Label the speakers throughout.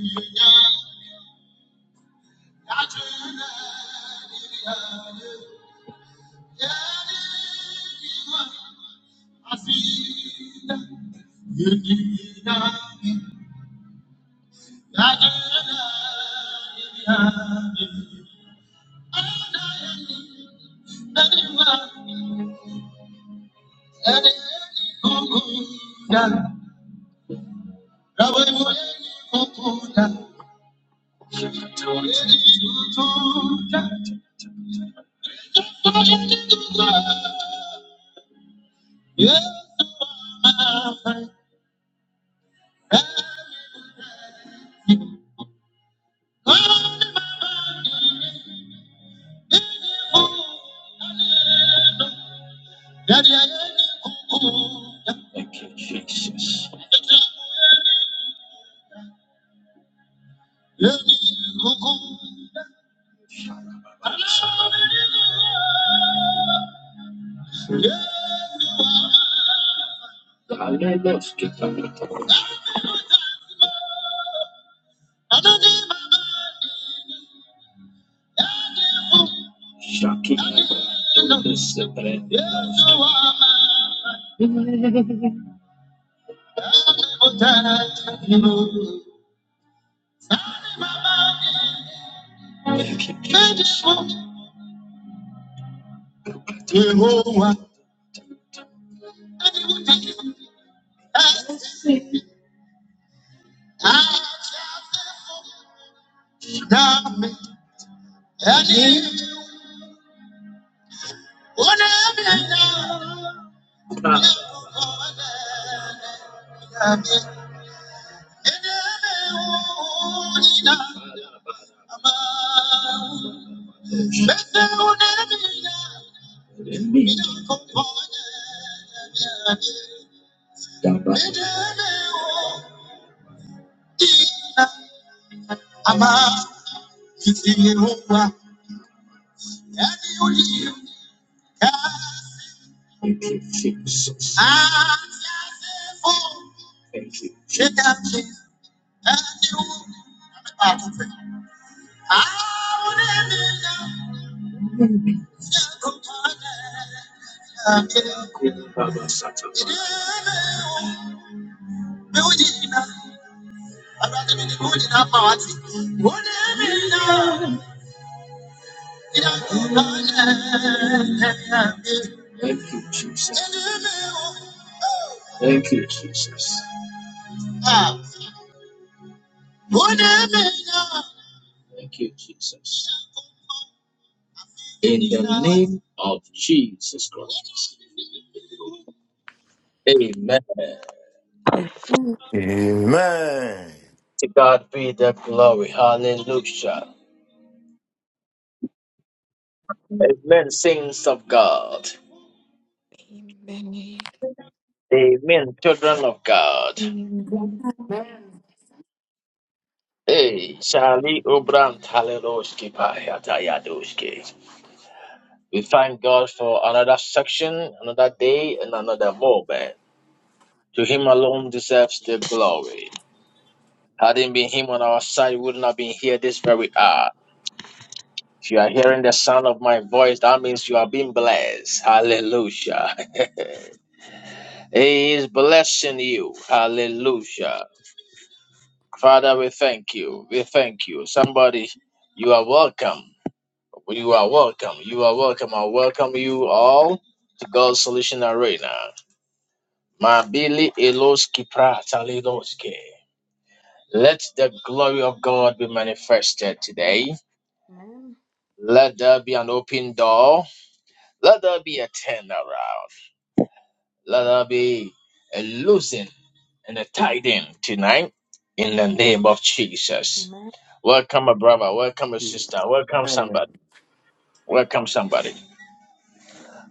Speaker 1: Thank you. Yes, you are my everything. God in my mind, in you, hallelujah. Daddy, I am you. Thank you, Jesus. Yes, you are. Hallelujah. Shaki. Thank you, Jesus. Thank you, Jesus. Thank you. Jesus. Thank you, Jesus. Thank you, Jesus. Thank you, Jesus. In the name of Jesus Christ. Amen.
Speaker 2: Amen.
Speaker 3: Amen.
Speaker 1: To God be the glory. Hallelujah. Amen, saints of God.
Speaker 4: Amen.
Speaker 1: Amen, children of God.
Speaker 5: Receive
Speaker 1: Hey, Charlie Obram Taleroski Payatayadoski. We thank God for another section, another day, and another moment. To Him alone deserves the glory. Had it been Him on our side, we would not be here this very hour. If you are hearing the sound of my voice, that means you are being blessed. Hallelujah. He is blessing you. Hallelujah. Father, we thank you. We thank you. Somebody, you are welcome. You are welcome. You are welcome. I welcome you all to God's Solution Arena. Mabili Eloski Pratalidoski. Let the glory of God be manifested today.
Speaker 2: Amen.
Speaker 1: Let there be an open door. Let there be a turnaround. Let there be a losing and a tiding tonight in the name of Jesus.
Speaker 2: Amen.
Speaker 1: Welcome, a brother. Welcome, a sister. Welcome,
Speaker 3: Amen.
Speaker 1: somebody. Welcome, somebody.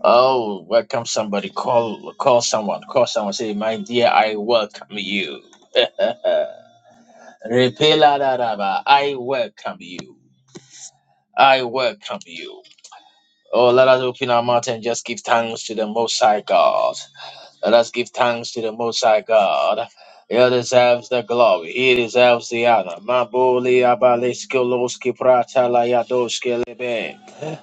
Speaker 1: Oh, welcome, somebody. Call, call someone. Call someone. Say, my dear, I welcome you. Repela Repeladadaba, I welcome you. I welcome you. Oh, let us open our mouth and just give thanks to the Most High God. Let us give thanks to the Most High God. He deserves the glory. He deserves the honor. Holy Abaleski Loski Prata Layadoski Lebe.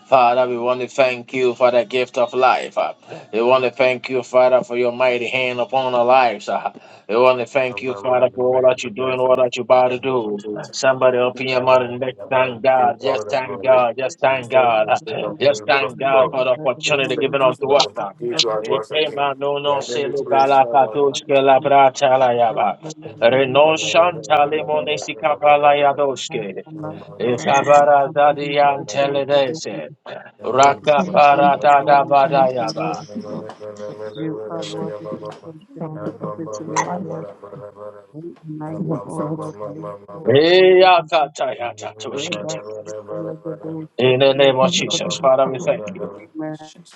Speaker 1: Father, we want to thank you for the gift of life. uh. We want to thank you, Father, for your mighty hand upon our lives. uh. We want to thank you, Father, for all that you do and all that you're about to do. Somebody open your
Speaker 3: And
Speaker 1: mouth and
Speaker 3: I
Speaker 1: let's
Speaker 3: can
Speaker 1: thank
Speaker 3: give
Speaker 1: God.
Speaker 3: all
Speaker 1: Just thank
Speaker 3: the way.
Speaker 1: God. Just
Speaker 3: We
Speaker 1: thank
Speaker 3: thank
Speaker 6: You are
Speaker 1: God.
Speaker 6: worthy
Speaker 3: you,
Speaker 1: uh.
Speaker 6: to
Speaker 3: the
Speaker 1: Just
Speaker 3: word of
Speaker 1: thank
Speaker 3: the
Speaker 1: God
Speaker 3: Lord.
Speaker 1: for the
Speaker 3: We
Speaker 1: opportunity
Speaker 3: thank
Speaker 1: given
Speaker 3: you for the
Speaker 1: unto us. uh.
Speaker 3: to act once again. We
Speaker 1: Ekemanono
Speaker 3: are going to praise
Speaker 1: selukalapatus kelabratalayaba. Reno shantalemonesi kapalayadoske. Ikabara dadian teledese.
Speaker 2: Amen.
Speaker 1: Raka para dadabadayaba.
Speaker 6: be thanked, Lord, worthy to be adored. We deny you, O God,
Speaker 7: Thank
Speaker 6: link with
Speaker 3: God.
Speaker 6: the legacy,
Speaker 3: Thank you,
Speaker 6: Rebus,
Speaker 1: Iyakatayatatushkete.
Speaker 6: the legacy,
Speaker 1: In the name of
Speaker 6: the
Speaker 1: Jesus, Father, we thank you.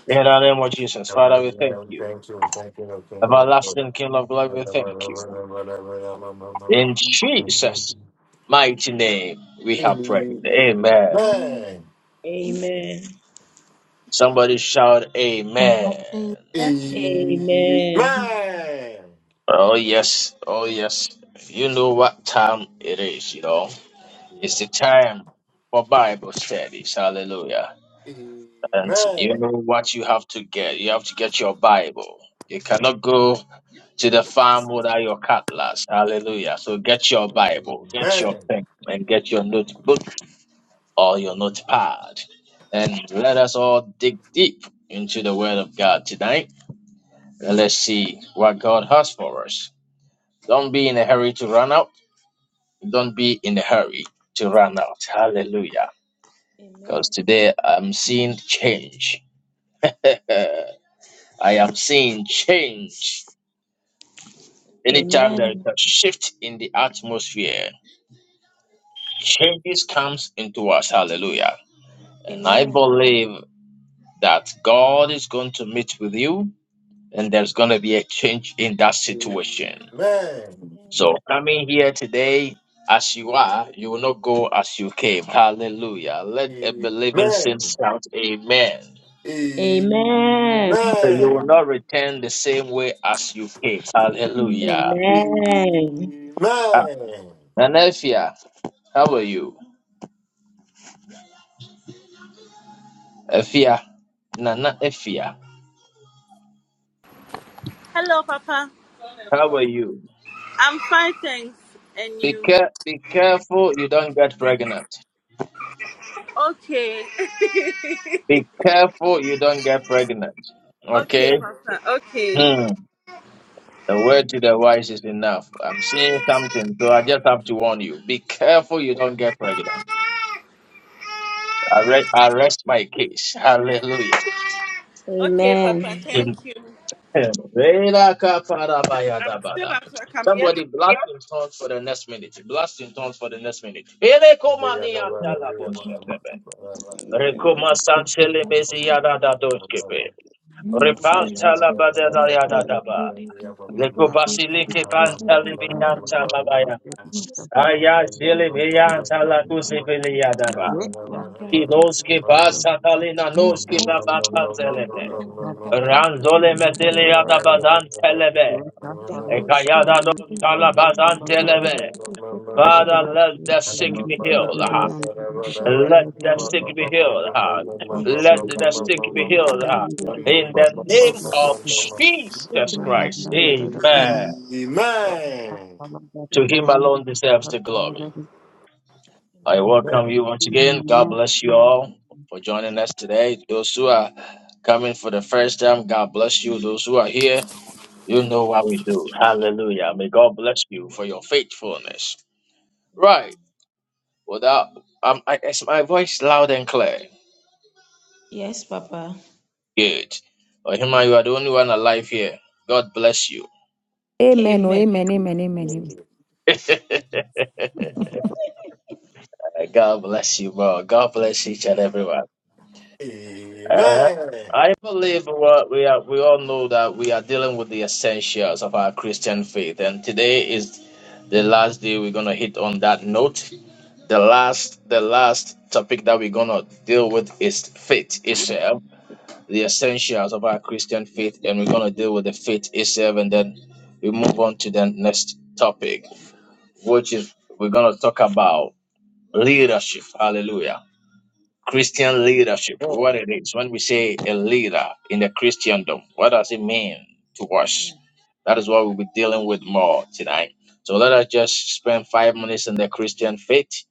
Speaker 1: In the name of Jesus, Father, we thank you.
Speaker 3: thank you, Lord, King of Lords.
Speaker 1: Everlasting King of glory, we thank you. In Jesus' mighty name, we have prayed. Amen.
Speaker 3: Amen.
Speaker 8: Amen.
Speaker 1: Somebody shout, Amen.
Speaker 2: Amen.
Speaker 8: Amen.
Speaker 3: Amen.
Speaker 1: Oh, yes. Oh, yes. You know what time it is, you know. It's
Speaker 3: Yeah.
Speaker 1: the time for Bible studies. Hallelujah. And you
Speaker 3: Amen.
Speaker 1: know what you have to get? You have to get your Bible. You cannot go to the farm without your cutlass. Hallelujah. So get your Bible, get your pen, and get your notebook or your notepad. And let us all dig deep into the Word of God tonight. And let's see what God has for us. Don't be in a hurry to run out. Don't be in a hurry to run out. Hallelujah. because
Speaker 8: Amen.
Speaker 1: today I'm seeing change. I am seeing change. Anytime there is
Speaker 8: Amen.
Speaker 1: a shift in the atmosphere, changes comes into us. Hallelujah. And I
Speaker 8: Amen.
Speaker 1: believe that God is going to meet with you and there's going to be a change in that situation. So coming here today as you are, you will not go as you came. Hallelujah. Let a believing saint
Speaker 3: Amen.
Speaker 1: shout amen.
Speaker 3: Amen.
Speaker 8: Amen. Amen.
Speaker 1: So you will
Speaker 3: Amen.
Speaker 1: not return the same way as you came. Hallelujah.
Speaker 8: Amen.
Speaker 3: Amen.
Speaker 1: Ah,
Speaker 3: Amen.
Speaker 1: Nana Efia, how are you? Efia, Nana Efia,
Speaker 9: Hello, Papa.
Speaker 1: how are you?
Speaker 9: I'm fine, thanks. And
Speaker 1: Be,
Speaker 9: you?
Speaker 1: care- be careful you don't get pregnant.
Speaker 9: Okay.
Speaker 1: Be careful you don't get pregnant.
Speaker 9: okay,
Speaker 1: Okay?
Speaker 9: Papa. Okay.
Speaker 1: Hmm. The word to the wise is enough. I'm seeing something, so I just have to warn you. Be careful you don't get pregnant. I, re- I rest my case. Hallelujah.
Speaker 9: Okay,
Speaker 8: Amen.
Speaker 9: Papa.
Speaker 8: Amen.
Speaker 9: Thank you.
Speaker 1: Hey,
Speaker 9: I'm still at work. I'm yet.
Speaker 1: Somebody blast in tongues for the next minute. Blast in tongues for the next minute.
Speaker 3: Thank
Speaker 4: Proper
Speaker 1: Elekomaniantalaboshabebe.
Speaker 8: Oh,
Speaker 1: Rekomasantelebeziyadadadoshkebe.
Speaker 8: Lord, Father.
Speaker 6: Amen.
Speaker 1: Repantalabazadayadadaba.
Speaker 6: Thank
Speaker 1: Lekobasilikepantalibiyantababaya. Ayajelebeyantalakusebeleyadaba. Inoskebasatalina noskebabatanzelebe.
Speaker 3: you.
Speaker 1: Ranzole metele
Speaker 3: Amen. Amen.
Speaker 1: yadabadan
Speaker 3: Amen.
Speaker 1: Ekayada dos kalabazan telebe. Father, let the sick be healed. ah. Let the
Speaker 4: shot.
Speaker 1: sick be healed. ah.
Speaker 4: I'm,
Speaker 1: Let the sick be healed. ah. In the name of Jesus Christ.
Speaker 6: you.
Speaker 7: you.
Speaker 1: Amen.
Speaker 6: Amen.
Speaker 1: To him alone deserves the glory. I welcome you once again. God bless you all for joining us today. Those who are coming for the first time, God bless you. Those who are here, you know what we do. Hallelujah. May God bless you for your faithfulness. Right. Well, that um, I, is my voice loud and clear?
Speaker 8: Yes, Papa.
Speaker 1: Good. Ohima, you are the only one alive here. God bless you.
Speaker 10: Amen. Oh,
Speaker 8: Amen.
Speaker 10: amen. Amen. Amen. Amen.
Speaker 1: God bless you, bro. God bless each and everyone. Uh,
Speaker 8: Amen.
Speaker 1: I believe what we are, we all know that we are dealing with the essentials of our Christian faith, and today is the last day we're gonna hit on that note. The last, the last topic that we're gonna deal with is faith itself the essentials of our Christian faith, and we're going to deal with the faith itself, and then we move on to the next topic, which is we're going to talk about leadership. Hallelujah. Christian
Speaker 8: Amen.
Speaker 1: leadership, what
Speaker 3: Amen.
Speaker 1: it is. When we say a leader in the Christendom, what does it mean to us? That is what we'll be dealing with more tonight. So let us just spend five minutes in the Christian faith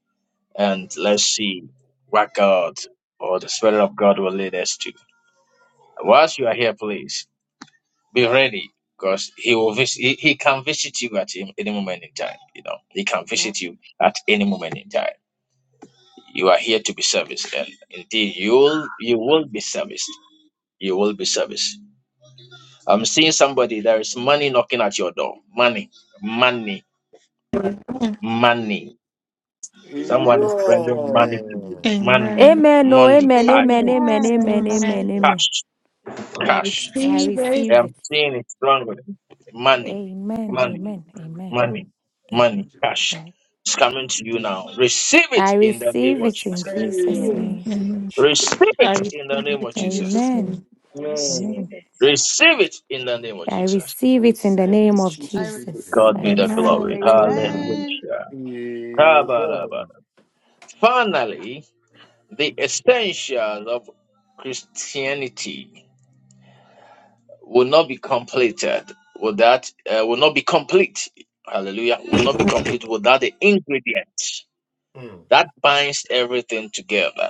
Speaker 1: and let's see what God or the Spirit of God will lead us to. Whilst you are here, please. Be ready because he will visit. He, he can visit you at any any moment in time. You know, he can
Speaker 8: Amen.
Speaker 1: visit you at any moment in time. You are here to be serviced, and indeed, you will you will be serviced. You will be serviced. I'm seeing somebody. There is money knocking at your door. Money, money,
Speaker 11: Amen.
Speaker 1: money. Someone
Speaker 6: Amen.
Speaker 1: is bringing money to you.
Speaker 3: Amen.
Speaker 1: Money,
Speaker 11: Amen.
Speaker 10: Amen. Oh,
Speaker 1: money,
Speaker 10: amen.
Speaker 1: cash,
Speaker 10: Amen. Amen.
Speaker 6: Amen. I
Speaker 10: Amen.
Speaker 11: Amen.
Speaker 10: Amen.
Speaker 6: receive it.
Speaker 10: Amen.
Speaker 1: cash,
Speaker 11: I
Speaker 1: cash.
Speaker 10: I
Speaker 11: receive it.
Speaker 10: receive
Speaker 1: I'm
Speaker 10: it.
Speaker 1: seeing it strongly. Money,
Speaker 10: Amen.
Speaker 1: money,
Speaker 10: Amen. Amen.
Speaker 1: money,
Speaker 10: Amen.
Speaker 1: money, cash.
Speaker 10: amen.
Speaker 1: It's coming to you now. Receive it
Speaker 10: I
Speaker 1: in the name
Speaker 10: receive
Speaker 1: of
Speaker 10: it in
Speaker 1: Jesus.
Speaker 3: Receive
Speaker 10: Jesus'
Speaker 8: Amen.
Speaker 3: it,
Speaker 11: Amen.
Speaker 10: name.
Speaker 11: Amen.
Speaker 3: Jesus.
Speaker 1: Receive
Speaker 11: I
Speaker 1: it
Speaker 11: receive
Speaker 1: in the name
Speaker 11: it
Speaker 1: of
Speaker 11: in
Speaker 1: Jesus.
Speaker 11: Jesus'
Speaker 10: Amen.
Speaker 11: name.
Speaker 8: I receive it. I
Speaker 3: Amen.
Speaker 8: receive
Speaker 10: Amen.
Speaker 8: it.
Speaker 1: Receive it in the name of
Speaker 10: I
Speaker 1: Jesus.
Speaker 10: receive it in
Speaker 3: Receive
Speaker 10: the
Speaker 8: I
Speaker 10: name
Speaker 3: it,
Speaker 8: receive
Speaker 10: of
Speaker 6: I
Speaker 3: Jesus.
Speaker 10: Jesus.
Speaker 1: God
Speaker 6: receive
Speaker 10: I
Speaker 1: be
Speaker 6: it.
Speaker 1: the
Speaker 10: receive
Speaker 11: Amen.
Speaker 1: glory.
Speaker 10: it. Amen.
Speaker 6: Amen.
Speaker 1: Hallelujah.
Speaker 3: Amen.
Speaker 1: Kabalaba. Finally, the essentials of Christianity will not be completed without uh, will not be complete. Hallelujah. Will not be complete without the ingredients that binds everything together.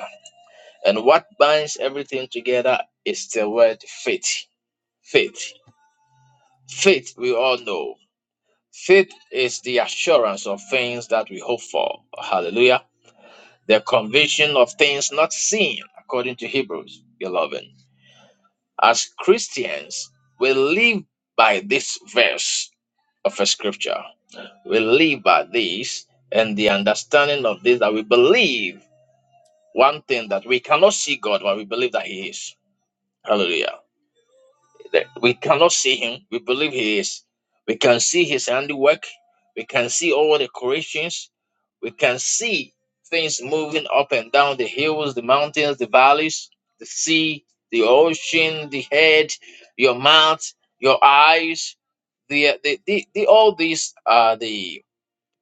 Speaker 1: And what binds everything together is the word faith. Faith. Faith, we all know. Faith is the assurance of things that we hope for. Hallelujah. The conviction of things not seen, according to Hebrews 11. As Christians, we live by this verse of a scripture. We live by this and the understanding of this that we believe one thing that we cannot see God, but we believe that He is. Hallelujah. that we cannot see him we believe he is we can see his handiwork we can see all the creations we can see things moving up and down the hills the mountains the valleys the sea the ocean the head your mouth your eyes the, uh, the, the, the all these are the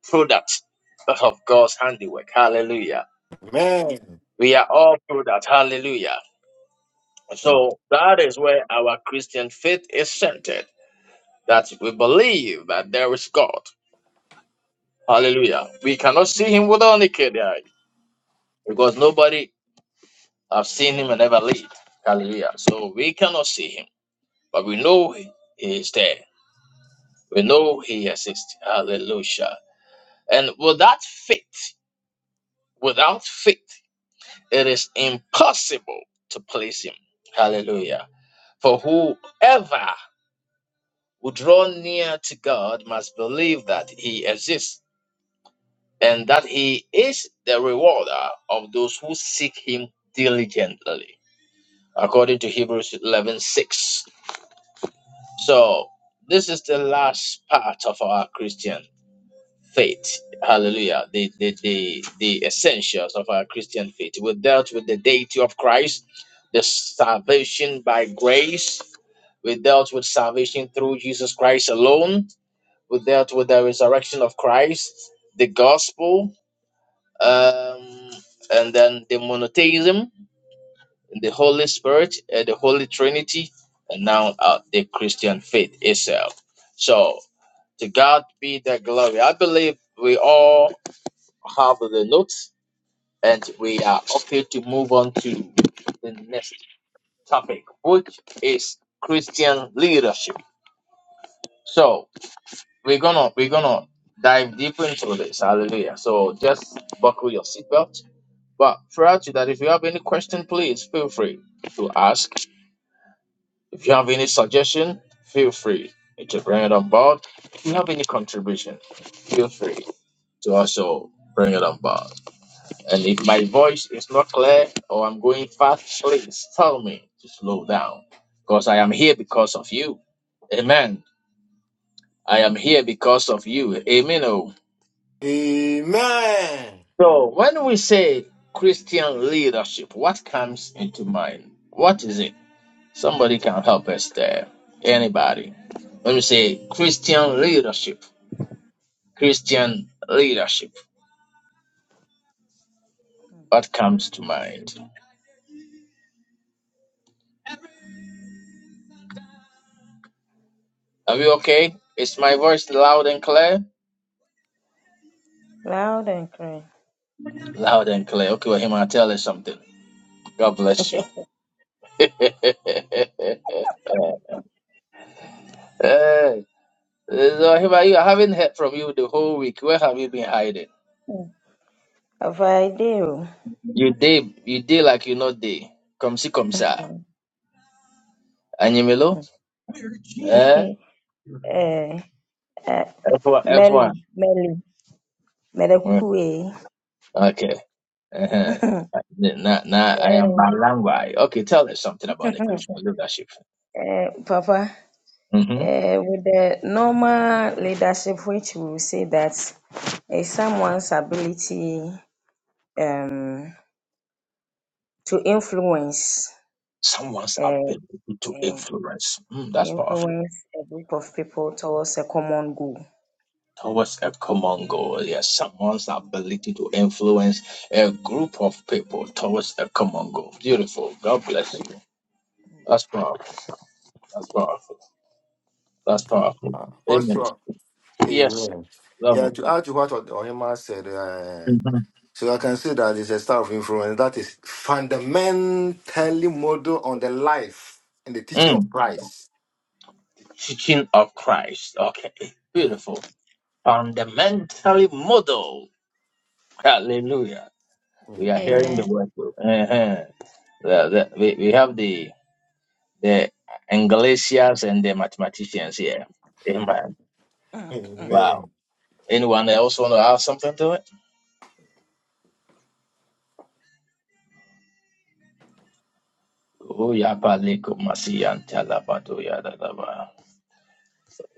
Speaker 1: products of god's handiwork hallelujah
Speaker 3: Amen.
Speaker 1: we are all products. hallelujah so that is where our christian faith is centered that we believe that there is God. Hallelujah. We cannot see him with our naked eye because nobody has seen him and ever lived. Hallelujah. So we cannot see him, but we know he is there. We know he exists. Hallelujah. And without faith, without faith, it is impossible to please him. Hallelujah. For whoever would draw near to God must believe that he exists and that he is the rewarder of those who seek him diligently, according to Hebrews eleven six. So, this is the last part of our Christian faith. Hallelujah. The, the, the, the essentials of our Christian faith. We dealt with the deity of Christ, the salvation by grace. We dealt with salvation through Jesus Christ alone. We dealt with the resurrection of Christ, the gospel, um, and then the monotheism, the Holy Spirit, uh, the Holy Trinity, and now uh, the Christian faith itself. So to God be the glory. I believe we all have the notes, and we are okay to move on to the next topic, which is Christian leadership. So we're gonna we're gonna dive deep into this. Hallelujah. So just buckle your seatbelt But prior to that, if you have any question, please feel free to ask. If you have any suggestion, feel free to bring it on board. If you have any contribution, feel free to also bring it on board. And if my voice is not clear or I'm going fast, please tell me to slow down because I am here because of you. Amen. I am here because of you. Amen. oh.
Speaker 3: Amen.
Speaker 1: So when we say Christian leadership, what comes into mind? What is it? Somebody can help us there. Anybody. Let me say Christian leadership. Christian leadership. What comes to mind? Are we okay? Is my voice loud and clear?
Speaker 8: it. Loud and clear.
Speaker 1: Loud and clear. Okay, well, him, I'll tell you something. God bless you. hey, so Hima, you I haven't heard from you the whole week. Where have you been hiding?
Speaker 8: Have I do?
Speaker 1: You day, you day like you not day. Come see, come sir. Anyimelo? Eh?
Speaker 8: Eh,
Speaker 1: F1. F1.
Speaker 8: Melly, Melly,
Speaker 1: Mm,
Speaker 8: Medekukuwe.
Speaker 1: Okay. Uh-huh. Now, now I am Balangwai. Okay, tell us something about the Christian leadership.
Speaker 8: Papa,
Speaker 1: hmm
Speaker 8: uh, with the normal leadership, which we will say that is someone's ability to influence,
Speaker 1: Someone's
Speaker 8: uh, uh,
Speaker 1: ability to influence. Mm, that's powerful.
Speaker 8: influence a group of people towards a common goal.
Speaker 1: Towards a common goal. Yes, someone's ability to influence a group of people towards a common goal. Beautiful. God bless you. That's powerful. That's powerful. That's
Speaker 3: Okay.
Speaker 1: powerful. Amen.
Speaker 3: Apostle,
Speaker 1: Yes,
Speaker 3: amen. Yeah,
Speaker 1: level.
Speaker 3: to add to what Ohima said, uh, so I can say that it's a star of influence that is fundamentally model on the life and the teaching of
Speaker 1: Mm.
Speaker 3: Christ.
Speaker 1: Teaching of Christ. Okay.
Speaker 3: Yeah.
Speaker 1: Beautiful. Fundamentally model. Hallelujah. We are hearing the
Speaker 3: Amen.
Speaker 8: Amen.
Speaker 1: word. Uh-huh. The- the- we, we have the the Anglicias and the mathematicians here. Amen.
Speaker 8: Mm.
Speaker 1: Wow.
Speaker 3: Amen.
Speaker 1: Anyone else want to add something to it? Uyapaleko masiyanta labado yadadaba.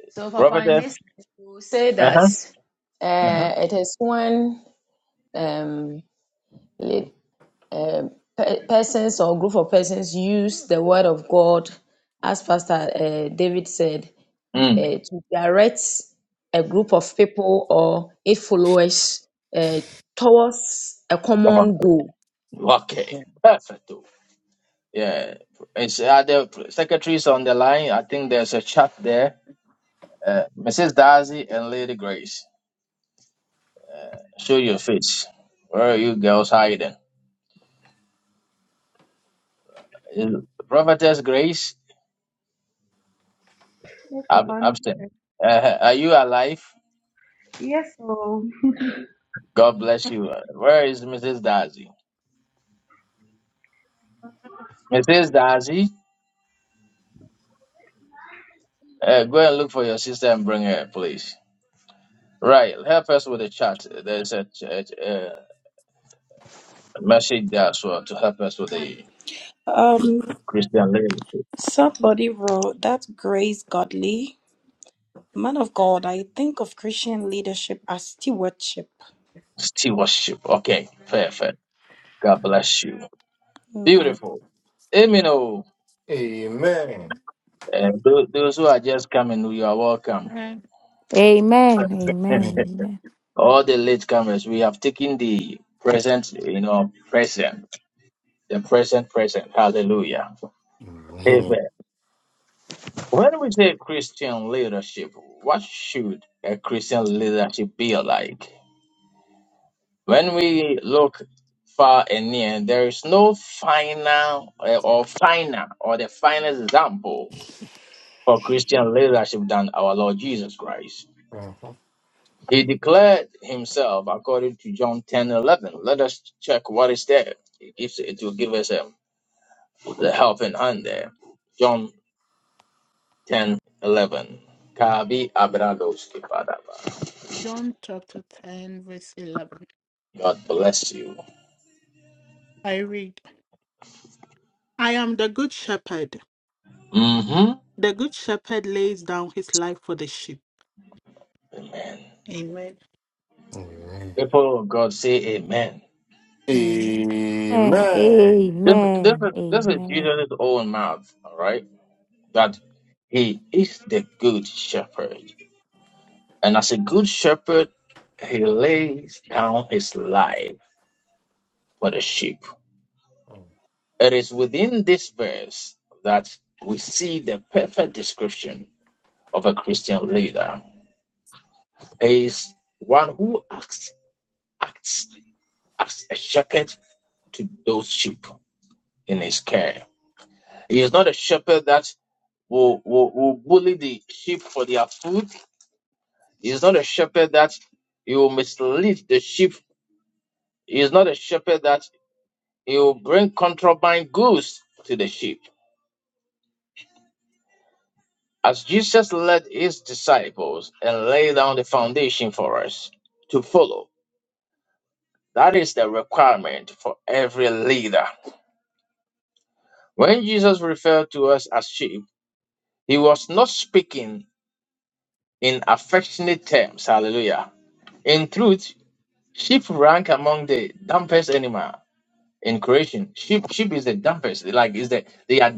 Speaker 8: So, Papa, in
Speaker 1: Prophetess.
Speaker 8: this, we will say that
Speaker 1: Uh-huh.
Speaker 8: uh, it is when um, le- um, pe- persons or group of persons use the word of God, as Pastor uh, David said, uh,
Speaker 1: Mm.
Speaker 8: to direct a group of people or eight followers uh, towards a
Speaker 1: Come on.
Speaker 8: common goal.
Speaker 1: Okay. Perfect. Yeah. It's other secretaries on the line. I think there's a chat there. Uh, Mrs. Darcy and Lady Grace. Show your face. Where are you girls hiding? Mm. Prophetess Grace
Speaker 2: Yes, Papa,
Speaker 1: Ab-
Speaker 2: I'm
Speaker 1: Abstain.
Speaker 2: here.
Speaker 1: Uh, are you alive?
Speaker 2: Yes, so
Speaker 1: God bless you. Where is Mrs. Darcy? Mrs. Darcy, uh, go and look for your sister and bring her, please. Right, help us with the chat. There's a, ch- a, a message there as well to help us with the
Speaker 2: Um,
Speaker 1: Christian living
Speaker 2: somebody wrote that grace godly. Man of God, I think of Christian leadership as stewardship.
Speaker 1: stewardship. Okay, fair, fair. God bless you.
Speaker 2: Amen.
Speaker 1: Beautiful. Amen. oh.
Speaker 3: Amen.
Speaker 1: And tho- those who are just coming, you are welcome.
Speaker 11: Amen.
Speaker 10: Amen. Amen.
Speaker 3: Amen.
Speaker 10: Amen.
Speaker 1: All the late comers, we have taken the present, you know, present, the present, present. Hallelujah. Amen. When we say Christian leadership, what should a Christian leadership be like? When we look far and near, there is no final uh, or final or the final example for Christian leadership than our Lord Jesus Christ.
Speaker 3: Amen.
Speaker 1: He declared himself according to John 10 11. Let us check what is there. It, gives, it will give us a, the helping hand there. John 10 11. Kabi Abrados Kipadaba.
Speaker 11: John chapter 10, verse 11.
Speaker 1: God bless you.
Speaker 11: I read, I am the good shepherd.
Speaker 1: hmm
Speaker 11: The good shepherd lays down his life for the sheep.
Speaker 1: Amen.
Speaker 11: Amen.
Speaker 3: Mhm.
Speaker 1: People of God say amen.
Speaker 11: Amen.
Speaker 3: Amen.
Speaker 10: And
Speaker 3: Amen.
Speaker 1: This, this,
Speaker 10: amen.
Speaker 1: is, this is
Speaker 10: Amen.
Speaker 1: Jesus' own mouth, all right? That he is the good shepherd. And as a good shepherd, he lays down his life for the sheep. It is within this verse that we see the perfect description of a Christian leader. He is one who acts, acts as a shepherd to those sheep in his care. He is not a shepherd that will, will, will bully the sheep for their food. He is not a shepherd that he will mislead the sheep. He is not a shepherd that he will bring contraband goods to the sheep As Jesus led his disciples and laid down the foundation for us to follow, that is the requirement for every leader. When Jesus referred to us as sheep, he was not speaking in affectionate terms. Hallelujah. In truth, sheep rank among the dumbest animal in creation. Sheep, sheep is the dumbest. Like is the they are.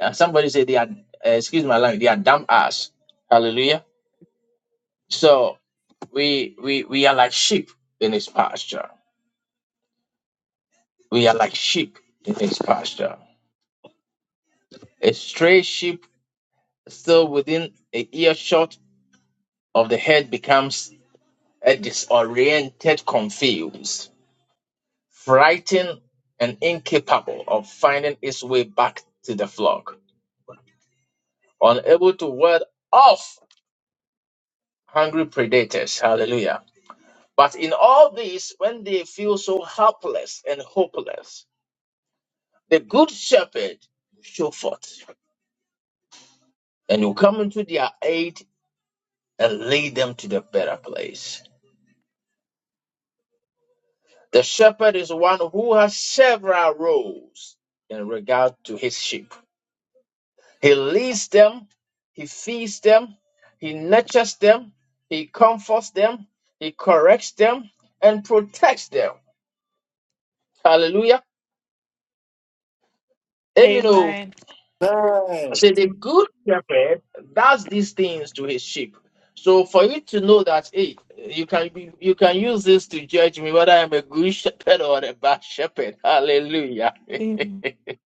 Speaker 1: uh, somebody say they are. Uh, excuse my language. They are dumb ass. Hallelujah. So we we we are like sheep in his pasture. We are like sheep in his pasture. A stray sheep still within a earshot of the head becomes a disoriented, confused, frightened, and incapable of finding its way back to the flock, unable to ward off hungry predators. Hallelujah. But in all this, when they feel so helpless and hopeless, the good shepherd show forth. and you come into their aid and lead them to the better place. The shepherd is one who has several roles in regard to his sheep. He leads them, he feeds them, he nurtures them, he comforts them, he corrects them, and protects them. Hallelujah. Amen.
Speaker 11: Amen.
Speaker 3: Amen.
Speaker 1: See, the
Speaker 2: Amen.
Speaker 1: good shepherd does these things to his sheep. So for you to know that, hey, you can be, you can use this to judge me whether I'm a good shepherd or a bad shepherd. Hallelujah.
Speaker 11: Amen.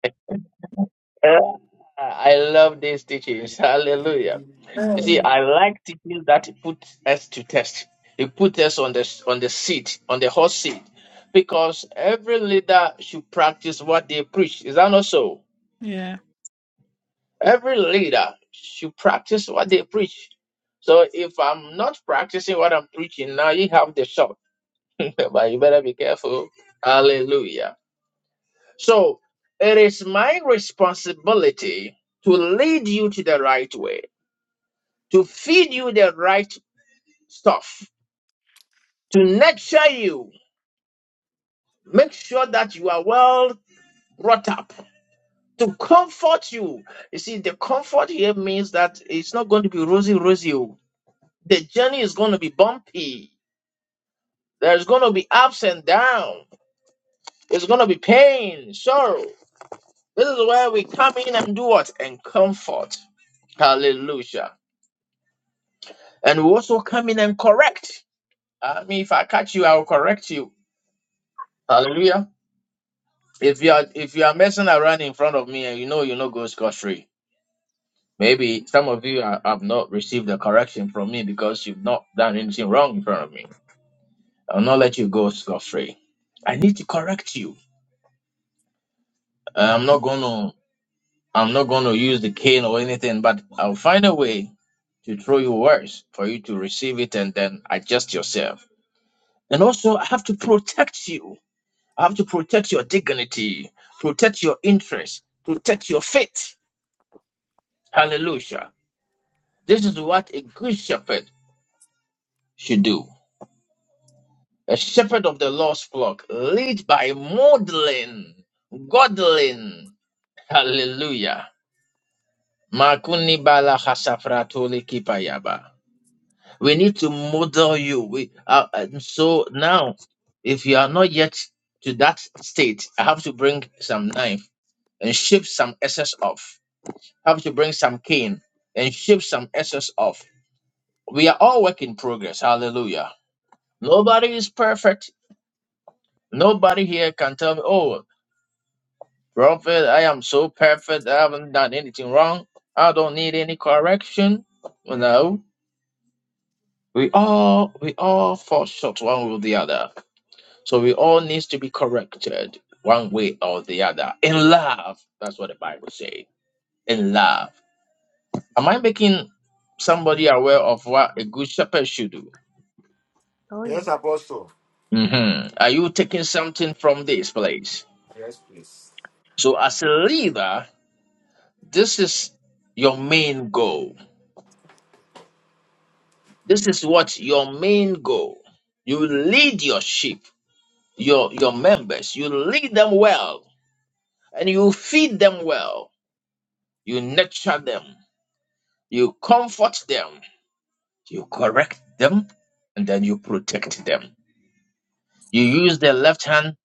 Speaker 1: Ah, I love these teachings. Hallelujah. You see,
Speaker 11: Amen.
Speaker 3: Amen.
Speaker 1: I like teachings that put us to test. It put us on the on the seat, on the hot seat, because every leader should practice what they preach. Is that not so?
Speaker 11: Yeah.
Speaker 1: Every leader should practice what they preach. So if I'm not practicing what I'm preaching, now you have the shot. but you better be careful. Hallelujah. So it is my responsibility to lead you to the right way, to feed you the right stuff, to nurture you, make sure that you are well brought up, to comfort you. You see, the comfort here means that it's not going to be rosy, rosy. oh. The journey is going to be bumpy There's going to be ups and downs. It's going to be pain, sorrow. This is where we come in and do what? And comfort. Hallelujah. And we also come in and correct. I mean, if I catch you, I will correct you. Hallelujah. If you are if you are messing around in front of me and you know you know go scot free, maybe some of you are, have not received the correction from me because you've not done anything wrong in front of me. I'll not let you go scot free. I need to correct you. I'm not gonna. I'm not going to use the cane or anything, but I'll find a way to throw you words for you to receive it and then adjust yourself. And also, I have to protect you. I have to protect your dignity, protect your interests, protect your faith. Hallelujah. This is what a good shepherd should do. A shepherd of the lost flock, led by modeling, godling. Hallelujah. Makuni bala hasafratuli kipayaba. We need to model you. We uh, and so now, if you are not yet to that state, I have to bring some knife and ship some excess off. I have to bring some cane and ship some excess off. We are all work in progress. Hallelujah. Nobody is perfect. Nobody here can tell me, oh, prophet, I am so perfect. I haven't done anything wrong. I don't need any correction. No, we all we all fall short one way or the other. So we all needs to be corrected one way or the other. In love, that's what the Bible says. In love. Am I making somebody aware of what a good shepherd should do?
Speaker 2: Oh
Speaker 3: Yes,
Speaker 2: yes.
Speaker 3: Apostle.
Speaker 1: hmm Are you taking something from this place?
Speaker 3: Yes, please.
Speaker 1: So as a leader, this is your main goal. This is what your main goal. You lead your sheep, your your members. You lead them well, and you feed them well. You nurture them. You comfort them You correct them and then you protect them. You use the left hand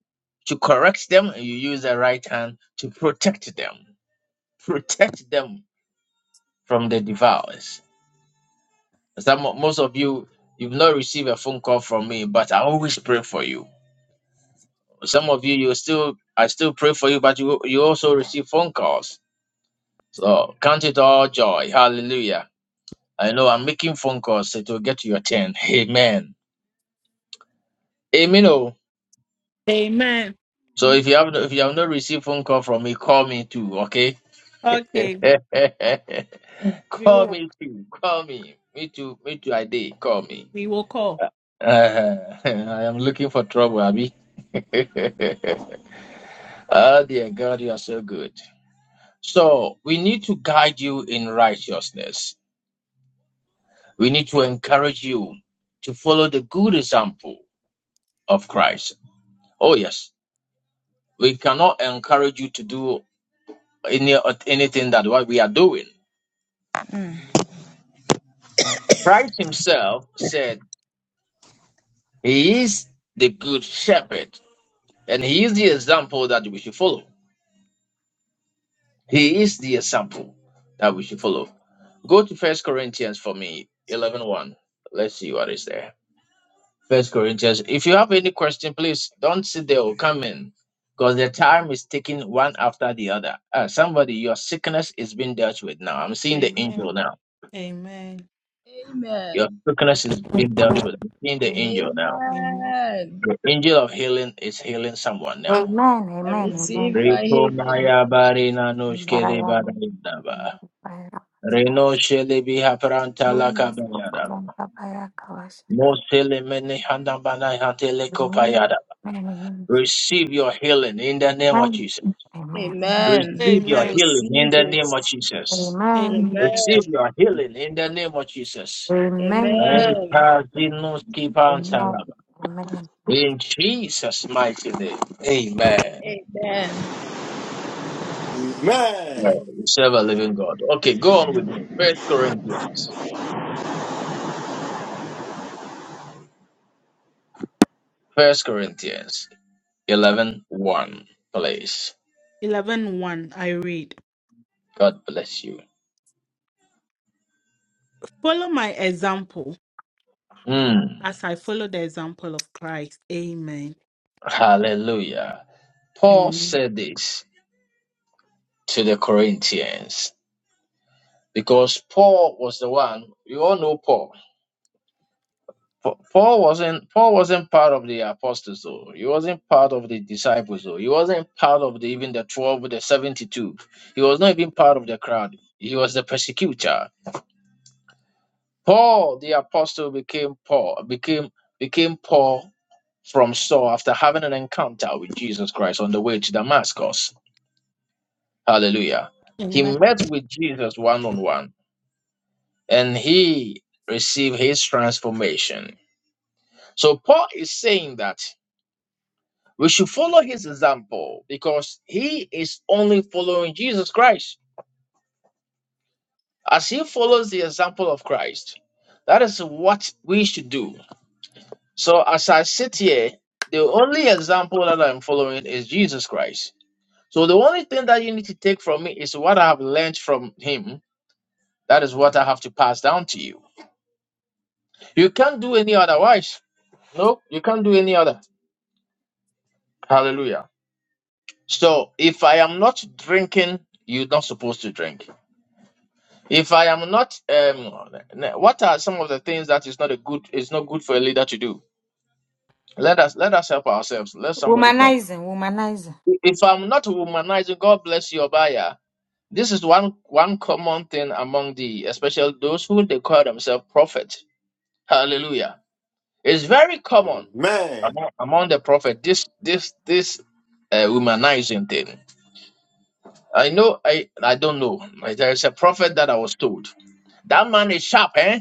Speaker 1: to correct them and you use the right hand to protect them. Protect them from the devours. Some most of you you've not received a phone call from me, but I always pray for you. Some of you you still I still pray for you, but you you also receive phone calls. So count it all joy. Hallelujah. I know I'm making phone calls. so It will get to your turn. Amen. Amen. Oh.
Speaker 11: Amen.
Speaker 1: So
Speaker 2: Mm.
Speaker 1: if you have no- if you have not received phone call from me, call me too, okay?
Speaker 11: Okay. We
Speaker 1: call
Speaker 11: will.
Speaker 1: me too. Call me. Me too. Me too. I did. Call me.
Speaker 11: We will call.
Speaker 1: Uh, I am looking for trouble, Abby. oh dear God, you are so good. So we need to guide you in righteousness. We need to encourage you to follow the good example of Christ. Oh yes, we cannot encourage you to do any anything that what we are doing Christ himself said he is the good shepherd and he is the example that we should follow. He is the example that we should follow. Go to First Corinthians for me, eleven one. Let's see what is there. First Corinthians. If you have any question, please don't sit there or come in because the time is taking one after the other. Ah, somebody, your sickness is being dealt with now. I'm seeing the angel
Speaker 11: Amen.
Speaker 1: now.
Speaker 11: Amen.
Speaker 1: Your
Speaker 8: Amen.
Speaker 1: sickness is being dealt with. I'm seeing the
Speaker 11: Amen.
Speaker 1: angel now.
Speaker 11: Amen.
Speaker 8: Amen.
Speaker 1: The angel of healing is healing someone now.
Speaker 8: I
Speaker 10: Amen.
Speaker 8: receive my healing.
Speaker 1: Rikomaya barina noshkele
Speaker 10: Amen.
Speaker 1: barindaba.
Speaker 10: Amen.
Speaker 1: Reno shele biha pranta
Speaker 10: Mungu sio kwa
Speaker 1: lakabayadaba.
Speaker 10: baba yako washa.
Speaker 1: Mosele mene handabana hantele
Speaker 10: Amen.
Speaker 1: kopayadaba.
Speaker 10: Amen. Amen.
Speaker 1: Receive your healing in the name of
Speaker 10: Amen.
Speaker 1: Jesus.
Speaker 10: Amen.
Speaker 8: Amen.
Speaker 1: Receive
Speaker 8: I
Speaker 1: your
Speaker 11: Amen.
Speaker 1: healing in
Speaker 8: receive
Speaker 1: the
Speaker 8: it.
Speaker 1: name of Jesus.
Speaker 10: Amen.
Speaker 11: Amen.
Speaker 8: Amen.
Speaker 1: Receive your healing in the name of Jesus.
Speaker 10: Amen.
Speaker 8: Amen.
Speaker 1: Rekazinoski pantalaba.
Speaker 10: Amen.
Speaker 1: In Jesus' mighty name. Amen.
Speaker 8: Amen.
Speaker 3: Amen.
Speaker 1: Amen. We Serve a living God. Okay, go on with me. First Corinthians. First Corinthians eleven one 1, please.
Speaker 11: 11 one, I read,
Speaker 1: God bless you.
Speaker 11: Follow my example
Speaker 1: Mm,
Speaker 11: as I follow the example of Christ. Amen.
Speaker 1: hallelujah. Paul
Speaker 11: Amen.
Speaker 1: said this to the Corinthians because Paul was the one, you all know Paul. Pa- Paul wasn't Paul wasn't part of the apostles though. He wasn't part of the disciples though. He wasn't part of the, even the 12 the 72. He was not even part of the crowd. He was the persecutor. Paul the apostle became Paul became became Paul from Saul after having an encounter with Jesus Christ on the way to Damascus. Hallelujah. He
Speaker 11: Amen.
Speaker 1: met with Jesus one on one and he received his transformation. So Paul is saying that we should follow his example because he is only following Jesus Christ. As he follows the example of Christ, that is what we should do. So as I sit here, the only example that I'm following is Jesus Christ. So the only thing that you need to take from me is what I have learned from him. That is what I have to pass down to you. You can't do any otherwise. No, you can't do any other. Hallelujah. So if I am not drinking, you're not supposed to drink. If I am not, um, what are some of the things that is not a good, It's not good for a leader to do? Let us let us help ourselves. Let somebody talk.
Speaker 10: Womanizer, womanizer.
Speaker 1: If I'm not womanizing, God bless your buyer this is one one common thing among the especially those who they call themselves prophet Hallelujah. It's very common
Speaker 3: Amen.
Speaker 1: among, among the prophet this this this uh, womanizing thing. I know I I don't know. There's a prophet that I was told. That man is sharp, eh?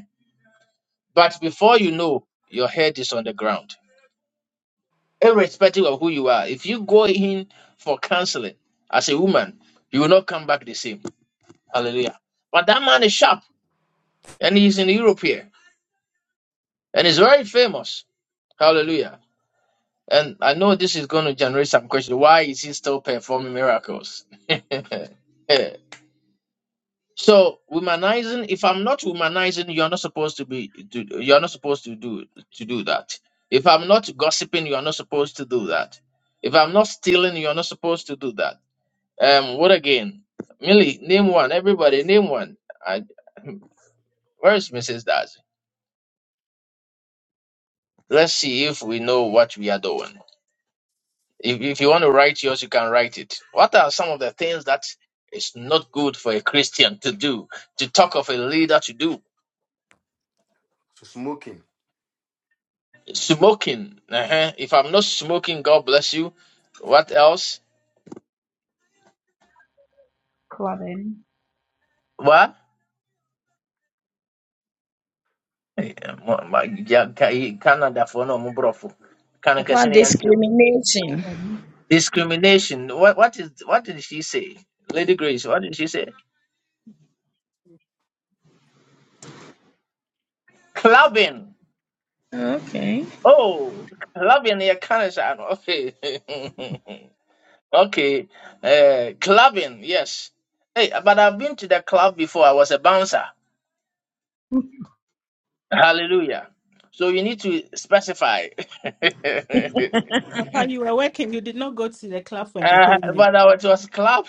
Speaker 1: But before you know, your head is on the ground. Irrespective of who you are. If you go in for counseling as a woman, you will not come back the same. Hallelujah. But that man is sharp and he's in Europe here and he's very famous. Hallelujah. And I know this is going to generate some question. Why is he still performing miracles? so womanizing, if I'm not womanizing, you're not supposed to be to, you're not supposed to do to do that. If I'm not gossiping, you're not supposed to do that. If I'm not stealing, you're not supposed to do that. Um, what again? Millie, name one. Everybody, name one. I, where's Mrs. Daz? Let's see if we know what we are doing. If, if you want to write yours, you can write it. What are some of the things that is not good for a Christian to do? To talk of a leader to do
Speaker 3: Smoking.
Speaker 1: smoking. Uh-huh. If I'm not smoking, God bless you. What else?
Speaker 2: Cloven.
Speaker 1: What? Yeah, mo- ma- yeah, ca- eh, Canada for no mo brofo. Can- can say
Speaker 8: About
Speaker 1: anything.
Speaker 8: discrimination.
Speaker 2: Cloven.
Speaker 1: Discrimination. What? What is? What did she say, Lady Grace? What did she say? Clubbing.
Speaker 8: Okay.
Speaker 1: Oh, clubbing. Yeah, Canada. Okay. Okay. Uh, clubbing, yes. Hey, but I've been to the club before. I was a bouncer.
Speaker 2: Amen.
Speaker 1: Hallelujah. So you need to specify. uh, but
Speaker 11: Papa, you were working. You did not go to the club for entertainment.
Speaker 1: I was, it was club.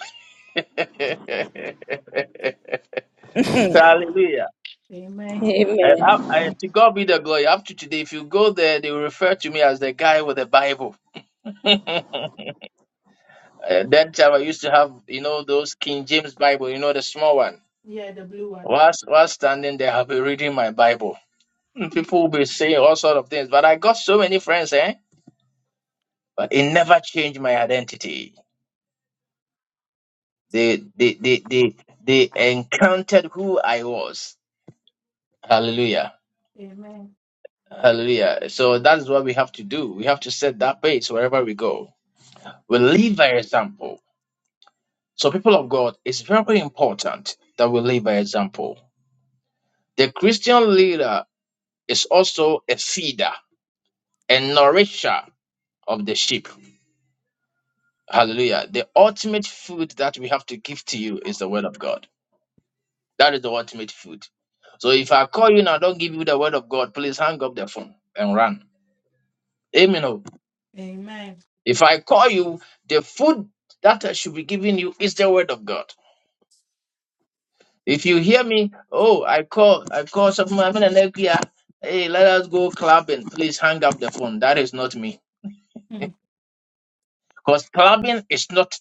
Speaker 1: Hallelujah.
Speaker 11: Amen.
Speaker 1: And up,
Speaker 8: Amen.
Speaker 1: and to God be the glory. Up to today, if you go there, they will refer to me as the guy with the Bible. Uh, that time I used to have, you know, those King James Bible, you know, the small one.
Speaker 11: Yeah, the blue one.
Speaker 1: Whilst, while standing there, I'll be reading my Bible. People will be saying all sort of things, but I got so many friends, eh? But it never changed my identity. They they they they, they encountered who I was. Hallelujah.
Speaker 11: Amen.
Speaker 1: Hallelujah. So that is what we have to do. We have to set that pace wherever we go. We lead by example. So, people of God, it's very important that we lead by example. The Christian leader is also a feeder, a nourisher of the sheep. Hallelujah. The ultimate food that we have to give to you is the word of God. That is the ultimate food. So if I call you and I don't give you the word of God, please hang up the phone and run. Amen. oh.
Speaker 11: Amen.
Speaker 1: If I call you, the food that I should be giving you is the word of God. If you hear me, oh, I call, I call something, I'm in an here. Hey, let us go clubbing. Please hang up the phone. That is not me.
Speaker 11: Hmm.
Speaker 1: Because clubbing is not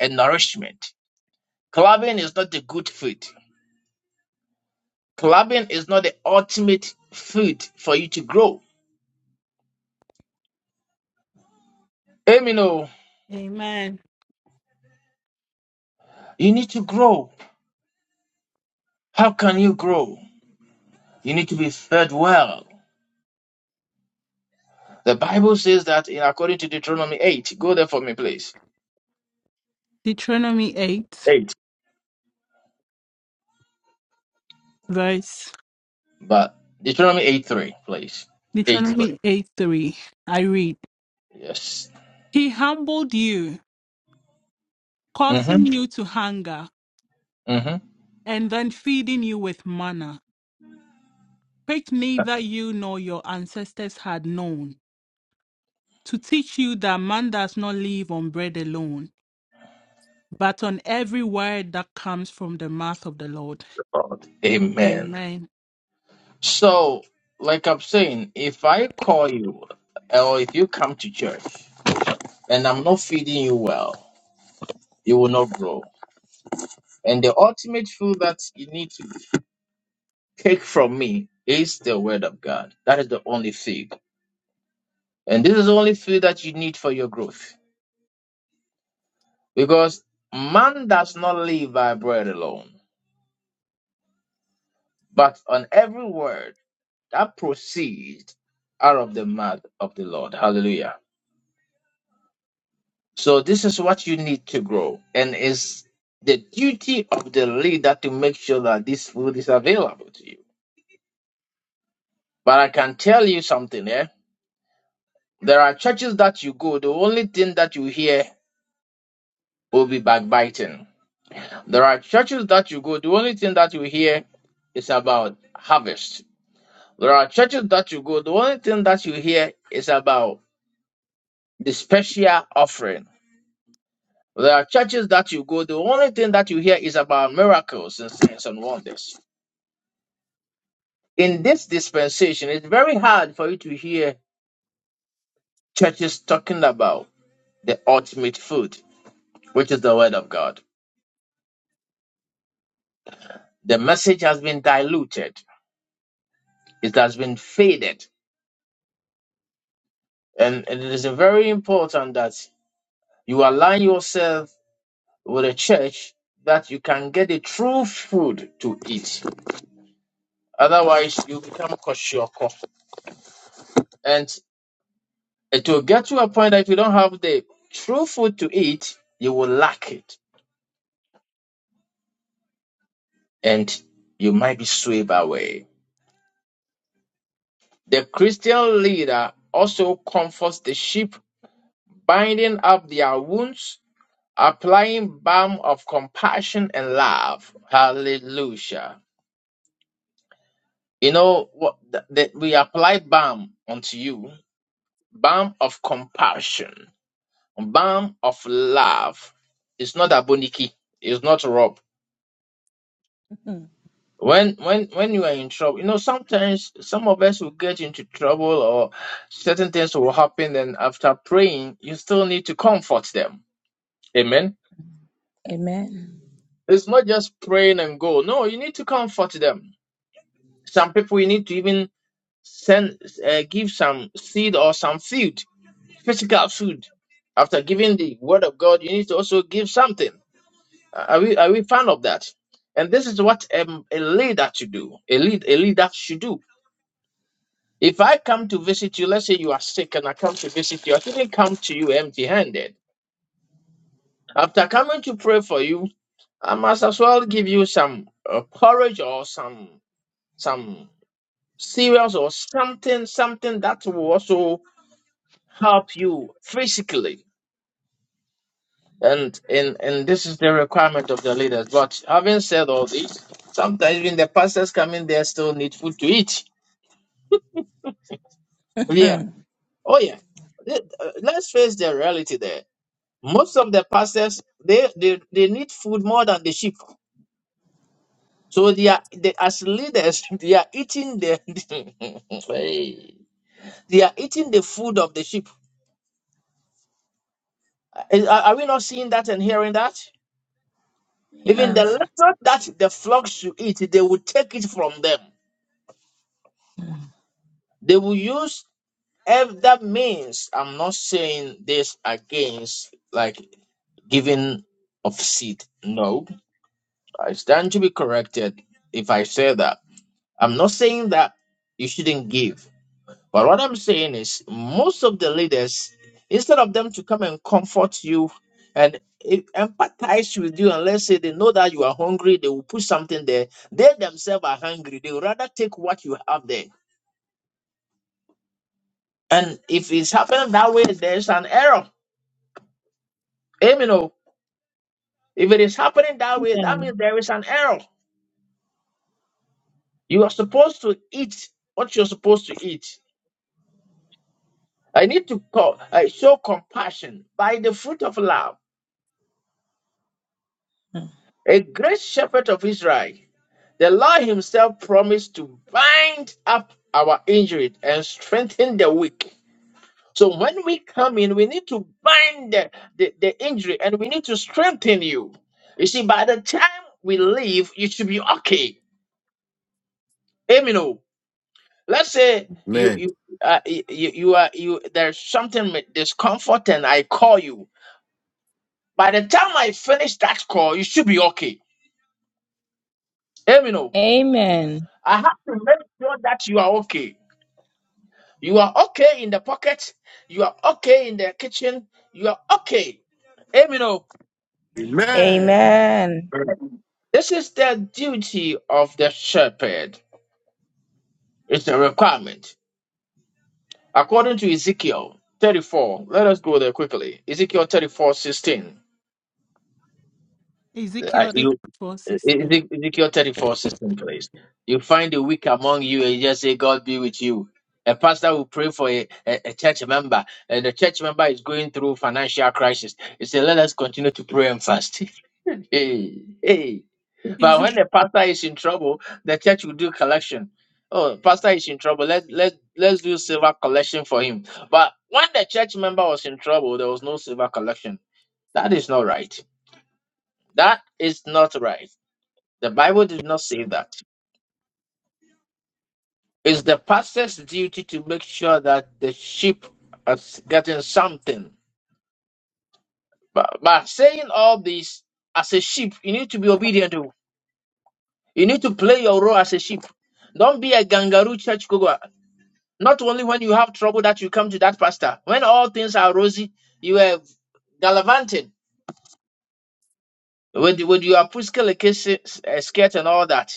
Speaker 1: a nourishment. Clubbing is not a good food. Clubbing is not the ultimate food for you to grow. Amino,
Speaker 11: Amen.
Speaker 1: you need to grow. How can you grow? You need to be fed well. The Bible says that in according to Deuteronomy 8. Go there for me, please.
Speaker 11: Deuteronomy 8,
Speaker 1: 8.
Speaker 11: verse
Speaker 1: But Deuteronomy 8 3, please. 8 3.
Speaker 11: Deuteronomy 8 3. I read,
Speaker 1: Yes.
Speaker 11: He humbled you,
Speaker 1: Mm-hmm.
Speaker 11: causing you to hunger,
Speaker 1: Mm-hmm.
Speaker 11: and then feeding you with manna, which neither you nor your ancestors had known, to teach you that man does not live on bread alone, but on every word that comes from the mouth of the Lord.
Speaker 1: God. Amen.
Speaker 11: Amen.
Speaker 1: So, like I'm saying, if I call you or if you come to church and I'm not feeding you well, you will not grow. And the ultimate food that you need to take from me is the word of God. That is the only food. And this is the only food that you need for your growth. Because man does not live by bread alone, but on every word that proceeds out of the mouth of the Lord. Hallelujah. So this is what you need to grow. And it's the duty of the leader to make sure that this food is available to you. But I can tell you something, eh? There are churches that you go, the only thing that you hear will be backbiting. There are churches that you go, the only thing that you hear is about harvest. There are churches that you go, the only thing that you hear is about the special offering. There are churches that you go, the only thing that you hear is about miracles and signs and wonders. In this dispensation, it's very hard for you to hear churches talking about the ultimate food, which is the Word of God. The message has been diluted It has been faded. And it is very important that you align yourself with a church that you can get the true food to eat. Otherwise, you become koshoko. And it will get to a point that if you don't have the true food to eat, you will lack it. And you might be swept away. The Christian leader also comforts the sheep, binding up their wounds applying balm of compassion and love. Hallelujah. You know what that that we apply balm unto you, balm of compassion, balm of love. It's not aboniki, it's not rob. When when when you are in trouble, you know sometimes some of us will get into trouble or certain things will happen, and after praying, you still need to comfort them. Amen.
Speaker 8: Amen.
Speaker 1: It's not just praying and go. No, you need to comfort them. Some people you need to even send uh, give some seed or some food, physical food. After giving the word of God, you need to also give something. Are we are we fan of that? And this is what um, a leader to do. A lead a leader should do. If I come to visit you, let's say you are sick and I come to visit you, I shouldn't come to you empty handed. After coming to pray for you, I must as well give you some uh, porridge or some some cereals or something, something that will also help you physically And and and this is the requirement of the leaders. But having said all this, sometimes even the pastors coming there still need food to eat. Yeah. Oh yeah. Let- uh, Let's face the reality there. Most of the pastors they they, they need food more than the sheep. So they are they, as leaders they are eating the Hey. they are eating the food of the sheep. Is- Are, are we not seeing that and hearing that?
Speaker 8: We
Speaker 1: Even the
Speaker 8: have.
Speaker 1: little that the flock should eat, they will take it from them. They will use If that means I'm not saying this against like giving of seed. No, I stand to be corrected if I say that. I'm not saying that you shouldn't give. But what I'm saying is most of the leaders, instead of them to come and comfort you and e- empathize with you and let's say they know that you are hungry, they will put something there. They themselves are hungry. They would rather take what you have there. And if it's happening that way, there's an error. Amen. If it is happening that way, that
Speaker 8: Amen.
Speaker 1: means there is an error. You are supposed to eat what you're supposed to eat. I need to call, I show compassion by the fruit of love. A great shepherd of Israel, the Lord Himself promised to bind up our injury and strengthen the weak. So when we come in, we need to bind the, the, the injury and we need to strengthen you. You see, by the time we leave, you should be okay. Amen. Let's say you
Speaker 3: Amen.
Speaker 1: you uh, you, you are you there's something with discomfort and I call you. By the time I finish that call, you should be okay. Amen. oh.
Speaker 8: Amen.
Speaker 1: I have to make sure that you are okay. You are okay in the pocket. You are okay in the kitchen. You are okay. Amen. oh.
Speaker 3: Amen.
Speaker 12: Yes.
Speaker 1: This is the duty of the shepherd. It's a requirement. According to Ezekiel 34, let us go there quickly. Ezekiel 34 16.
Speaker 11: Ezekiel four sixteen.
Speaker 1: Eze- Ezekiel 34 system, please. You find the weak among you and you just say, God be with you. A pastor will pray for a, a, a church member, and the church member is going through financial crisis. He said, Let us continue to pray and fast. hey, hey. But when the pastor is in trouble, the church will do collection. Oh, pastor is in trouble. Let, let, let's do silver collection for him. But when the church member was in trouble, there was no silver collection. That is not right. That is not right. The Bible did not say that. It's the pastor's duty to make sure that the sheep is getting something. But, but saying all this, as a sheep, you need to be obedient. To. You need to play your role as a sheep. Don't be a kangaroo churchgoer. Not only when you have trouble that you come to that pastor. When all things are rosy, you are gallivanting. with with your you are pussycat like skirt and all that.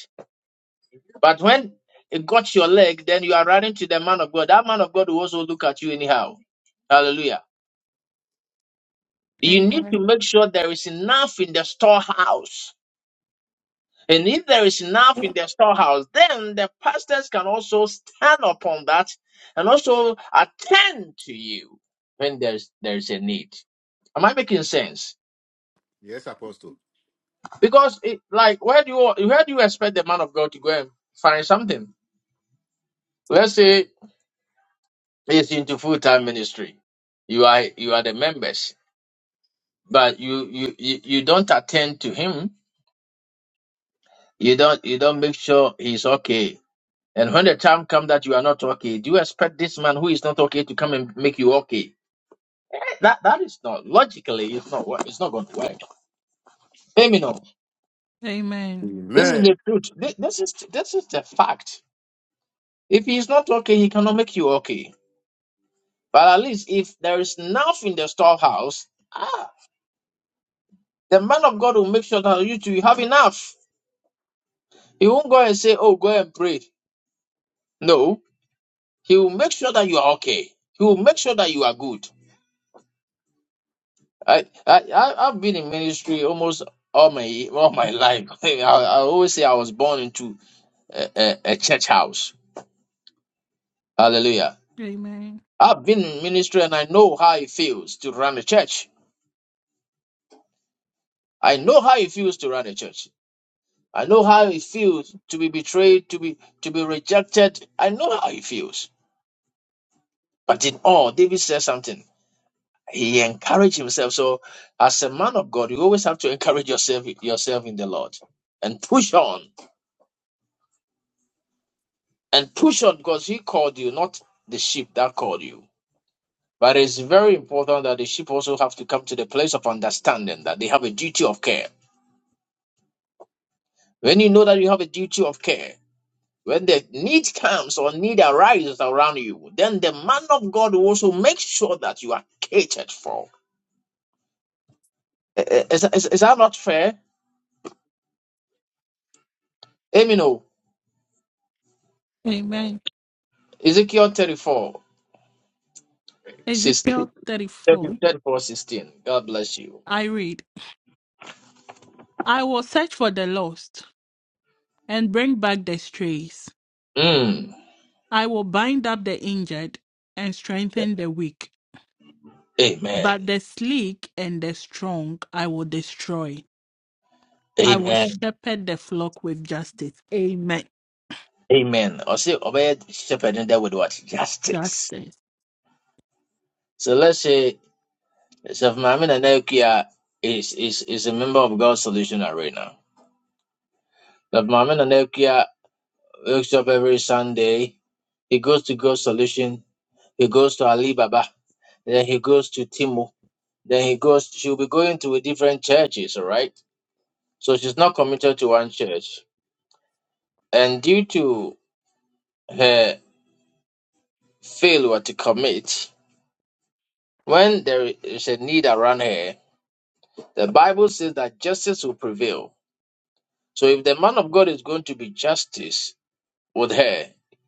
Speaker 1: But when it got your leg, then you are running to the man of God. That man of God will also look at you anyhow. Hallelujah. You need to
Speaker 11: Amen.
Speaker 1: make sure there is enough in the storehouse. And if there is enough in the storehouse, then the pastors can also stand upon that and also attend to you when there's there's a need. Am I making sense?
Speaker 3: Yes, Apostle.
Speaker 1: Because it, like where do you where do you expect the man of God to go and find something? Let's say he's into full time ministry. You are you are the members, but you, you you you don't attend to him. You don't you don't make sure he's okay And when the time comes that you are not okay, do you expect this man who is not okay to come and make you okay? That that is not logically. It's not. wo- It's not going to work. Let me know.
Speaker 11: Amen.
Speaker 1: This is
Speaker 3: Amen.
Speaker 1: the truth. Thi- This is this is the fact. If he is not okay, he cannot make you okay. But at least if there is enough in the storehouse, ah, the man of God will make sure that you two you have enough. He won't go and say, "Oh, go and pray." No, he will make sure that you are okay. He will make sure that you are good. I, I I- I've been in ministry almost all my all my life. I, I always say I was born into a, a, a church house. Hallelujah.
Speaker 11: Amen.
Speaker 1: I've been in ministry and I know how it feels to run a church. I know how it feels to run a church. I know how it feels to be betrayed, to be to be rejected. I know how it feels. But in all, David says something. He encouraged himself. So as a man of God, you always have to encourage yourself yourself in the Lord and push on and push on because he called you, not the sheep that called you. But it's very important that the sheep also have to come to the place of understanding that they have a duty of care. When you know that you have a duty of care, when the need comes or need arises around you, then the man of God will also make sure that you are catered for. I- I- Is, is, is that not fair? Amino,
Speaker 11: Amen.
Speaker 1: Ezekiel 34, sixteen,
Speaker 11: Ezekiel 34.
Speaker 1: thirty-four, sixteen. God bless you.
Speaker 11: I read, I will search for the lost and bring back the strays.
Speaker 1: Mm.
Speaker 11: I will bind up the injured and strengthen the weak,
Speaker 1: Amen.
Speaker 11: but the sleek and the strong I will destroy.
Speaker 1: A-
Speaker 11: I will shepherd the flock with justice. Amen.
Speaker 1: Amen. Or said shepherding there with what? Justice.
Speaker 11: Justice.
Speaker 1: So let's say Safnekia is, is is a member of God's Solution Arena. But Mohammed Anekia wakes up every Sunday. He goes to God's Solution. He goes to Ali Baba. Then he goes to Timu. Then he goes. She'll be going to different churches. All right. So she's not committed to one church. And due to her failure to commit, when there is a need around her, the Bible says that justice will prevail. So if the man of God is going to be justice, with her.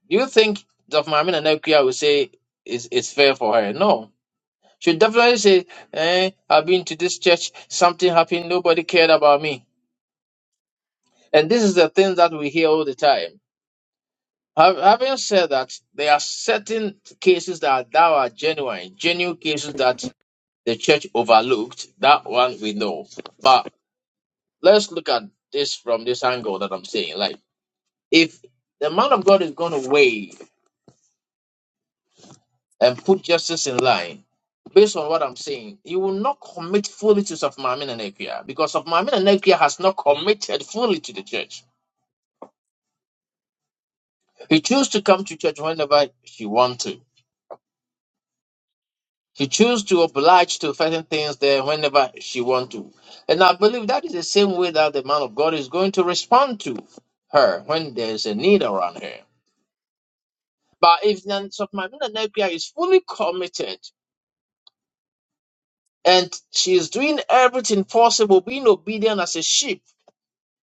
Speaker 1: Do you think Dr. Mamina Nakia will say it's, it's fair for her? No. She'll definitely say, eh, I've been to this church, something happened, nobody cared about me. And this is the thing that we hear all the time. Hav- Having said that, there are certain cases that are, that are genuine, genuine cases that the church overlooked. That one we know. But let's look at this from this angle that I'm saying. Like, if the man of God is going to weigh and put justice in line, based on what I'm saying, you will not commit fully to Safmamin and Ekia because Safmamin and Ekia has not committed fully to the church. He chose to come to church whenever she want to. She chose to oblige to certain things there whenever she want to. And I believe that is the same way that the man of God is going to respond to her when there's a need around her. But if Safmamin and Ekia is fully committed and she is doing everything possible, being obedient as a sheep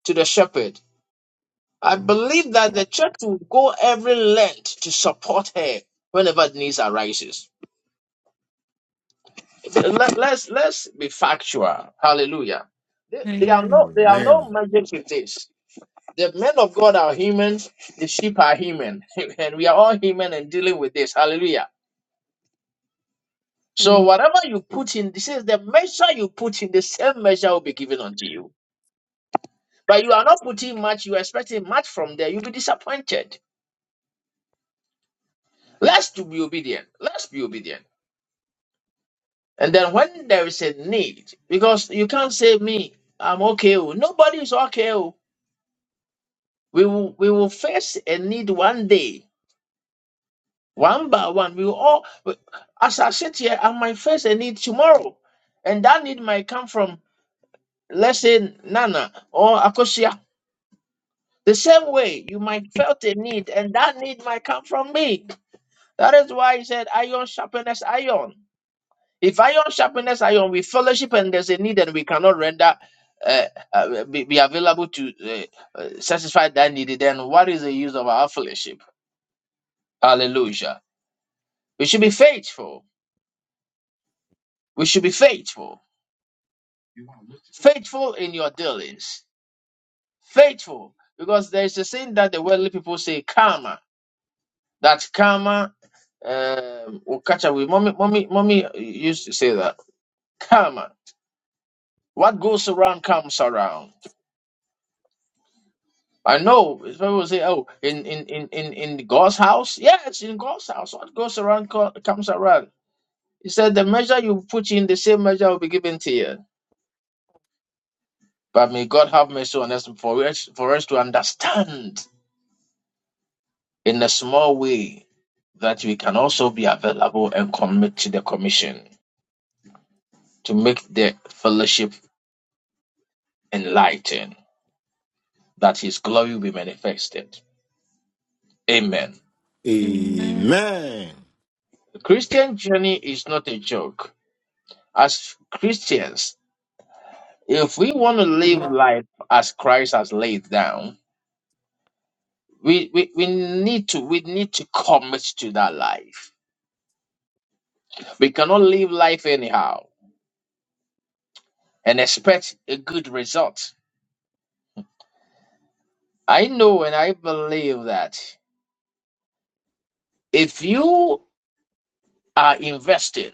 Speaker 1: to the shepherd, I believe that the church will go every length to support her whenever the needs arises. Let, us let's be factual. Hallelujah. There there are
Speaker 11: Amen.
Speaker 1: no there are no
Speaker 3: Amen.
Speaker 1: magic with this. The men of God are human. The sheep are human, and we are all human and dealing with this. Hallelujah. So
Speaker 11: Amen.
Speaker 1: whatever you put in, this is the measure you put in. The same measure will be given unto you. But you are not putting much. You are expecting much from there. You'll be disappointed. Let's to be obedient. Let's be obedient. And then when there is a need, because you can't say me, I'm okay. oh." Nobody is okay. oh. We will we will face a need one day, one by one. We will all as I sit here, I might face a need tomorrow. And that need might come from let's say Nana or Akosia. The same way you might felt a need, and that need might come from me. That is why he said iron sharpness iron. If iron sharpens iron, with fellowship and there's a need and we cannot render, uh, uh, be, be available to uh, uh, satisfy that need, then what is the use of our fellowship? Hallelujah. We should be faithful. We should be faithful. Faithful in your dealings. Faithful. Because there's a saying that the worldly people say, karma. That karma um, will catch up with. Mommy, mommy, mommy used to say that. Karma. What goes around comes around. I know. It's people will say, "Oh, in in in in in God's house." Yeah, it's in God's house. What goes around co- comes around. He said, "The measure you put in, the same measure will be given to you." But may God have mercy on us for us for us to understand in a small way that we can also be available and commit to the commission to make the fellowship enlightened, that His glory will be manifested. Amen.
Speaker 11: Amen.
Speaker 3: Amen.
Speaker 1: The Christian journey is not a joke. As Christians, If we want to live life as Christ has laid down, we, we, we need to we need to commit to that life. We cannot live life anyhow and expect a good result. I know and I believe that if you are investing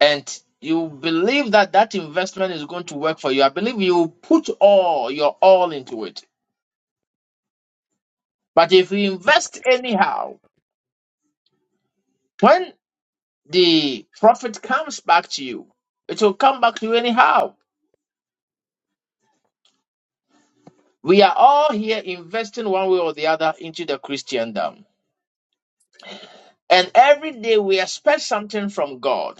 Speaker 1: and you believe that that investment is going to work for you, I believe you put all your all into it. But if you invest anyhow, the profit comes back to you. It will come back to you anyhow. We are all here investing one way or the other into the Christendom. And every day we expect something from God.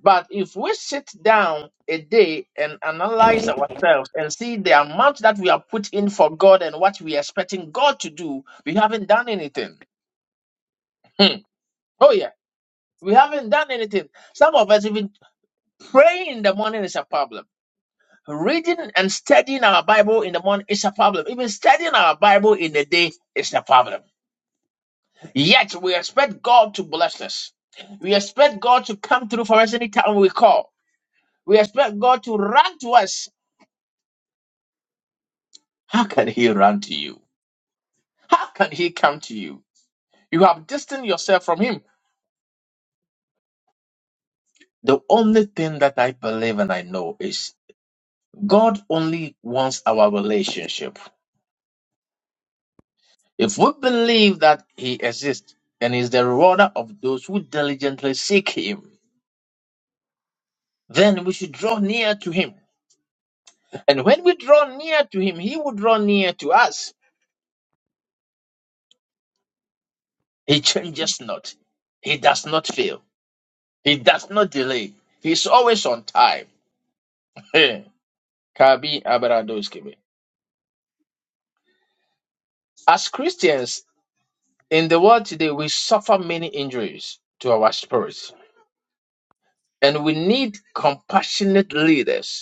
Speaker 1: But if we sit down a day and analyze ourselves and see the amount that we have put in for God and what we are expecting God to do, we haven't done anything. Oh, yeah, we haven't done anything. Some of us, even praying in the morning is a problem. Reading and studying our Bible in the morning is a problem. Even studying our Bible in the day is a problem. Yet we expect God to bless us. We expect God to come through for us anytime we call. We expect God to run to us. How can He run to you? How can He come to you? You have distanced yourself from Him. The only thing that I believe and I know is God only wants our relationship. If we believe that He exists and is the rewarder of those who diligently seek Him, then we should draw near to Him. And when we draw near to Him, He will draw near to us. He changes not, He does not fail, He does not delay, He is always on time. Hey, Kabi Abaradoskebe. As Christians in the world today, we suffer many injuries to our spirits, and we need compassionate leaders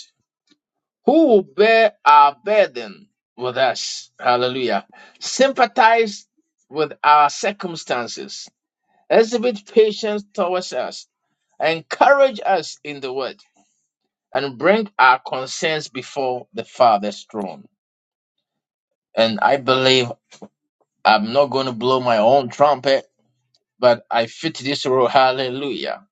Speaker 1: who will bear our burden with us. Hallelujah. Sympathize with our circumstances, exhibit patience towards us, encourage us in the word, and bring our concerns before the Father's throne. And I believe I'm not going to blow my own trumpet, but I fit this role. Hallelujah.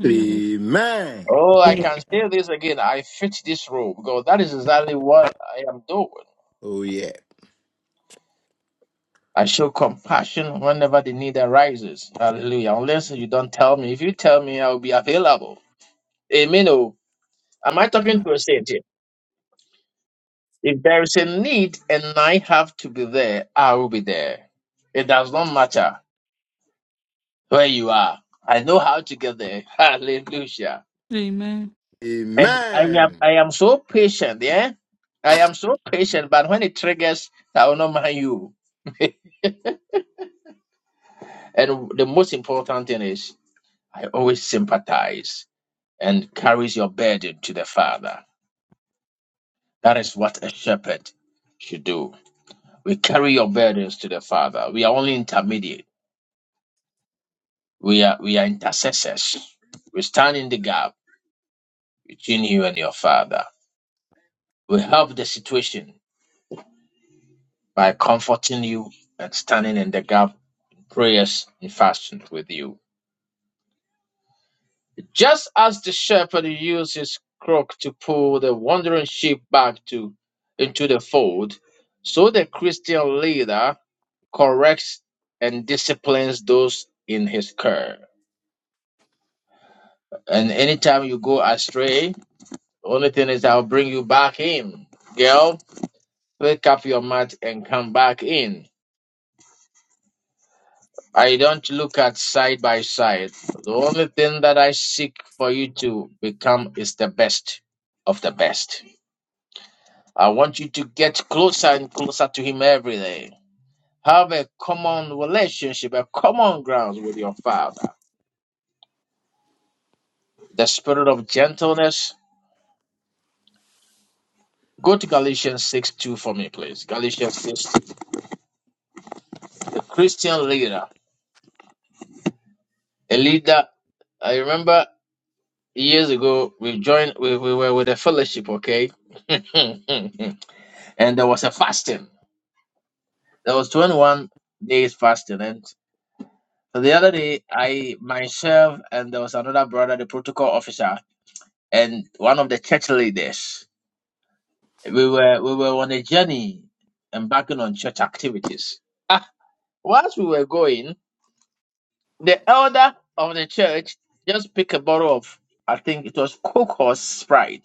Speaker 11: Amen.
Speaker 3: Amen.
Speaker 1: Oh, I can say this again. I fit this role because that is exactly what I am doing.
Speaker 3: Oh yeah.
Speaker 1: I show compassion whenever the need arises. Hallelujah. Unless you don't tell me. If you tell me, I'll be available. Amen. Oh, am I talking to a saint here? If there is a need and I have to be there, I will be there. It does not matter where you are. I know how to get there. Hallelujah.
Speaker 11: Amen.
Speaker 1: And I am,
Speaker 3: Amen.
Speaker 1: I am so patient, yeah? I am so patient, but when it triggers, I will not mind you. and the most important thing is I always sympathize. and carries your burden to the Father. That is what a shepherd should do. We carry your burdens to the Father. We are only intermediate. We are we are intercessors. We stand in the gap between you and your Father. We help the situation by comforting you and standing in the gap, prayers and fasting with you. Just as the shepherd uses his crook to pull the wandering sheep back to into the fold, so the Christian leader corrects and disciplines those in his care. And anytime you go astray, the only thing is I'll bring you back in. Girl, pick up your mat and come back in. I don't look at side by side. The only thing that I seek for you to become is the best of the best. I want you to get closer and closer to Him every day. Have a common relationship, a common ground with your Father. The spirit of gentleness, Go to Galatians 6 2 for me, please. Galatians 6 two. The Christian leader. A leader, I remember years ago, we joined, we, we were with a fellowship, okay? and there was a fasting. There was 21 days fasting. And so the other day, I myself and there was another brother, the protocol officer, and one of the church leaders, we were, we were on a journey embarking on church activities. Ah, whilst we were going, the elder of the church just picked a bottle of, I think it was Coke or Sprite,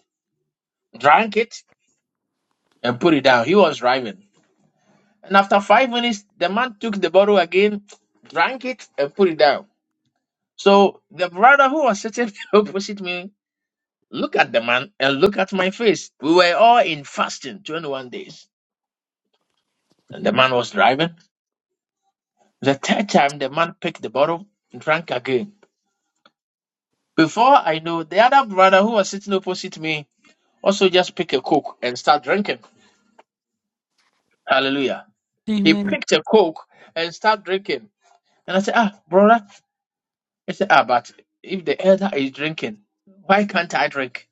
Speaker 1: drank it, and put it down. He was driving. And after five minutes, the man took the bottle again, drank it, and put it down. So the brother who was sitting opposite me looked at the man and looked at my face. We were all in fasting, 21 days. And the man was driving. The third time, the man picked the bottle, drank again. Before I know, the other brother who was sitting opposite me also just pick a coke and start drinking. Hallelujah. He
Speaker 11: Amen.
Speaker 1: picked a coke and started drinking. And I said, Ah, brother. I said, Ah, but if the elder is drinking, why can't I drink?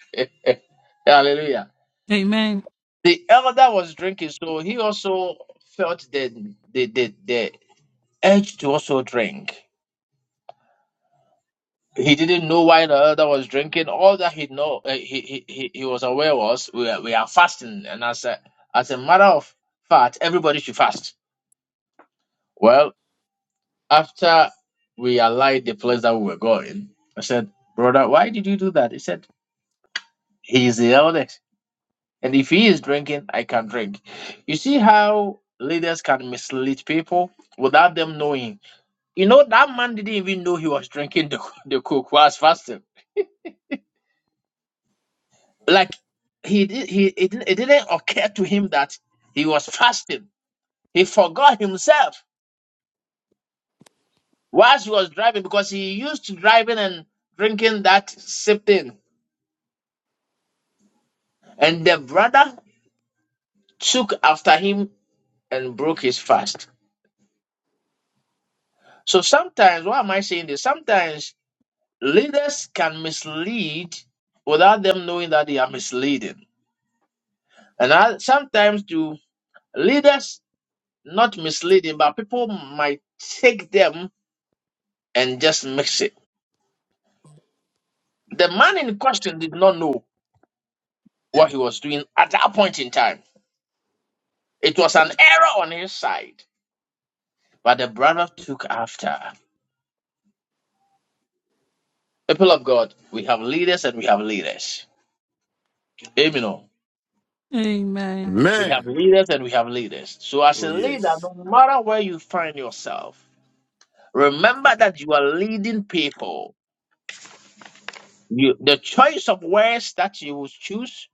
Speaker 1: Hallelujah.
Speaker 11: Amen.
Speaker 1: The elder was drinking, so he also felt the, the, the, the urge to also drink. He didn't know why the elder was drinking. All that he know, uh, he, he he he was aware was we are, we are fasting, and as a as a matter of fact, everybody should fast. Well. After we allied the place that we were going, I said, Brother, why did you do that? He said, He is the eldest. And if he is drinking, I can drink. You see how leaders can mislead people without them knowing. You know, that man didn't even know he was drinking the, the coke while fasting. Like he did he it didn't, it didn't occur to him that he was fasting. He forgot himself whilst he was driving because he used to driving and drinking that sip thing. And the brother took after him and broke his fast. So sometimes, why am I saying this? Sometimes leaders can mislead without them knowing that they are misleading. And I, sometimes do leaders not misleading, but people might take them and just mix it. The man in question did not know what he was doing at that point in time. It was an error on his side, but the brother took after. People of God, we have leaders and we have leaders. Amen.
Speaker 11: Amen.
Speaker 1: We have
Speaker 3: Amen.
Speaker 1: leaders and we have leaders. So, as
Speaker 3: Oh,
Speaker 1: a leader,
Speaker 3: yes.
Speaker 1: no matter where you find yourself, remember that you are leading people. You, the choice of words that you will choose,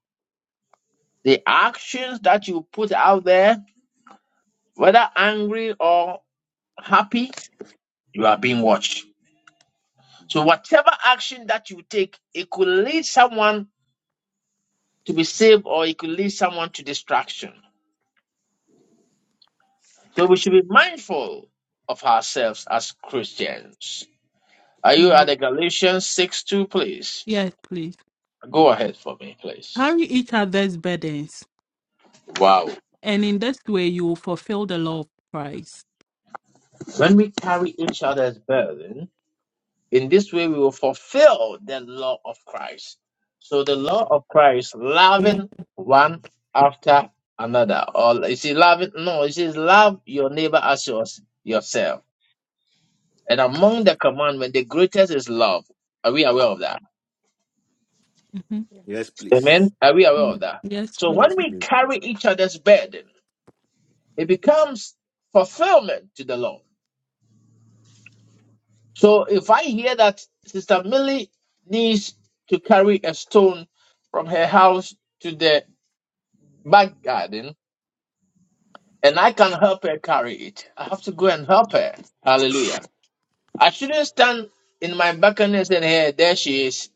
Speaker 1: the actions that you put out there, whether angry or happy, you are being watched. So, whatever action that you take, it could lead someone to be saved or it could lead someone to distraction. So, we should be mindful of ourselves as Christians. Are you at the Galatians 6 2, please?
Speaker 11: Yes, please.
Speaker 1: Go ahead for me, please.
Speaker 11: Carry each other's burdens,
Speaker 1: Wow.
Speaker 11: and in this way you will fulfill the law of Christ.
Speaker 1: When we carry each other's burden, in this way we will fulfill the law of Christ. So the law of Christ, loving one after another. Or is it loving? No, it says love your neighbor as yours, yourself. And among the commandment, the greatest is love. Are we aware of that?
Speaker 11: hmm
Speaker 3: Yes, please.
Speaker 1: Amen. Are we aware of that?
Speaker 11: Yes,
Speaker 1: So
Speaker 11: please.
Speaker 1: when
Speaker 3: Yes,
Speaker 1: we
Speaker 3: please.
Speaker 1: carry each other's burden, It becomes fulfillment to the Lord. So if I hear that Sister Millie needs to carry a stone from her house to the back garden, and I can help her carry it, I have to go and help her. Hallelujah. I shouldn't stand in my balcony and say, hey, there she is.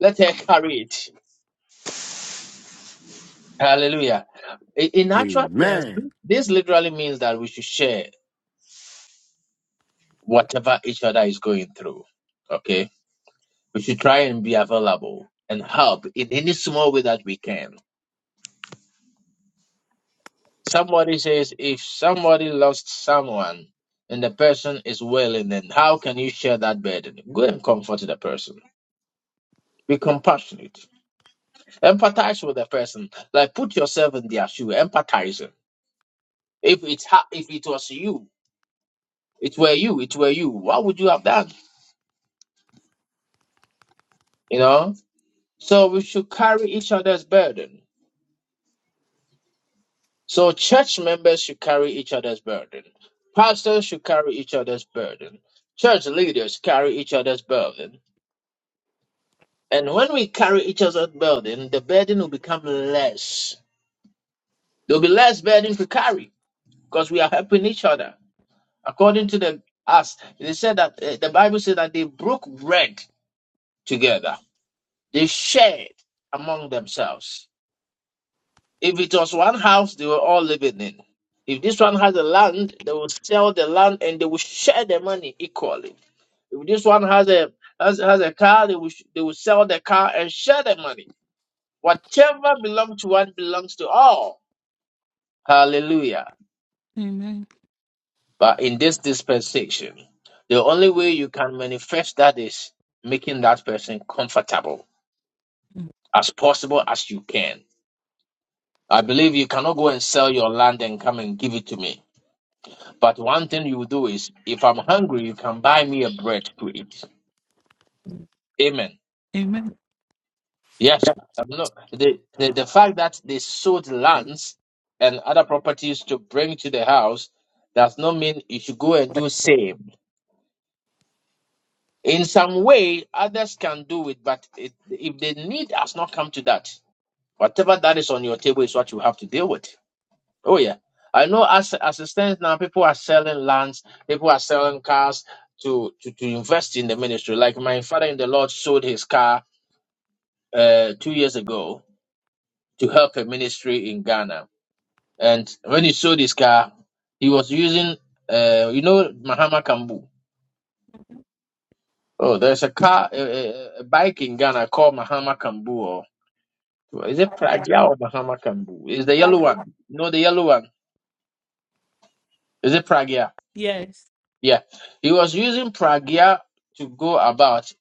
Speaker 1: Let her carry it. Hallelujah. I- In actual sense,
Speaker 3: Amen.
Speaker 1: this literally means that we should share whatever each other is going through. Okay We should try and be available and help in any small way that we can. Somebody says, if somebody lost someone and the person is wailing, then how can you share that burden? Go and comfort the person. Be compassionate. Empathize with the person. Like put yourself in their shoe. Empathizing. If it's ha- if it was you, it were you, it were you. What would you have done? You know. So we should carry each other's burden So church members should carry each other's burden. Pastors should carry each other's burden. Church leaders carry each other's burden. And when we carry each other's burden, the burden will become less. There'll be less burden to carry because we are helping each other. According to the us, they said that uh, the Bible said that they broke bread together. They shared among themselves. If it was one house, they were all living in. If this one has a land, they will sell the land and they will share the money equally. If this one has a has, has a car, they will sh- they will sell the car and share the money. Whatever belongs to one belongs to all. Hallelujah.
Speaker 11: Amen.
Speaker 1: But in this dispensation, the only way you can manifest that is making that person comfortable as possible as you can. I believe you cannot go and sell your land and come and give it to me But one thing you do is, if I'm hungry, you can buy me a bread to eat. Amen.
Speaker 11: Amen.
Speaker 1: Yes. I'm not, the, the, the fact that they sold lands and other properties to bring to the house does not mean you should go and do same. In some way, others can do it, but it, if the need has not come to that, whatever that is on your table is what you have to deal with. Oh yeah, I know. As as it stands now, people are selling lands, people are selling cars to to to invest in the ministry. Like my father in the Lord sold his car uh two years ago to help a ministry in Ghana, and when he sold his car, he was using uh you know Mahama Kambu. Oh, there's a car a, a, a bike in Ghana called Mahama Kambu. Or, is it Pragya or Mahama Kambu? Is the yellow one? No, the yellow one. Is it Pragya?
Speaker 11: Yes.
Speaker 1: Yeah, he was using pragya to go about.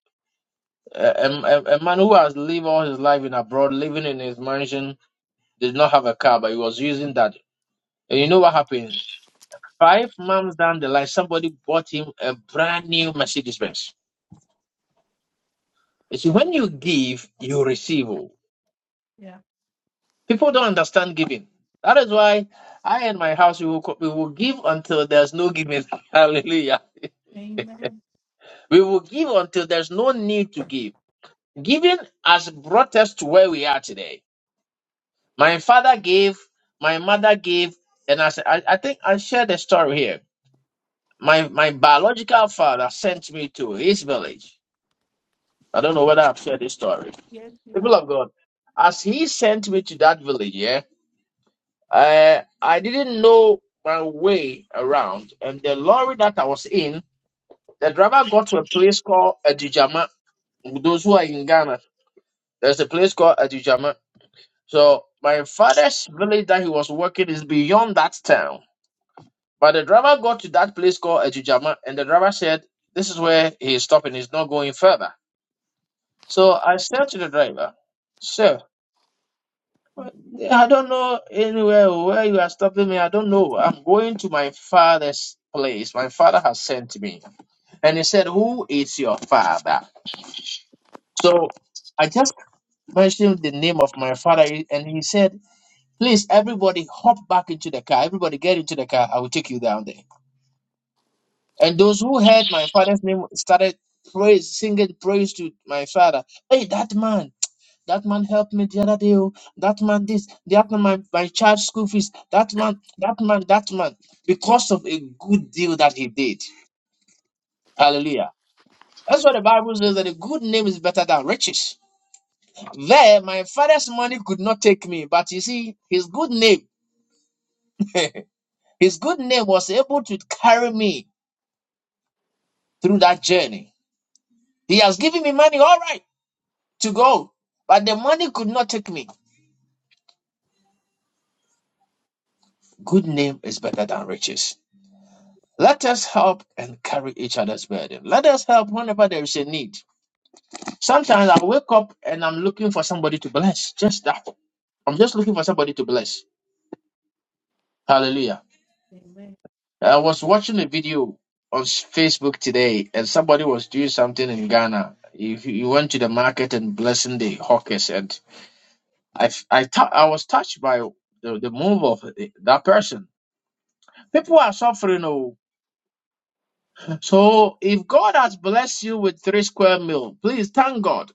Speaker 1: A, a, a man who has lived all his life in abroad, living in his mansion, did not have a car, but he was using that. And you know what happened? Five months down the line, somebody bought him a brand new Mercedes Benz. You see, when you give, you receive. oh.
Speaker 11: Yeah.
Speaker 1: People don't understand giving. That is why I and my house we will co- we will give until there's no giving. Hallelujah.
Speaker 11: Amen.
Speaker 1: We will give until there's no need to give. Giving has brought us to where we are today. My father gave, my mother gave, and I said, I, I think I shared the story here. My my biological father sent me to his village. I don't know whether I've shared this story.
Speaker 11: Yes, you
Speaker 1: People
Speaker 11: have.
Speaker 1: of
Speaker 11: to
Speaker 1: God, as he sent me to that village, yeah, I I didn't know my way around, and the lorry that I was in, the driver got to a place called Adijama. Those who are in Ghana, there's a place called Adijama So my father's village that he was working is beyond that town. But the driver got to that place called Ejujama, and the driver said, "This is where he is stopping. He's not going further." So I said to the driver, "Sir, I don't know anywhere where you are stopping me. I don't know. I'm going to my father's place. My father has sent me." And he said, "Who is your father?" So I just mentioned the name of my father, and he said. Please, everybody, hop back into the car. Everybody, get into the car. I will take you down there. And those who heard my father's name started praise, singing praise to my father. Hey, that man, that man helped me the other day. oh. That man, this, that man, my, my child's school fees. That man, that man, that man, because of a good deal that he did. Hallelujah. That's what the Bible says that a good name is better than riches. There, my father's money could not take me, but you see, his good name, his good name was able to carry me through that journey. He has given me money, all right, to go, but the money could not take me. Good name is better than riches. Let us help and carry each other's burden. Let us help whenever there is a need. Sometimes I wake up and I'm looking for somebody to bless. Just that. I'm just looking for somebody to bless. Hallelujah.
Speaker 11: say Amen.
Speaker 1: I was watching a video on Facebook today and somebody was doing something in Ghana. He, he went to the market and blessing the hawkers and. I f- I tou- I was touched by the, the move of the- that person. People are suffering, oh. So if God has blessed you with three square meal, please thank God.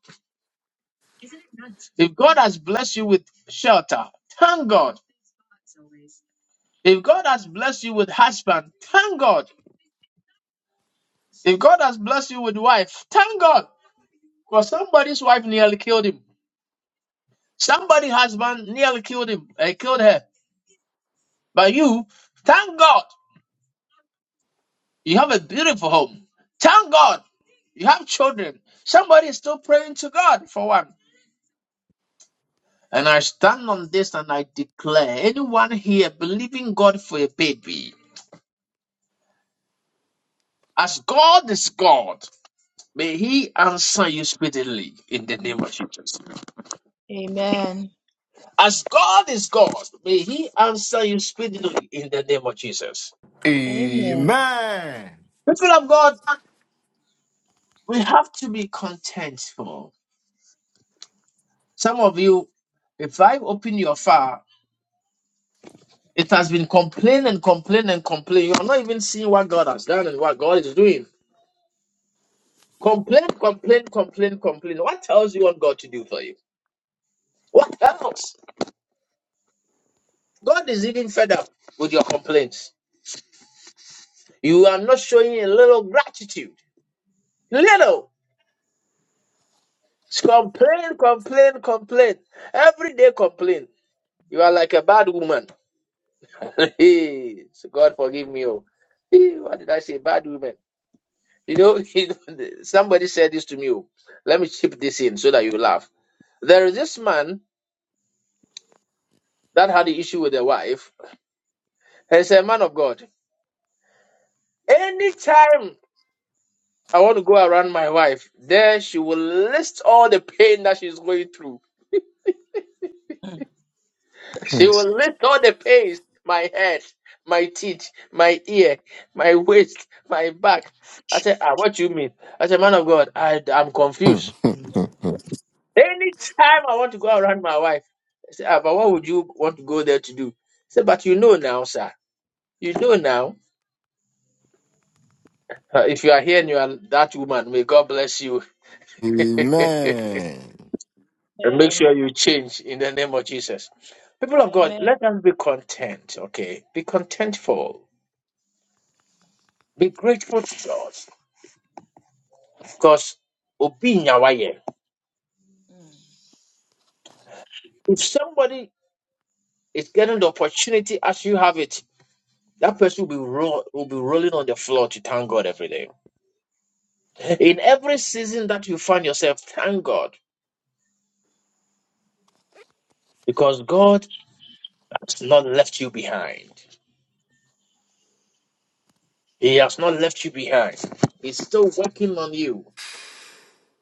Speaker 1: If God has blessed you with shelter, thank God. If God has blessed you with husband, thank God. If God has blessed you with wife, thank God. Because somebody's wife nearly killed him. Somebody's husband nearly killed him. uh, killed her. But you, thank God. You have a beautiful home. Thank God. You have children. Somebody is still praying to God for one. And I stand on this and I declare anyone here believing God for a baby, as God is God, may He answer you speedily in the name of
Speaker 11: Mhm.
Speaker 1: Jesus.
Speaker 8: Amen.
Speaker 1: As God is God, may He answer you speedily in the name of Jesus.
Speaker 8: Amen. Amen.
Speaker 3: Amen.
Speaker 1: People of God, we have to be contentful. Some of you, if I open your file. It has been complain and complain and complain. You are not even seeing what God has done and what God is doing. Complain, complain, complain, complain. What else you want God to do for you? What else? God is even fed up with your complaints. You are not showing a little gratitude. Little. It's complain, complain, complain. Every day complain. You are like a bad woman. Hey, so God forgive me. Oh. Hey, what did I say? Bad woman. You know, somebody said this to me. oh. Let me chip this in so that you laugh. There is this man that had the issue with a wife. He's a man of God. Anytime I want to go around my wife, there she will list all the pain that she's going through.
Speaker 8: Mm,
Speaker 1: She will list all the pains my head, my teeth, my ear, my waist, my back. I said, ah, What you mean? I said, Man of God, I, I'm confused. Anytime I want to go around my wife, I said, ah, But what would you want to go there to do? He said, But you know now, sir. You know now. Uh, if you are here and you are that woman, may God bless you and
Speaker 3: Amen.
Speaker 1: make
Speaker 8: Amen.
Speaker 1: sure you change in the name of Jesus. People of God,
Speaker 8: Amen.
Speaker 1: let us be content, okay? Be contentful. Be grateful to God because obi nya waye.
Speaker 8: mm,
Speaker 1: if somebody is getting the opportunity as you have it, that person will be, roll, will be rolling on the floor to thank God every day. In every season that you find yourself, thank God because God has not left you behind. He has not left you behind. He's still working on you.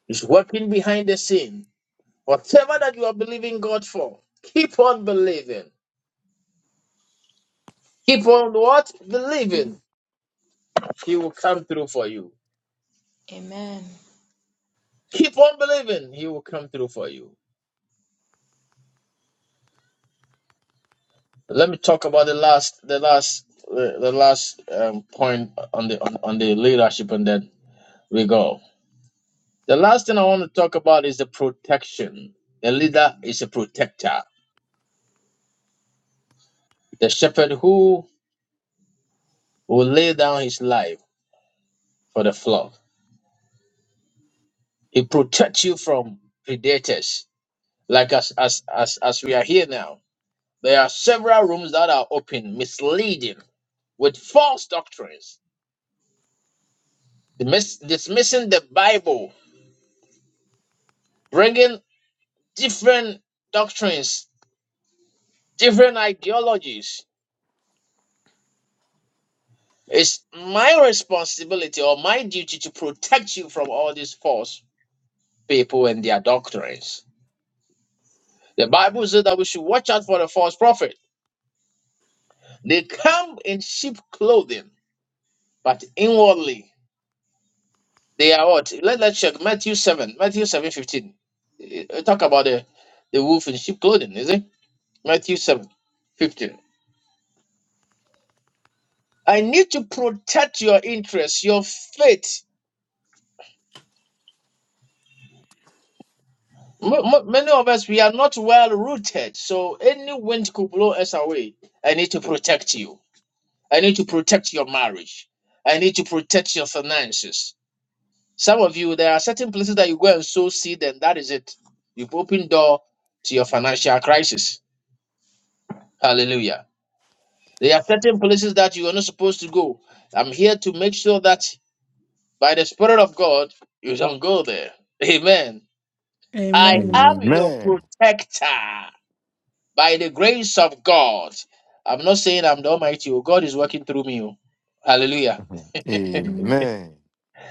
Speaker 1: He's working behind the scene. Whatever that you are believing God for, keep on believing. Keep on what? Believing.
Speaker 11: Mhm.
Speaker 1: He will come through for you.
Speaker 8: Amen.
Speaker 1: Keep on believing. He will come through for you. Let me talk about the last, the last, uh, the last um, point on the on, on the leadership, and then we go. The last thing I want to talk about is the protection. The leader is a protector. The shepherd who will lay down his life for the flock. He protects you from predators. Like as as as as we are here now, there are several rooms that are open, misleading with false doctrines, dismiss, dismissing the Bible, bringing different doctrines, different ideologies. It's my responsibility or my duty to protect you from all these false people and their doctrines. The Bible says that we should watch out for the false prophet. They come in sheep clothing, but inwardly They are what? Let, let's check Matthew 7, Matthew seven fifteen 15. Eh, eh, Talk about the, the wolf in sheep clothing, is it? Matthew 7 15 I need to protect your interests, your faith. M- m- many of us, we are not well rooted, so any wind could blow us away. I need to protect you. I need to protect your marriage. I need to protect your finances. Some of you, there are certain places that you go and sow seed, and that is it. You've opened door to your financial crisis. Hallelujah. There are certain places that you are not supposed to go. I'm here to make sure that by the Spirit of God, you don't go there. Amen. I
Speaker 11: Amen.
Speaker 1: am your
Speaker 3: Amen.
Speaker 1: protector by the grace of God. I'm not saying I'm the Almighty. oh, God is working through me. oh. Hallelujah.
Speaker 11: Mhm.
Speaker 3: Amen.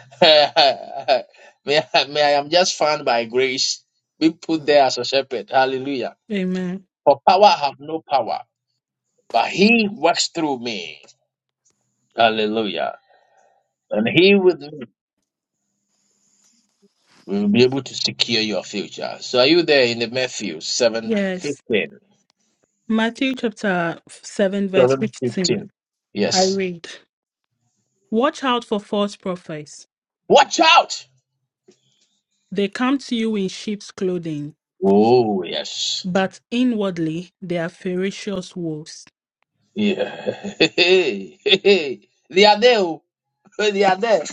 Speaker 1: may, I, may I am just found by grace, be put
Speaker 3: Hmm,
Speaker 1: there as a shepherd. Hallelujah.
Speaker 11: Amen.
Speaker 1: For power I have no power, but He works through me. Hallelujah. And He with me. We will be able to secure your future. So are you there in the Matthew 7
Speaker 11: Yes.
Speaker 1: 15?
Speaker 11: Matthew chapter 7, verse 15. I
Speaker 1: Yes.
Speaker 11: read Watch out for false prophets.
Speaker 1: Watch out!
Speaker 11: They come to you in sheep's clothing,
Speaker 1: Oh, yes.
Speaker 11: but inwardly they are ferocious wolves.
Speaker 1: Yeah. they are there. oh. They are there.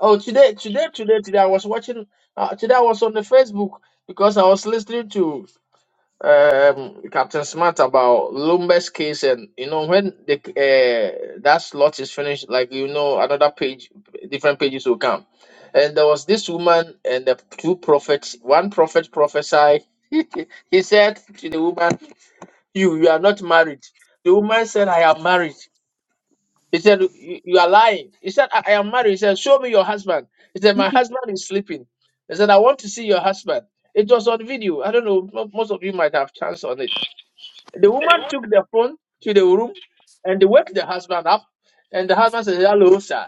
Speaker 1: Oh, today, today, today, today, I was watching, uh, today I was on the Facebook because I was listening to um, Captain Smart. That slot is phenomenal. And one prophet beside, he said to the woman, you you are not married the woman said i am married he said you you are lying he said i I am married he said show me your husband he said my husband is sleeping he said i want to see your husband it was on video i don't know mo- most of you might have chance on it the woman took the phone to the room and they woke the husband up and the husband said hello sir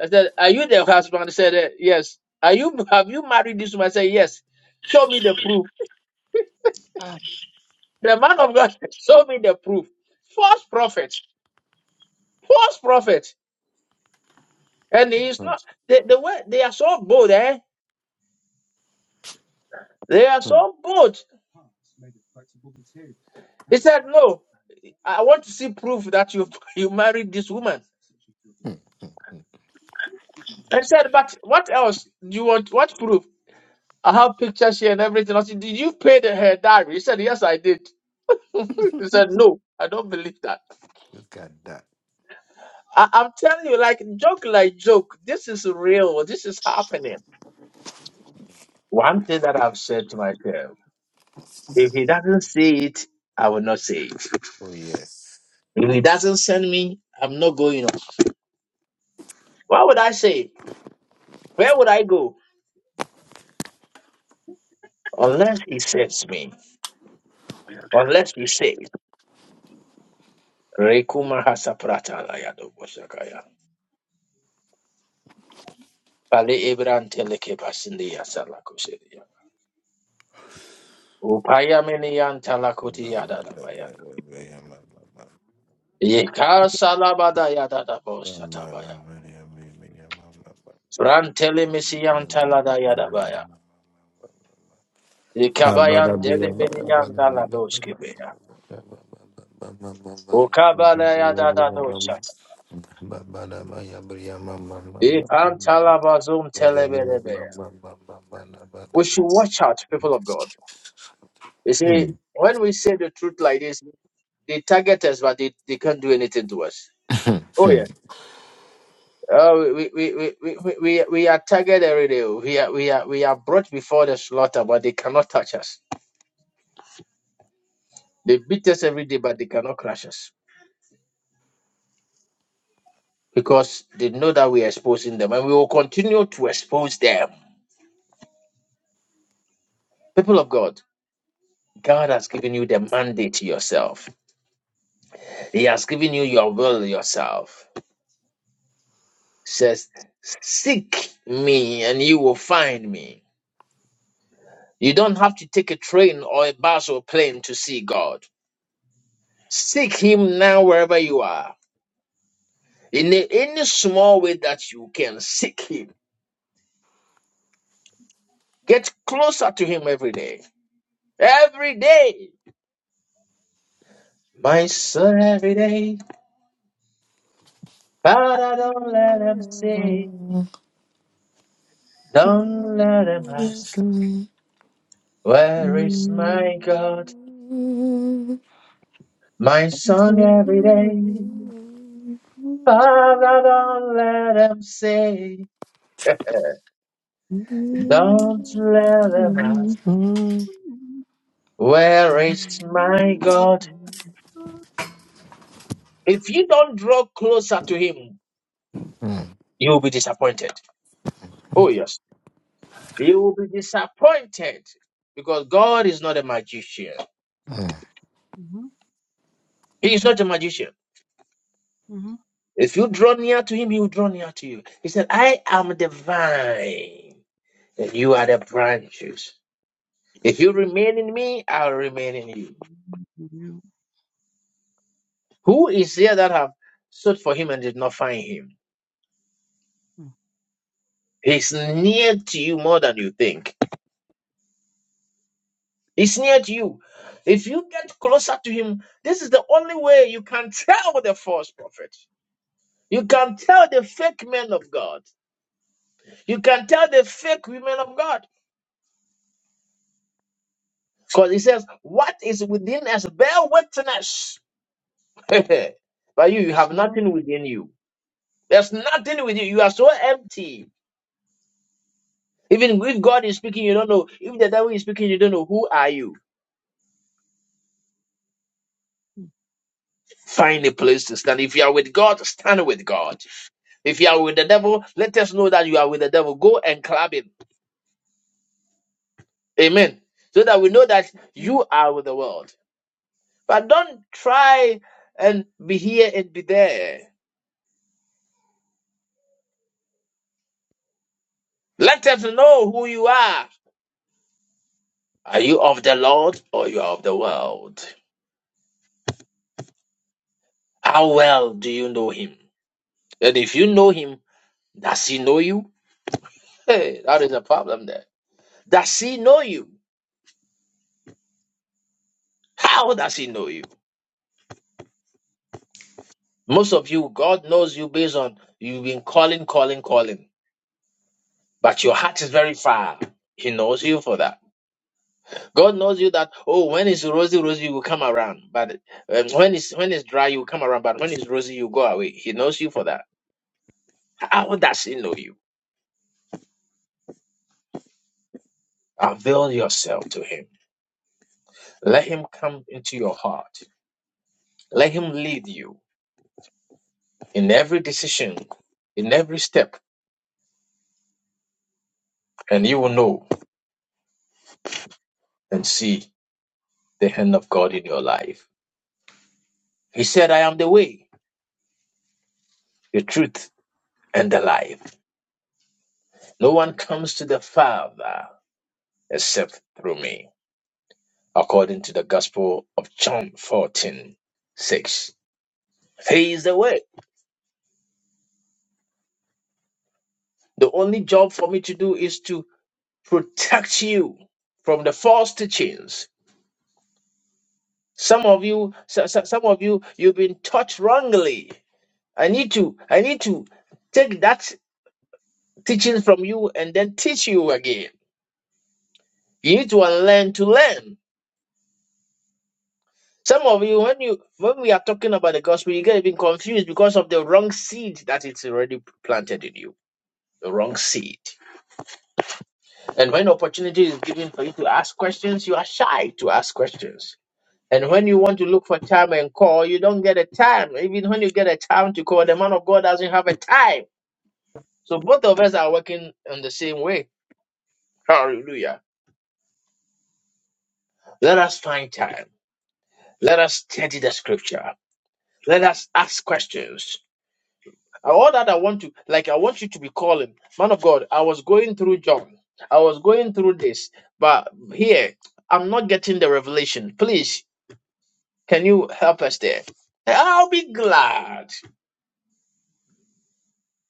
Speaker 1: i said are you the husband he said "Eh, yes are you have you married this woman i said yes show me the proof
Speaker 8: Ah,
Speaker 1: the man of god said, show me the proof false prophet false prophet. And he is
Speaker 3: hmm,
Speaker 1: not They the way they are so bold, eh? They are
Speaker 3: hmm,
Speaker 1: so bold. He said, No, I want to see proof that you you married this woman.
Speaker 3: hmm, hmm. hmm.
Speaker 1: I said, But what else do you want? What proof? I have pictures here and everything. I said, Did you pay the her diary? He said, Yes, I did. he said, No, I don't believe that.
Speaker 3: Look at that.
Speaker 1: I, I'm telling you, like joke like joke. This is real. This is happening. One thing that I've said to myself, if he doesn't see it, I will not say it.
Speaker 3: Oh, yes.
Speaker 1: If he doesn't send me, I'm not going on. What would I say? Where would I go? Unless he sends me. Unless he says, Rekuma hasaprata layado bosakaya. Pale ebran teleke pasindi yasala Upaya meni yantala yada da bayada. Yeka salabada yada da bosatabaya. Brantele misi yantala yada baya.
Speaker 3: Yes.
Speaker 1: Yekabayan dele meni yantala Ukabala yada da dosha. We should watch out, people of God. You see, when we say the truth like this, they target us, but they, they can't do anything to us. Oh yeah. Uh, we, we, we, we, we, we we are targeted every day. We are, we are, we are brought before the slaughter, but they cannot touch us. They beat us every day, but they cannot crush us because they know that we are exposing them and we will continue to expose them. People of God, God has given you the mandate yourself. He has given you your will yourself. says, Seek me and you will find me. You don't have to take a train or a bus or plane to see God. Seek Him now wherever you are. In a- any small way that you can, seek Him. Get closer to Him every day. Every day. My son, every day. But I don't let him say, don't let him ask, Where is my God? My song every day. Father, don't let them say, don't let them ask, where is my God? If you don't draw closer to Him, you will be disappointed. Oh, yes. You will be disappointed because God is not a magician.
Speaker 6: Mhm,
Speaker 1: He is not a magician.
Speaker 6: mhm.
Speaker 1: If you draw near to Him, He will draw near to you. He said, I am the vine, and you are the branches. If
Speaker 6: Yes,
Speaker 1: you
Speaker 6: Lord.
Speaker 1: remain in me, I'll remain in you.
Speaker 6: Mhm.
Speaker 1: Who is there that have sought for Him and did not find Him?
Speaker 6: Mhm.
Speaker 1: He's near to you more than you think. He's near to you. If you get closer to him, this is the only way you can tell the false prophet. You can tell the fake men of God. You can tell the fake women of God. Because he says, What is within us? Bear witness. but you, you
Speaker 6: Yes,
Speaker 1: have
Speaker 6: Lord.
Speaker 1: nothing within you. There's nothing within you. You are so empty. Even if God is speaking, you don't know. If the devil is speaking, you don't know. Who are you? Find a place to stand. If you are with God, stand with God. If you are with the devil, let us know that you are with the devil. Go and club him. Amen. So that we know that
Speaker 6: Yeah.
Speaker 1: you are with the world. But don't try and be here and be there. Let us know who you are. Are you of the Lord or you are of the world? How well do you know him? And if you know him, does he know you? Hey, that is a problem there. Does he know you? How does he know you? Most of you, God knows you based on you've been calling, calling, calling. but your heart is very far. He knows you for that. God knows you that oh, when it's rosy, rosy, you will come around, but um, when it's when it's dry, you come around, but when it's rosy, you go away. He knows you for that. How does he know you? Avail yourself to him. Let him come into your heart. Let him lead you in every decision, in every step, and you will know and see the hand of God in your life. He said, "I am the way, the truth, and the life. No one comes to the Father except." through me. according to the Gospel of John 14:6, He is the way. The only job for me to do is to protect you from the false teachings. Some of you, so- so- some of you, you've been taught wrongly. I need to, I need to take that teaching from you and then teach you again. You need to unlearn to learn. Some of you, when you when we are talking about the gospel, you get even confused because of the wrong seed that it's already planted in you. The wrong seed. And when opportunity is given for you to ask questions, you are shy to ask questions. And when you want to look for time and call, you don't get a time. Even when you get a time to call, the man of God doesn't have a time. So both of us are working in the same way. Hallelujah. Let us find time. Let us study the scripture. Let us ask questions. All that I want to, like, I want you to be calling. Man of God, I was going through John. I was going through this. But here, I'm not getting the revelation. Please Can you help us there? I'll be glad.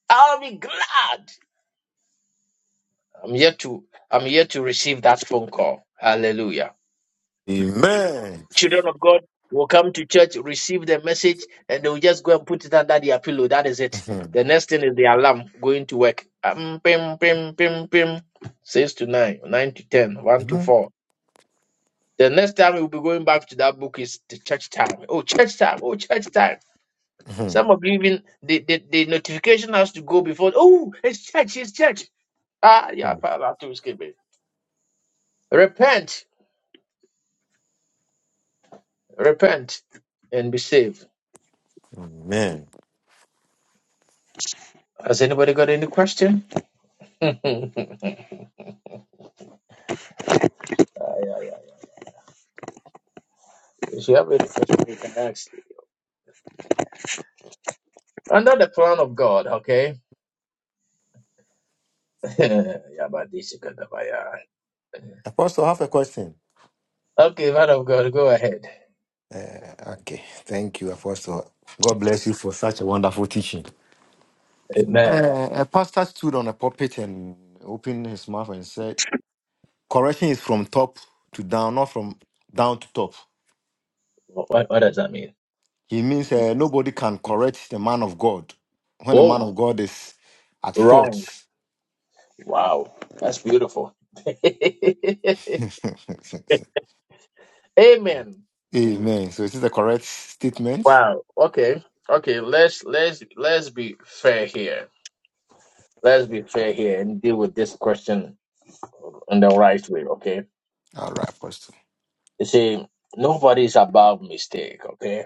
Speaker 1: I'll be glad. I'm here to I'm here to receive that phone call. Hallelujah. Children of God will come to church, receive the message, and they'll just go and put it under their pillow. That is it.
Speaker 3: Amen.
Speaker 1: The next thing is the alarm going to work. Um, pim, pim, pim, pim. Six to nine, nine to ten, one to
Speaker 3: Mhm.
Speaker 1: four. The next time we'll be going back to that book is the church time. Oh, church time. Oh, church time. Some
Speaker 3: Mhm.
Speaker 1: of you even the, the, the notification has to go before. Oh, it's church, it's church. Ah, yeah,
Speaker 3: Mhm.
Speaker 1: I'll to skip it. Repent, repent, and be saved.
Speaker 3: Amen.
Speaker 1: Has anybody got any question? Ah, yeah, yeah. If you have any question, you can ask. Under the plan of God, okay? yeah, but this is good, but yeah.
Speaker 3: Apostle, I have a question.
Speaker 1: Okay, man of God, go ahead.
Speaker 3: Uh, okay, thank you, Apostle. God bless you for such a wonderful teaching.
Speaker 1: Amen.
Speaker 3: Uh, a pastor stood on a pulpit and opened his mouth and said, Correction is from top to down, not from down to top.
Speaker 1: What, what does that mean?
Speaker 3: He means uh, nobody can correct the man of God when the man
Speaker 1: Oh,
Speaker 3: of God is at fault.
Speaker 1: wow. That's beautiful. Amen.
Speaker 3: Amen. So, is this the correct statement?
Speaker 1: Wow. Okay. Okay. Let's let's let's be fair here. Let's be fair here and deal with this question in the right way. Okay.
Speaker 3: All right, Apostle.
Speaker 1: You see, nobody's above mistake. Okay.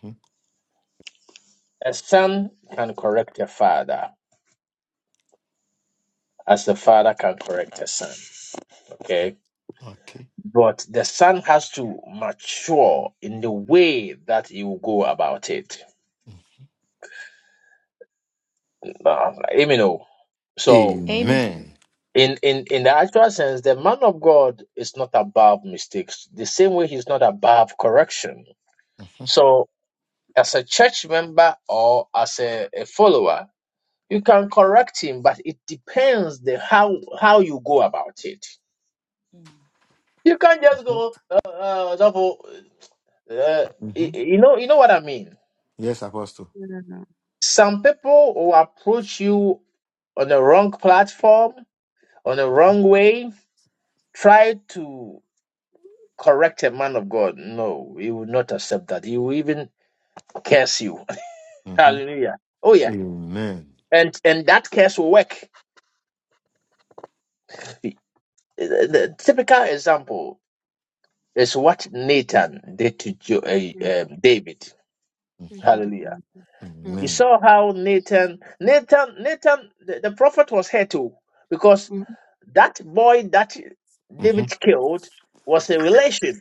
Speaker 3: hmm
Speaker 1: A son can correct a father as the father can correct a son. Okay.
Speaker 3: Okay.
Speaker 1: But the son has to mature in the way that you go about it. Uh, you know. So
Speaker 8: amen.
Speaker 3: Amen.
Speaker 1: in in in the actual sense the man of god is not above mistakes the same way he's not above correction so as a church member or as a, a follower you can correct him but it depends the how how you go about it
Speaker 8: mm.
Speaker 1: you can't just go uh, uh, double, uh you you know you know what i mean
Speaker 3: Yes, Apostle.
Speaker 6: Yeah.
Speaker 1: some people will approach you on the wrong platform on the wrong way try to correct a man of God, no, he will not accept that. He will even curse you.
Speaker 3: hmm
Speaker 1: Hallelujah. Oh yeah,
Speaker 3: Amen.
Speaker 1: and and that curse will work. The the typical example is what Nathan did to Jo- uh,
Speaker 6: Yeah.
Speaker 1: um, David.
Speaker 6: Take
Speaker 3: hmm
Speaker 6: it.
Speaker 1: Hallelujah.
Speaker 6: easy. Yeah.
Speaker 1: You
Speaker 3: Amen.
Speaker 1: saw how Nathan, Nathan, Nathan, the, the prophet was here too, because
Speaker 6: Mhm.
Speaker 1: that boy that
Speaker 3: hmm
Speaker 1: David killed was a relation.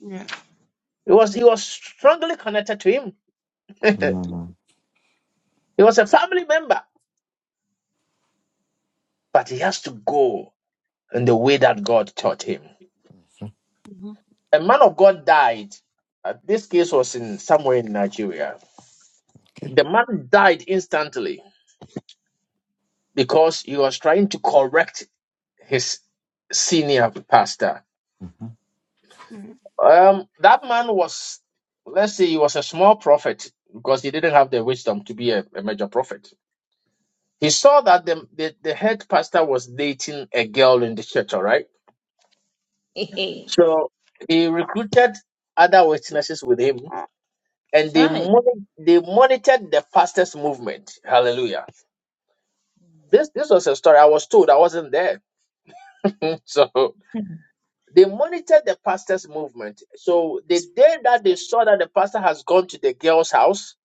Speaker 6: Yeah.
Speaker 1: He was he was strongly connected to him.
Speaker 3: mm
Speaker 1: he was a family member, but he has to go in the way that God taught him.
Speaker 6: Mhm.
Speaker 1: A man of God died. Uh, this case was in somewhere in Nigeria.
Speaker 3: Okay.
Speaker 1: The man died instantly because he was trying to correct his senior pastor.
Speaker 6: Yeah.
Speaker 1: Um, that man was, let's say, he was a small prophet because he didn't have the wisdom to be a, a major prophet. He saw that the, the the head pastor was dating a girl in the church. All right,
Speaker 8: Hey, hey.
Speaker 1: so he recruited other witnesses with him and they
Speaker 8: Chai.
Speaker 1: moni- they monitored the fastest movement. Hallelujah. This this was a story I was told. I wasn't there. so they monitored the pastor's movement. So the day that they saw that the pastor has gone to the girl's house,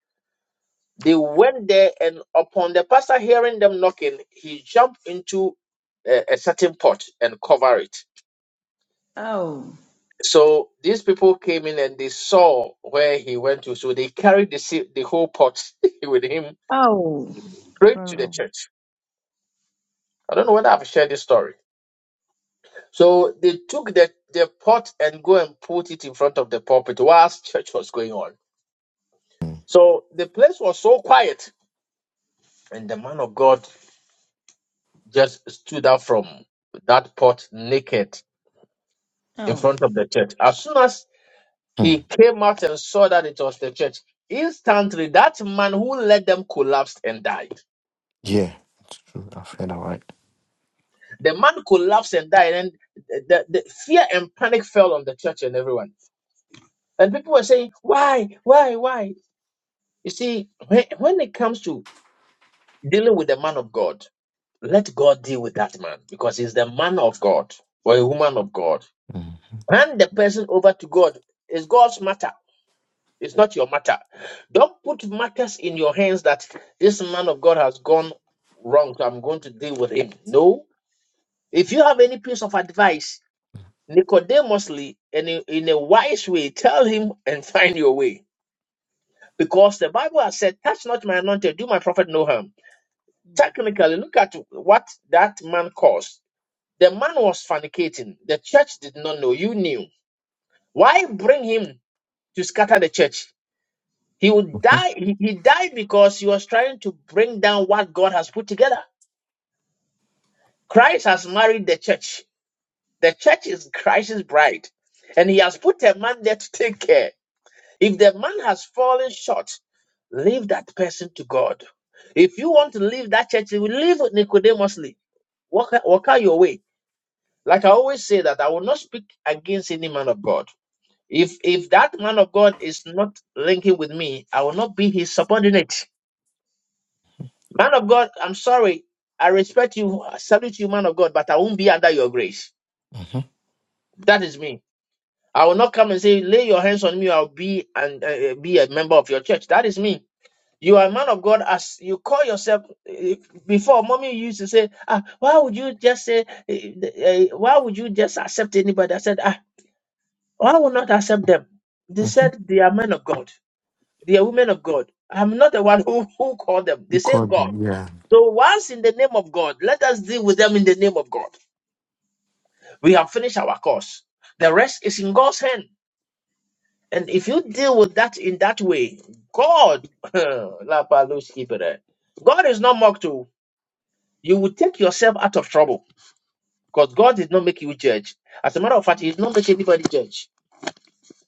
Speaker 1: they went there, and upon the pastor hearing them knocking, he jumped into a, a certain pot and covered it.
Speaker 8: Oh,
Speaker 1: So these people came in and they saw where he went to. So they carried the, se- the whole pot with him
Speaker 8: Oh,
Speaker 6: Mhm.
Speaker 1: straight to the
Speaker 6: Barrel.
Speaker 1: church. I don't know whether I've shared this story. So they took the, the pot and go and put it in front of the pulpit whilst church was going on. So the place was so quiet. And the man of God just stood up from that pot naked in
Speaker 8: oh.
Speaker 1: front of the church. As soon as
Speaker 3: Hmm.
Speaker 1: he came out and saw that it was the church, instantly that man who led them collapsed and died.
Speaker 3: Yeah, it's true. I feel all right.
Speaker 1: The man collapsed and died, and the, the fear and panic fell on the church and everyone. And people were saying, Why, why, why? You see, when, when it comes to dealing with the man of God, let God deal with that man because he's the man of God or a woman of God.
Speaker 3: Mm-hmm.
Speaker 1: Hand the person over to God. It's God's matter. It's not your matter. Don't put matters in your hands that this man of God has gone wrong, so I'm going to deal with him. No. If you have any piece of advice, Nicodemusly and in, in a wise way, tell him and find your way. Because the Bible has said, Touch not my anointed, do my prophet no harm.
Speaker 8: Mm.
Speaker 1: Technically, look at what that man caused. The man was fornicating. The church did not know. You knew. Why bring him to scatter the church? He would die. He, he died because he was trying to bring down what God has put together. Christ has married the church. The church is Christ's bride. And he has put a man there to take care. If the man has fallen short, leave that person to God. If you want to leave that church, you will leave Nicodemusly. Walk, walk out your way. Like I always say that I will not speak against any man of God. If if that man of God is not linking with me, I will not be his subordinate. Man of God, I'm sorry. I respect you, I salute you, man of God, but I won't be under your grace. That is me. I will not come and say, lay your hands on me. I'll be and uh, uh, be a member of your church. That is me. You are a man of God as you call yourself. eh, Before, mommy used to say, ah, why would you just say, eh, eh, why would you just accept anybody? I said, ah. I will not accept them. They
Speaker 3: Mm-hmm.
Speaker 1: said they are men of God. They are women of God. I'm not the one who, who called them. They
Speaker 3: You
Speaker 1: say
Speaker 3: called
Speaker 1: God.
Speaker 3: me. Yeah.
Speaker 1: So once in the name of God, let us deal with them in the name of God. We have finished our course. The rest is in God's hand. And if you deal with that in that way, God, La Palus Kipere. God is not mocked to. You will take yourself out of trouble because God did not make you judge. As a matter of fact, He did not make anybody judge.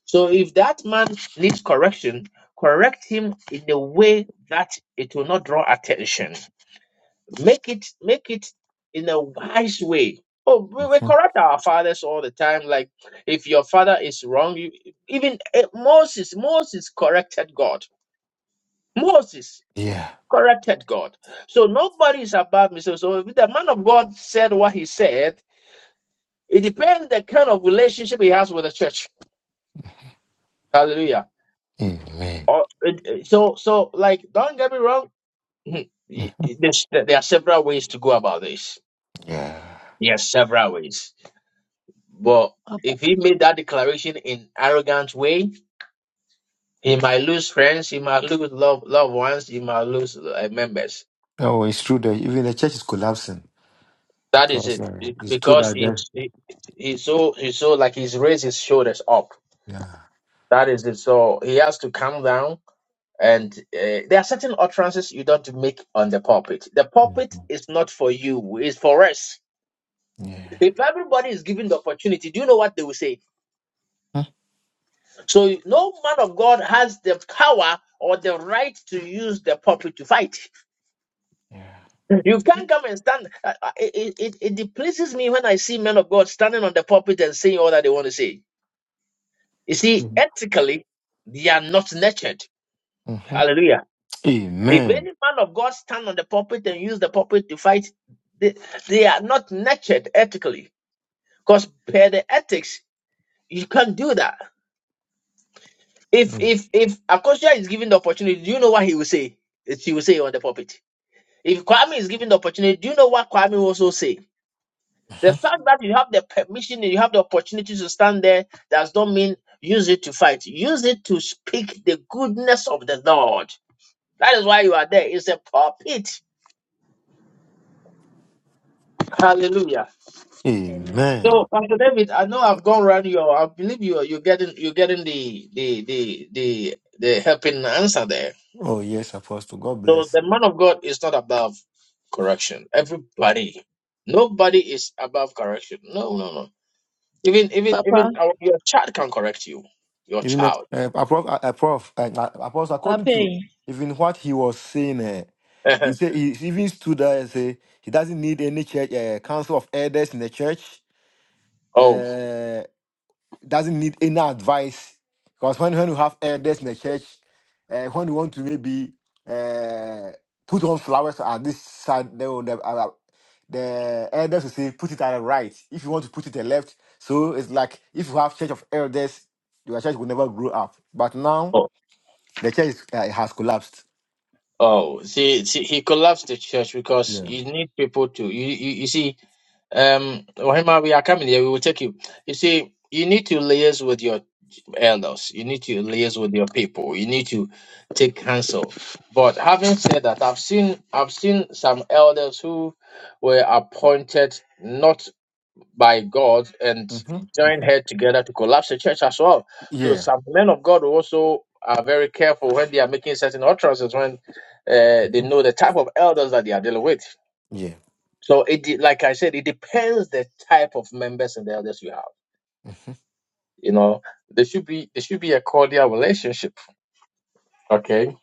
Speaker 1: So if that man needs correction, correct him in a way that it will not draw attention. Make it make it in a wise way. Oh, we, we
Speaker 3: Mhm.
Speaker 1: correct our fathers all the time. Like if your father is wrong, you, even eh, Moses, Moses corrected God. Moses
Speaker 3: Yeah.
Speaker 1: corrected God. So nobody is above me. So, so if the man of God said what he said, it depends the kind of relationship he has with the church. Hallelujah.
Speaker 3: Amen.
Speaker 1: Or so so like don't get me wrong. There's, there are several ways to go about this.
Speaker 3: Yeah.
Speaker 1: Yes, several ways. But
Speaker 8: Papa.
Speaker 1: if he made that declaration in arrogant way, he might lose friends, he might lose love loved ones, he might lose uh, members.
Speaker 3: No, it's true that even the church is collapsing
Speaker 1: That is
Speaker 3: because
Speaker 1: it,
Speaker 3: uh,
Speaker 1: Be-
Speaker 3: it's true
Speaker 1: because
Speaker 3: that
Speaker 1: he,
Speaker 3: there.
Speaker 1: he, he's so he's so like he's raised his shoulders up.
Speaker 3: Yeah.
Speaker 1: That is it. So he has to calm down. And uh, there are certain utterances you don't make on the pulpit. The pulpit
Speaker 3: hmm
Speaker 1: is not for you; it's for us
Speaker 3: Yeah.
Speaker 1: If everybody is given the opportunity, do you know what they will say? So no man of God has the power or the right to use the pulpit to fight.
Speaker 3: Yeah.
Speaker 1: You can't come and stand. uh, uh, It, it, it, it me when I see men of God standing on the pulpit and saying all that they want to say. You see, ethically, they are not nurtured.
Speaker 3: Mm-hmm.
Speaker 1: Hallelujah. If any
Speaker 3: Amen.
Speaker 1: man of God stand on the pulpit and use the pulpit to fight, they, they are not nurtured ethically. Because per the ethics, you can't do that. If
Speaker 3: Mm.
Speaker 1: if if Akosua is given the opportunity, do you know what he will say? It's- He will say on the pulpit. If Kwame is given the opportunity, do you know what Kwame will also say? The fact that you have the permission and you have the opportunity to stand there does not mean use it to fight. Use it to speak the goodness of the Lord. That is why you are there. It's a pulpit. Hallelujah.
Speaker 8: Amen. Mm.
Speaker 3: Amen.
Speaker 1: So, Pastor David, I know I've gone round you. I believe you are you're getting you're getting the the the the the helping answer there.
Speaker 3: Oh, yes, Apostle. God
Speaker 1: So
Speaker 3: bless.
Speaker 1: the man of God is not above correction. Everybody, nobody is above correction. No, no, no. Even, even,
Speaker 8: Papa.
Speaker 1: even our, your child can correct you. Your
Speaker 3: Even if,
Speaker 1: child.
Speaker 3: uh, approf, uh, uh, prof, uh, uh, apostle, according
Speaker 8: Papa.
Speaker 3: to even what he was saying, eh, he said he even stood there and say he doesn't need any church uh, council of elders in the church.
Speaker 1: oh,
Speaker 3: Uh, doesn't need any advice because when when you have elders in the church, uh, when you want to maybe uh, put on flowers at this side, they will, the, uh, the elders will say put it at the right. If you want to put it at the left, so it's like if you have church of elders, your church will never grow up. But now
Speaker 1: oh,
Speaker 3: the church is, uh, has collapsed.
Speaker 1: oh. See, see, he collapsed the church because
Speaker 3: Yeah.
Speaker 1: you need people to. You, you, you see, Um, Wahima, we are coming here. We will take you. You see, you need to liaise with your elders. You need to liaise with your people. You need to take counsel. But having said that, I've seen I've seen some elders who were appointed not by God and
Speaker 3: Mm-hmm.
Speaker 1: joined head together to collapse the church as well. So
Speaker 3: Yeah.
Speaker 1: some men of God also are very careful when they are making certain utterances when uh, they
Speaker 3: Mhm.
Speaker 1: know the type of elders that they are dealing with.
Speaker 3: Yeah.
Speaker 1: So it de- like I said, it depends the type of members and the elders you have. You know, there should be it should be a cordial relationship. Okay,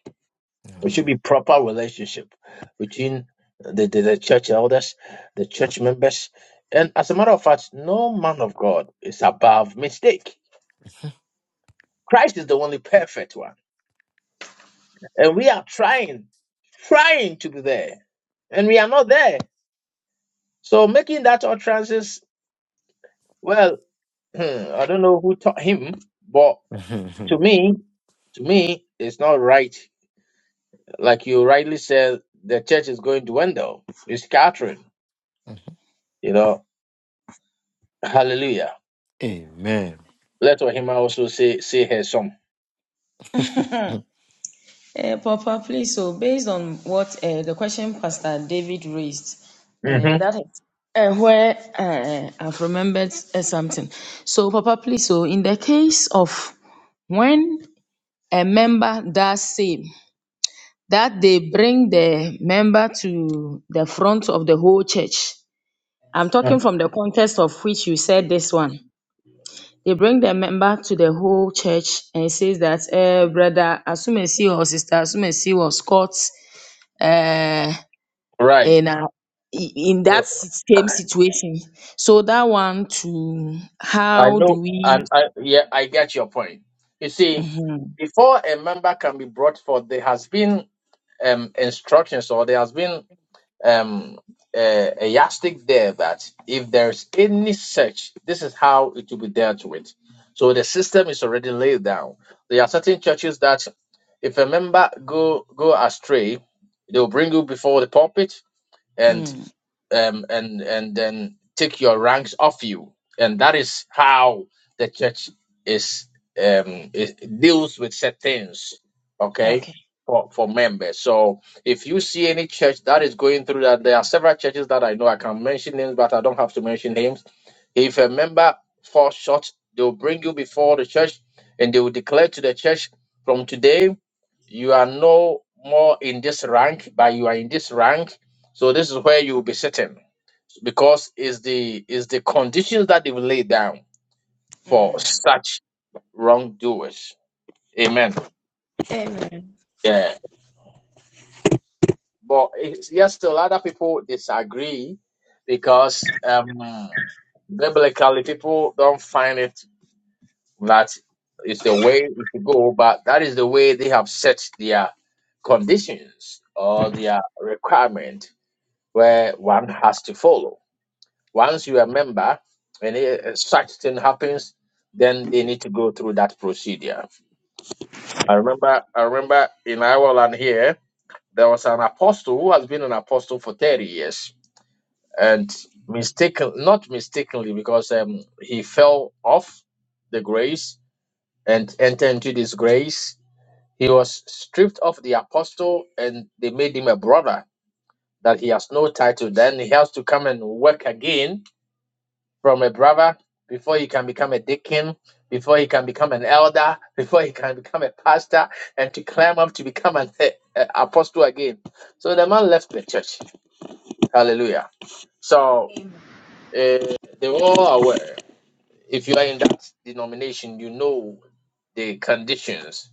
Speaker 1: it should be proper relationship between the, the, the church elders, the church members, and as a matter of fact, no man of God is above mistake. Christ is the only perfect one, and we are trying, trying to be there, and we are not there. So making that utterances, well, I don't know who taught him, but.
Speaker 3: Amen.
Speaker 1: to me, to me, it's not right. Like you rightly said, the church is going to dwindle. It's scattering. You know, Hallelujah.
Speaker 3: Amen.
Speaker 1: Let Ohima also say say her song.
Speaker 8: Uh, Papa, please. So, based on what uh, the question Pastor David raised, uh,
Speaker 1: hmm
Speaker 8: that is uh, where uh, I've remembered uh, something. So, Papa, please. So, in the case of when a member does same, that they bring the member to the front of the whole church. I'm talking from the context of which you said this one. They bring the member to the whole church and says that, eh, brother Asumesi or sister Asumesi was caught uh,
Speaker 1: Right.
Speaker 8: and uh, i- in that s- same situation. So that one to
Speaker 1: I
Speaker 8: how
Speaker 1: know,
Speaker 8: do we?
Speaker 1: and I yeah, I get your point. You see, before a member can be brought forth, there has been um instructions or there has been um a, a yardstick there that if there's any search, this is how it will be dealt with. So the system is already laid down. There are certain churches that if a member go go astray, they'll bring you before the pulpit and
Speaker 8: Mm,
Speaker 1: um, and and then take your ranks off you. And that is how the church is um, it deals with certain things, okay,
Speaker 8: okay.
Speaker 1: for for members. So if you see any church that is going through that, there are several churches that I know. I can mention names, but I don't have to mention names. If a member falls short, they will bring you before the church, and they will declare to the church, from today you are no more in this rank, but you are in this rank. So this is where you will be sitting because it's the it's the conditions that they've laid down for such wrongdoers. Amen.
Speaker 8: Amen.
Speaker 1: Yeah. But it's, yes, still other people disagree because um, biblically people don't find it that it's the way it should go, but that is the way they have set their conditions or their requirement where one has to follow. Once you are a member and uh, such thing happens, then they need to go through that procedure. I remember I remember in Ireland here, there was an apostle who has been an apostle for 30 years. And mistaken not mistakenly, because um, he fell off the grace and entered into disgrace. He was stripped of the apostle and they made him a brother that he has no title. Then he has to come and work again from a brother before he can become a deacon, before he can become an elder, before he can become a pastor, and to climb up to become an eh, eh, apostle again. So the man left the church. Hallelujah. So uh, they were all aware. If you are in that denomination, you know the conditions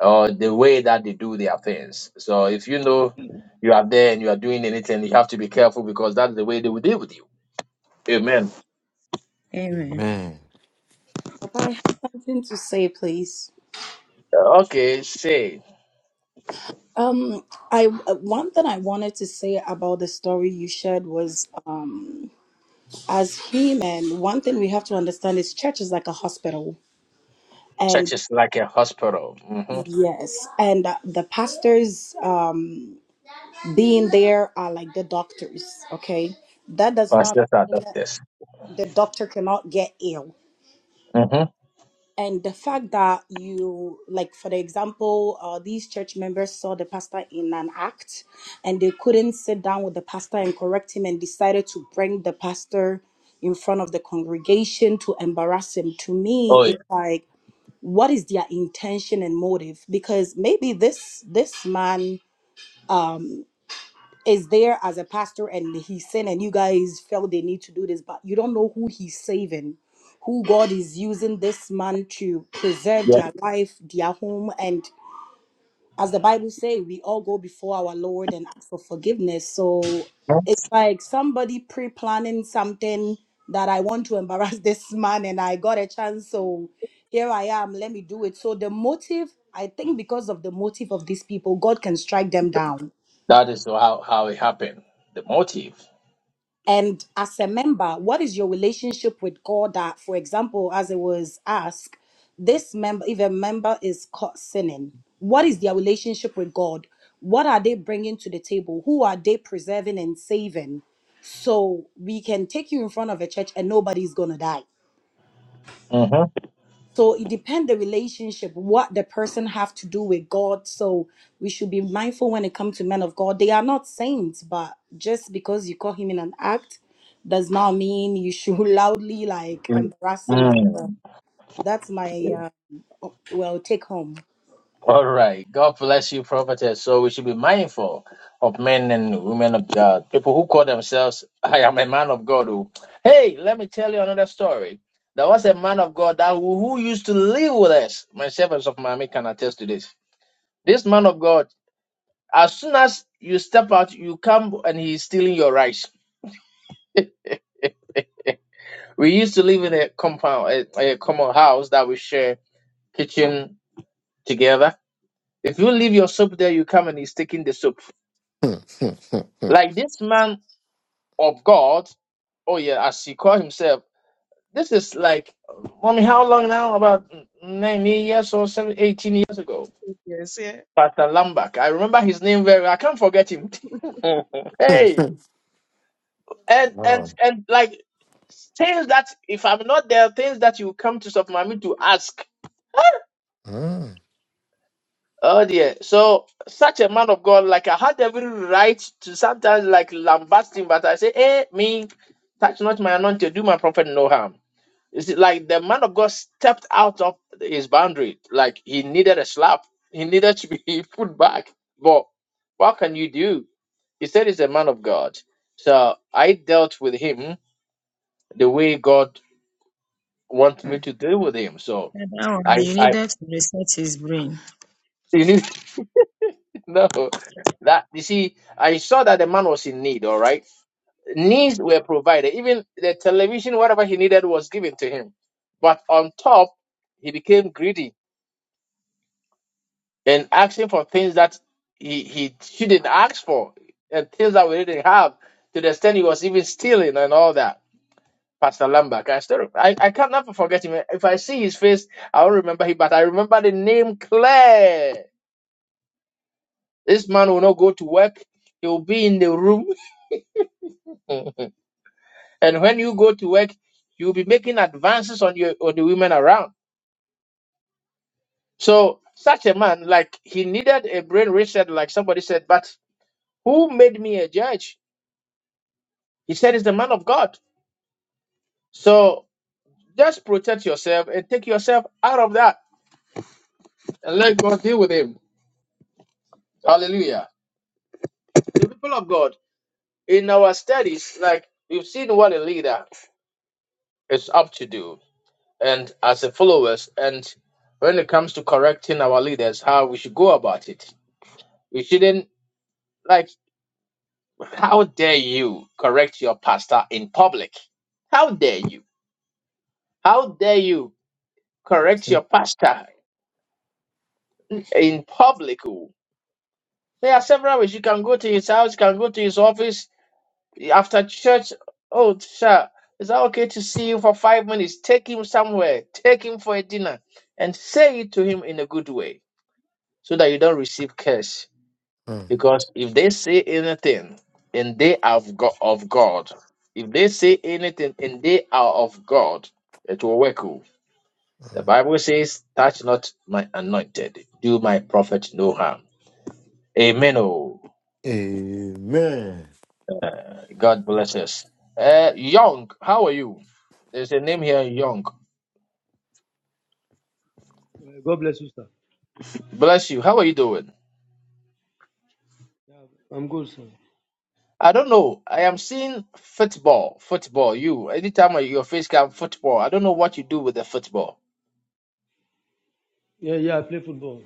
Speaker 1: or the way that they do their things. So if you know you are there and you are doing anything, you have to be careful because that's the way they will deal with you. Amen.
Speaker 8: Amen.
Speaker 3: Amen.
Speaker 2: Papa, I have something to say, please.
Speaker 1: Okay, say.
Speaker 2: Um, I uh, one thing I wanted to say about the story you shared was um. as human, one thing we have to understand is church is like a hospital. And
Speaker 1: Church is like a hospital. hmm
Speaker 2: yes, and uh, the pastors um, being there are like the doctors, okay? That does not
Speaker 1: Pastor
Speaker 2: mean
Speaker 1: Sada.
Speaker 2: that the doctor cannot get ill. And the fact that you, like, for the example, uh, these church members saw the pastor in an act and they couldn't sit down with the pastor and correct him and decided to bring the pastor in front of the congregation to embarrass him. To me, it's like, what is their intention and motive because maybe this this man um is there as a pastor and he sinned and you guys felt they need to do this but you don't know who he's saving who god is using this man to preserve
Speaker 1: Yeah.
Speaker 2: their life their home and as the bible say we all go before our lord and ask for forgiveness so
Speaker 1: Mhm.
Speaker 2: like somebody pre-planning something that I want to embarrass this man and I got a chance so here I am let me do it so the motive I think because of the motive of these people God can strike them down
Speaker 1: That is how, how it happened. The motive.
Speaker 2: And as a member, what is your relationship with God that, for example, as it was asked, this member, if a member is caught sinning, what is their relationship with God? What are they bringing to the table? Who are they preserving and saving? So we can take you in front of a church and nobody's going to die.
Speaker 1: Mm-hmm.
Speaker 2: So it depends the relationship, what the person have to do with God. So we should be mindful when it comes to men of God. They are not saints, but just because you call him in an act does not mean you should loudly like embarrass him as well. That's my uh, well take home.
Speaker 1: All right. God bless you, prophetess. So we should be mindful of men and women of God. People who call themselves, I am a man of God. Who, hey, let me tell you another story. There was a man of God that who, who used to live with us. My servants of Miami can attest to this. This man of God, as soon as you step out, you come and he's stealing your rice. We used to live in a compound, a, a common house that we share kitchen together. If you leave your soap there, you come and he's taking the soap. Like this man of God, oh yeah, as he called himself, this is like, I mean, how long now? About nine years or seven, eighteen years ago.
Speaker 6: Yes. Yeah.
Speaker 1: Pastor Lambak. I remember his name very well. I can't forget him. hey, and and
Speaker 3: wow.
Speaker 1: and like things that if I'm not there, things that you come to Sofmami to ask.
Speaker 3: Mm.
Speaker 1: Oh dear. So such a man of God, like I had every right to sometimes like lambast him, but I say, hey, me, touch not my anointing, do my prophet no harm. It's like the man of God stepped out of his boundary. Like he needed a slap. He needed to be put back. But what can you do? He said he's a man of God. So I dealt with him the way God wants me
Speaker 8: Mm.
Speaker 1: to deal with him. So
Speaker 8: That one
Speaker 1: I
Speaker 8: you
Speaker 1: I
Speaker 8: needed to reset his brain.
Speaker 1: you need No, that you see, I saw that the man was in need, all right. Needs were provided, even the television, whatever he needed was given to him. But on top, he became greedy and asking for things that he, he shouldn't ask for and things that we didn't have to the extent he was even stealing and all that. Pastor Lambert, I still I, I can't never forget him. If I see his face, I will remember him, but I remember the name Claire. This man will not go to work, he will be in the room. And when you go to work, you'll be making advances on your on the women around. So such a man, like he needed a brain reset, like somebody said, but who made me a judge? He said it's the man of God. So just protect yourself and take yourself out of that and let God deal with him. Hallelujah. The people of God, in our studies, like we've seen what a leader is up to do and as a followers and when it comes to correcting our leaders, how we should go about it. We shouldn't like. How dare you correct your pastor in public? How dare you? How dare you correct your
Speaker 3: Mm.
Speaker 1: pastor in public? oh? There are several ways. You can go to his house, you can go to his office after church. Oh, sir, is that okay to see you for five minutes? Take him somewhere, take him for a dinner, and say it to him in a good way so that you don't receive curse.
Speaker 3: Mm.
Speaker 1: Because if they say anything and they have got of God, if they say anything and they are of God, it will work. oh. The Bible says, Touch not my anointed, do my prophet no harm. Amen. Oh,
Speaker 3: Amen.
Speaker 1: God bless us. Uh, Young, how are you? There's a name here, Young.
Speaker 13: Uh, God bless you, sir.
Speaker 1: Bless you. How are you doing?
Speaker 13: Yeah, I'm good, sir.
Speaker 1: I don't know. I am seeing football, football. You, anytime your face comes, football. I don't know what you do with the football.
Speaker 13: Yeah, yeah, I play football.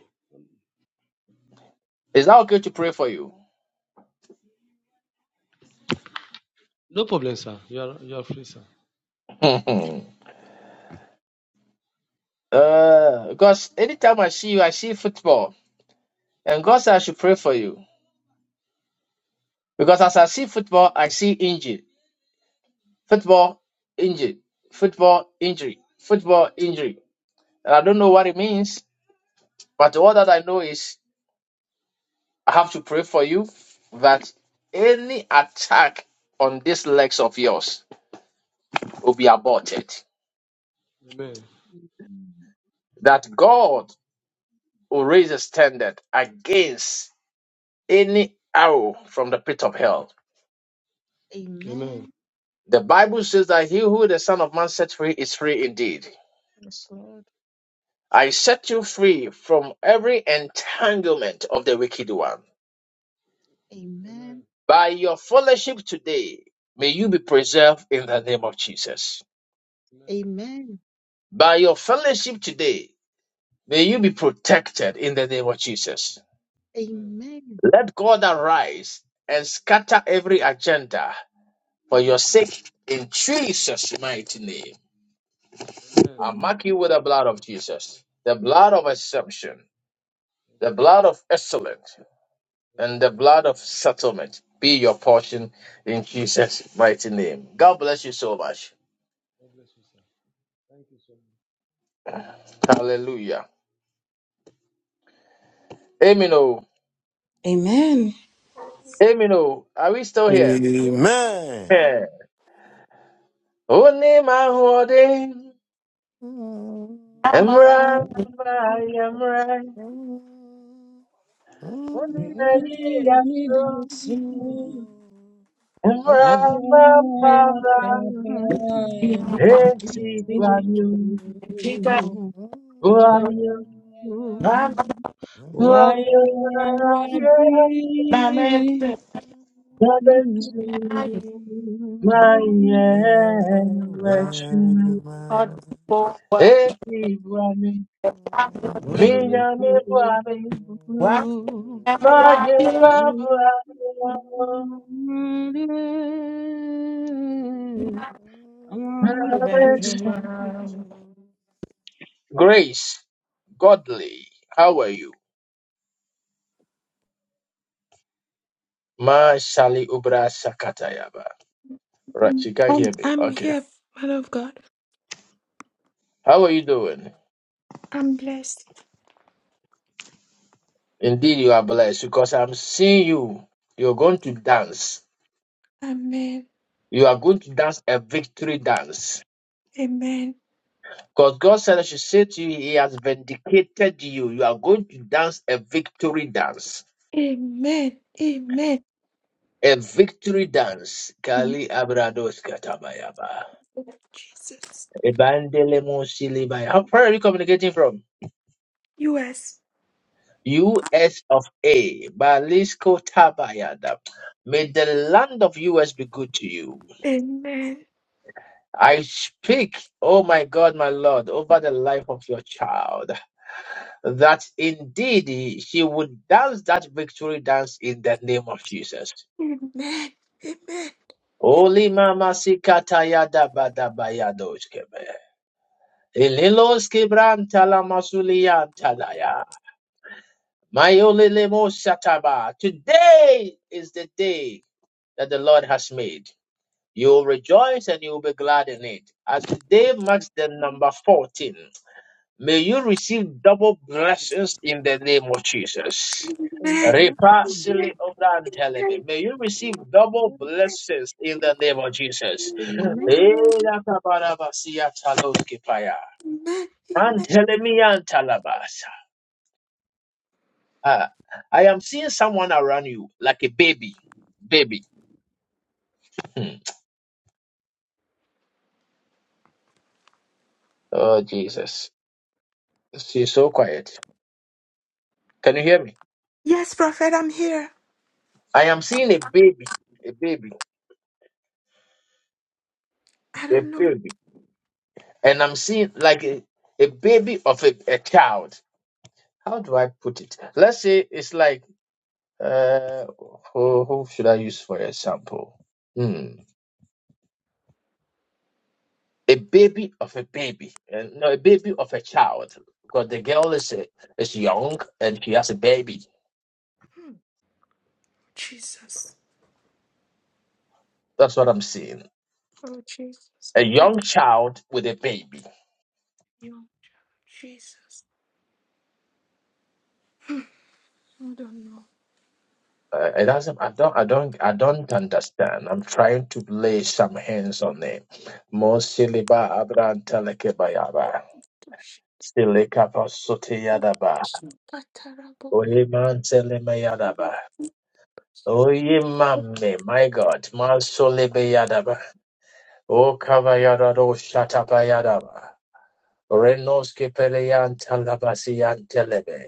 Speaker 1: Is that okay to pray for you?
Speaker 13: No problem, sir. You are you are free, sir.
Speaker 1: Uh, because anytime I see you, I see football. And God said I should pray for you. Because as I see football, I see injury. Football, injury. Football, injury. Football, injury. And I don't know what it means, but all that I know is I have to pray for you that any attack on these legs of yours will be aborted.
Speaker 13: Amen.
Speaker 6: Mhm.
Speaker 1: That God will raise a standard against any arrow from the pit of hell
Speaker 13: Amen.
Speaker 6: Amen.
Speaker 1: The Bible says that he who the Son of Man sets free is free indeed.
Speaker 6: Yes, Lord.
Speaker 1: I set you free from every entanglement of the wicked one.
Speaker 13: Amen.
Speaker 6: Amen.
Speaker 1: By your fellowship today, may you be preserved in the name of Jesus.
Speaker 13: Amen.
Speaker 6: Amen.
Speaker 1: By your fellowship today, may you be protected in the name of Jesus.
Speaker 13: Amen.
Speaker 6: Amen.
Speaker 1: Let God arise and scatter every agenda for your sake in Jesus' mighty name.
Speaker 13: Amen.
Speaker 1: I
Speaker 6: Amen.
Speaker 1: mark you with the blood of Jesus, the blood of assumption, the blood of excellence and the blood of settlement be your portion in Jesus' mighty name. God bless you so much.
Speaker 13: God bless you, sir. Thank you so much.
Speaker 1: Hallelujah. Amen. oh.
Speaker 2: Amen.
Speaker 1: Amen. oh. Are we still here?
Speaker 3: Amen.
Speaker 1: Yeah. Only my holding. Emra, Emra, Emra. Only many that know. Emra, my father.
Speaker 11: Amen.
Speaker 1: Eti, Guanyu. Guanyu.
Speaker 3: Mm-hmm. Man.
Speaker 1: Guanyu,
Speaker 3: Amen.
Speaker 1: Guanyu.
Speaker 11: Amen.
Speaker 3: Amen. Amen.
Speaker 1: Guanyu, Guanyu. Eti bwami, minyami bwami, maje babwami. Grace, godly, how are you? Ma Shali Ubra Sakatayaba. Right, she can't hear me.
Speaker 4: I'm
Speaker 1: Okay.
Speaker 4: here, man of God.
Speaker 1: How are you doing?
Speaker 4: I'm blessed.
Speaker 1: Indeed, you are blessed because I'm seeing you. You're going to dance.
Speaker 4: Amen.
Speaker 1: You are going to dance a victory dance.
Speaker 4: Amen.
Speaker 1: Because God said I should say to you, He has vindicated you. You are going to dance a victory dance.
Speaker 4: Amen. Amen.
Speaker 1: A victory dance.
Speaker 4: In
Speaker 1: Kali Abrados Katabayaba.
Speaker 4: the name of Jesus.
Speaker 1: Ebandelemo Silibaya. How far are you communicating from?
Speaker 4: U.S.
Speaker 1: US of A. Balisco Tabayada. May the land of US be good to you.
Speaker 4: Amen.
Speaker 1: I speak, oh my God, my Lord, over the life of your child, that indeed she would dance that victory dance in the name of Jesus.
Speaker 4: Amen. Amen.
Speaker 1: Holy Mama Sikatayada Badabayadoskebe. Ililos quebranta la masulianta daya. Mayolilemos shataba. Today is the day that the Lord has made. You will rejoice and you will be glad in it. As today marks the
Speaker 6: Amen.
Speaker 1: number 14, may you receive double blessings in the name of Jesus.
Speaker 4: Amen.
Speaker 6: Amen.
Speaker 1: Repa
Speaker 6: Amen.
Speaker 4: Amen.
Speaker 1: sili obrantelebe. May you receive double blessings in the name of Jesus.
Speaker 4: Amen.
Speaker 6: Amen.
Speaker 1: Era tabarabasiya taloskipaya.
Speaker 4: Amen.
Speaker 6: Amen.
Speaker 1: Antelemiantalabas. Ah, I am seeing someone around you like a baby. Baby. Hmm. Oh, Jesus. She's so quiet. Can you hear me?
Speaker 4: Yes, prophet, I'm here.
Speaker 1: I am seeing a baby. A baby.
Speaker 4: I
Speaker 1: A
Speaker 4: don't know.
Speaker 1: baby. And I'm seeing like a, a baby of a, a child. How do I put it? Let's say it's like, uh, who, who should I use for example? Hmm. A baby of a baby. Uh, no, a baby of a child. Because the girl is, a, is young and she has a baby.
Speaker 4: Jesus.
Speaker 1: That's what I'm seeing.
Speaker 4: Oh, Jesus.
Speaker 1: a
Speaker 4: I don't
Speaker 1: young child with a baby.
Speaker 4: know. Jesus. I don't know.
Speaker 1: Uh, it doesn't. I don't. I don't. I don't understand. I'm trying to lay some hands on them. Mosiliba abran telekebayaba. Silekapa soteyadaba. Oyeman telemayadaba. Oyemame, my God. Masolebeyadaba. O kavayadado shatabayadaba. Renoske peleyan talabasiyan telebe.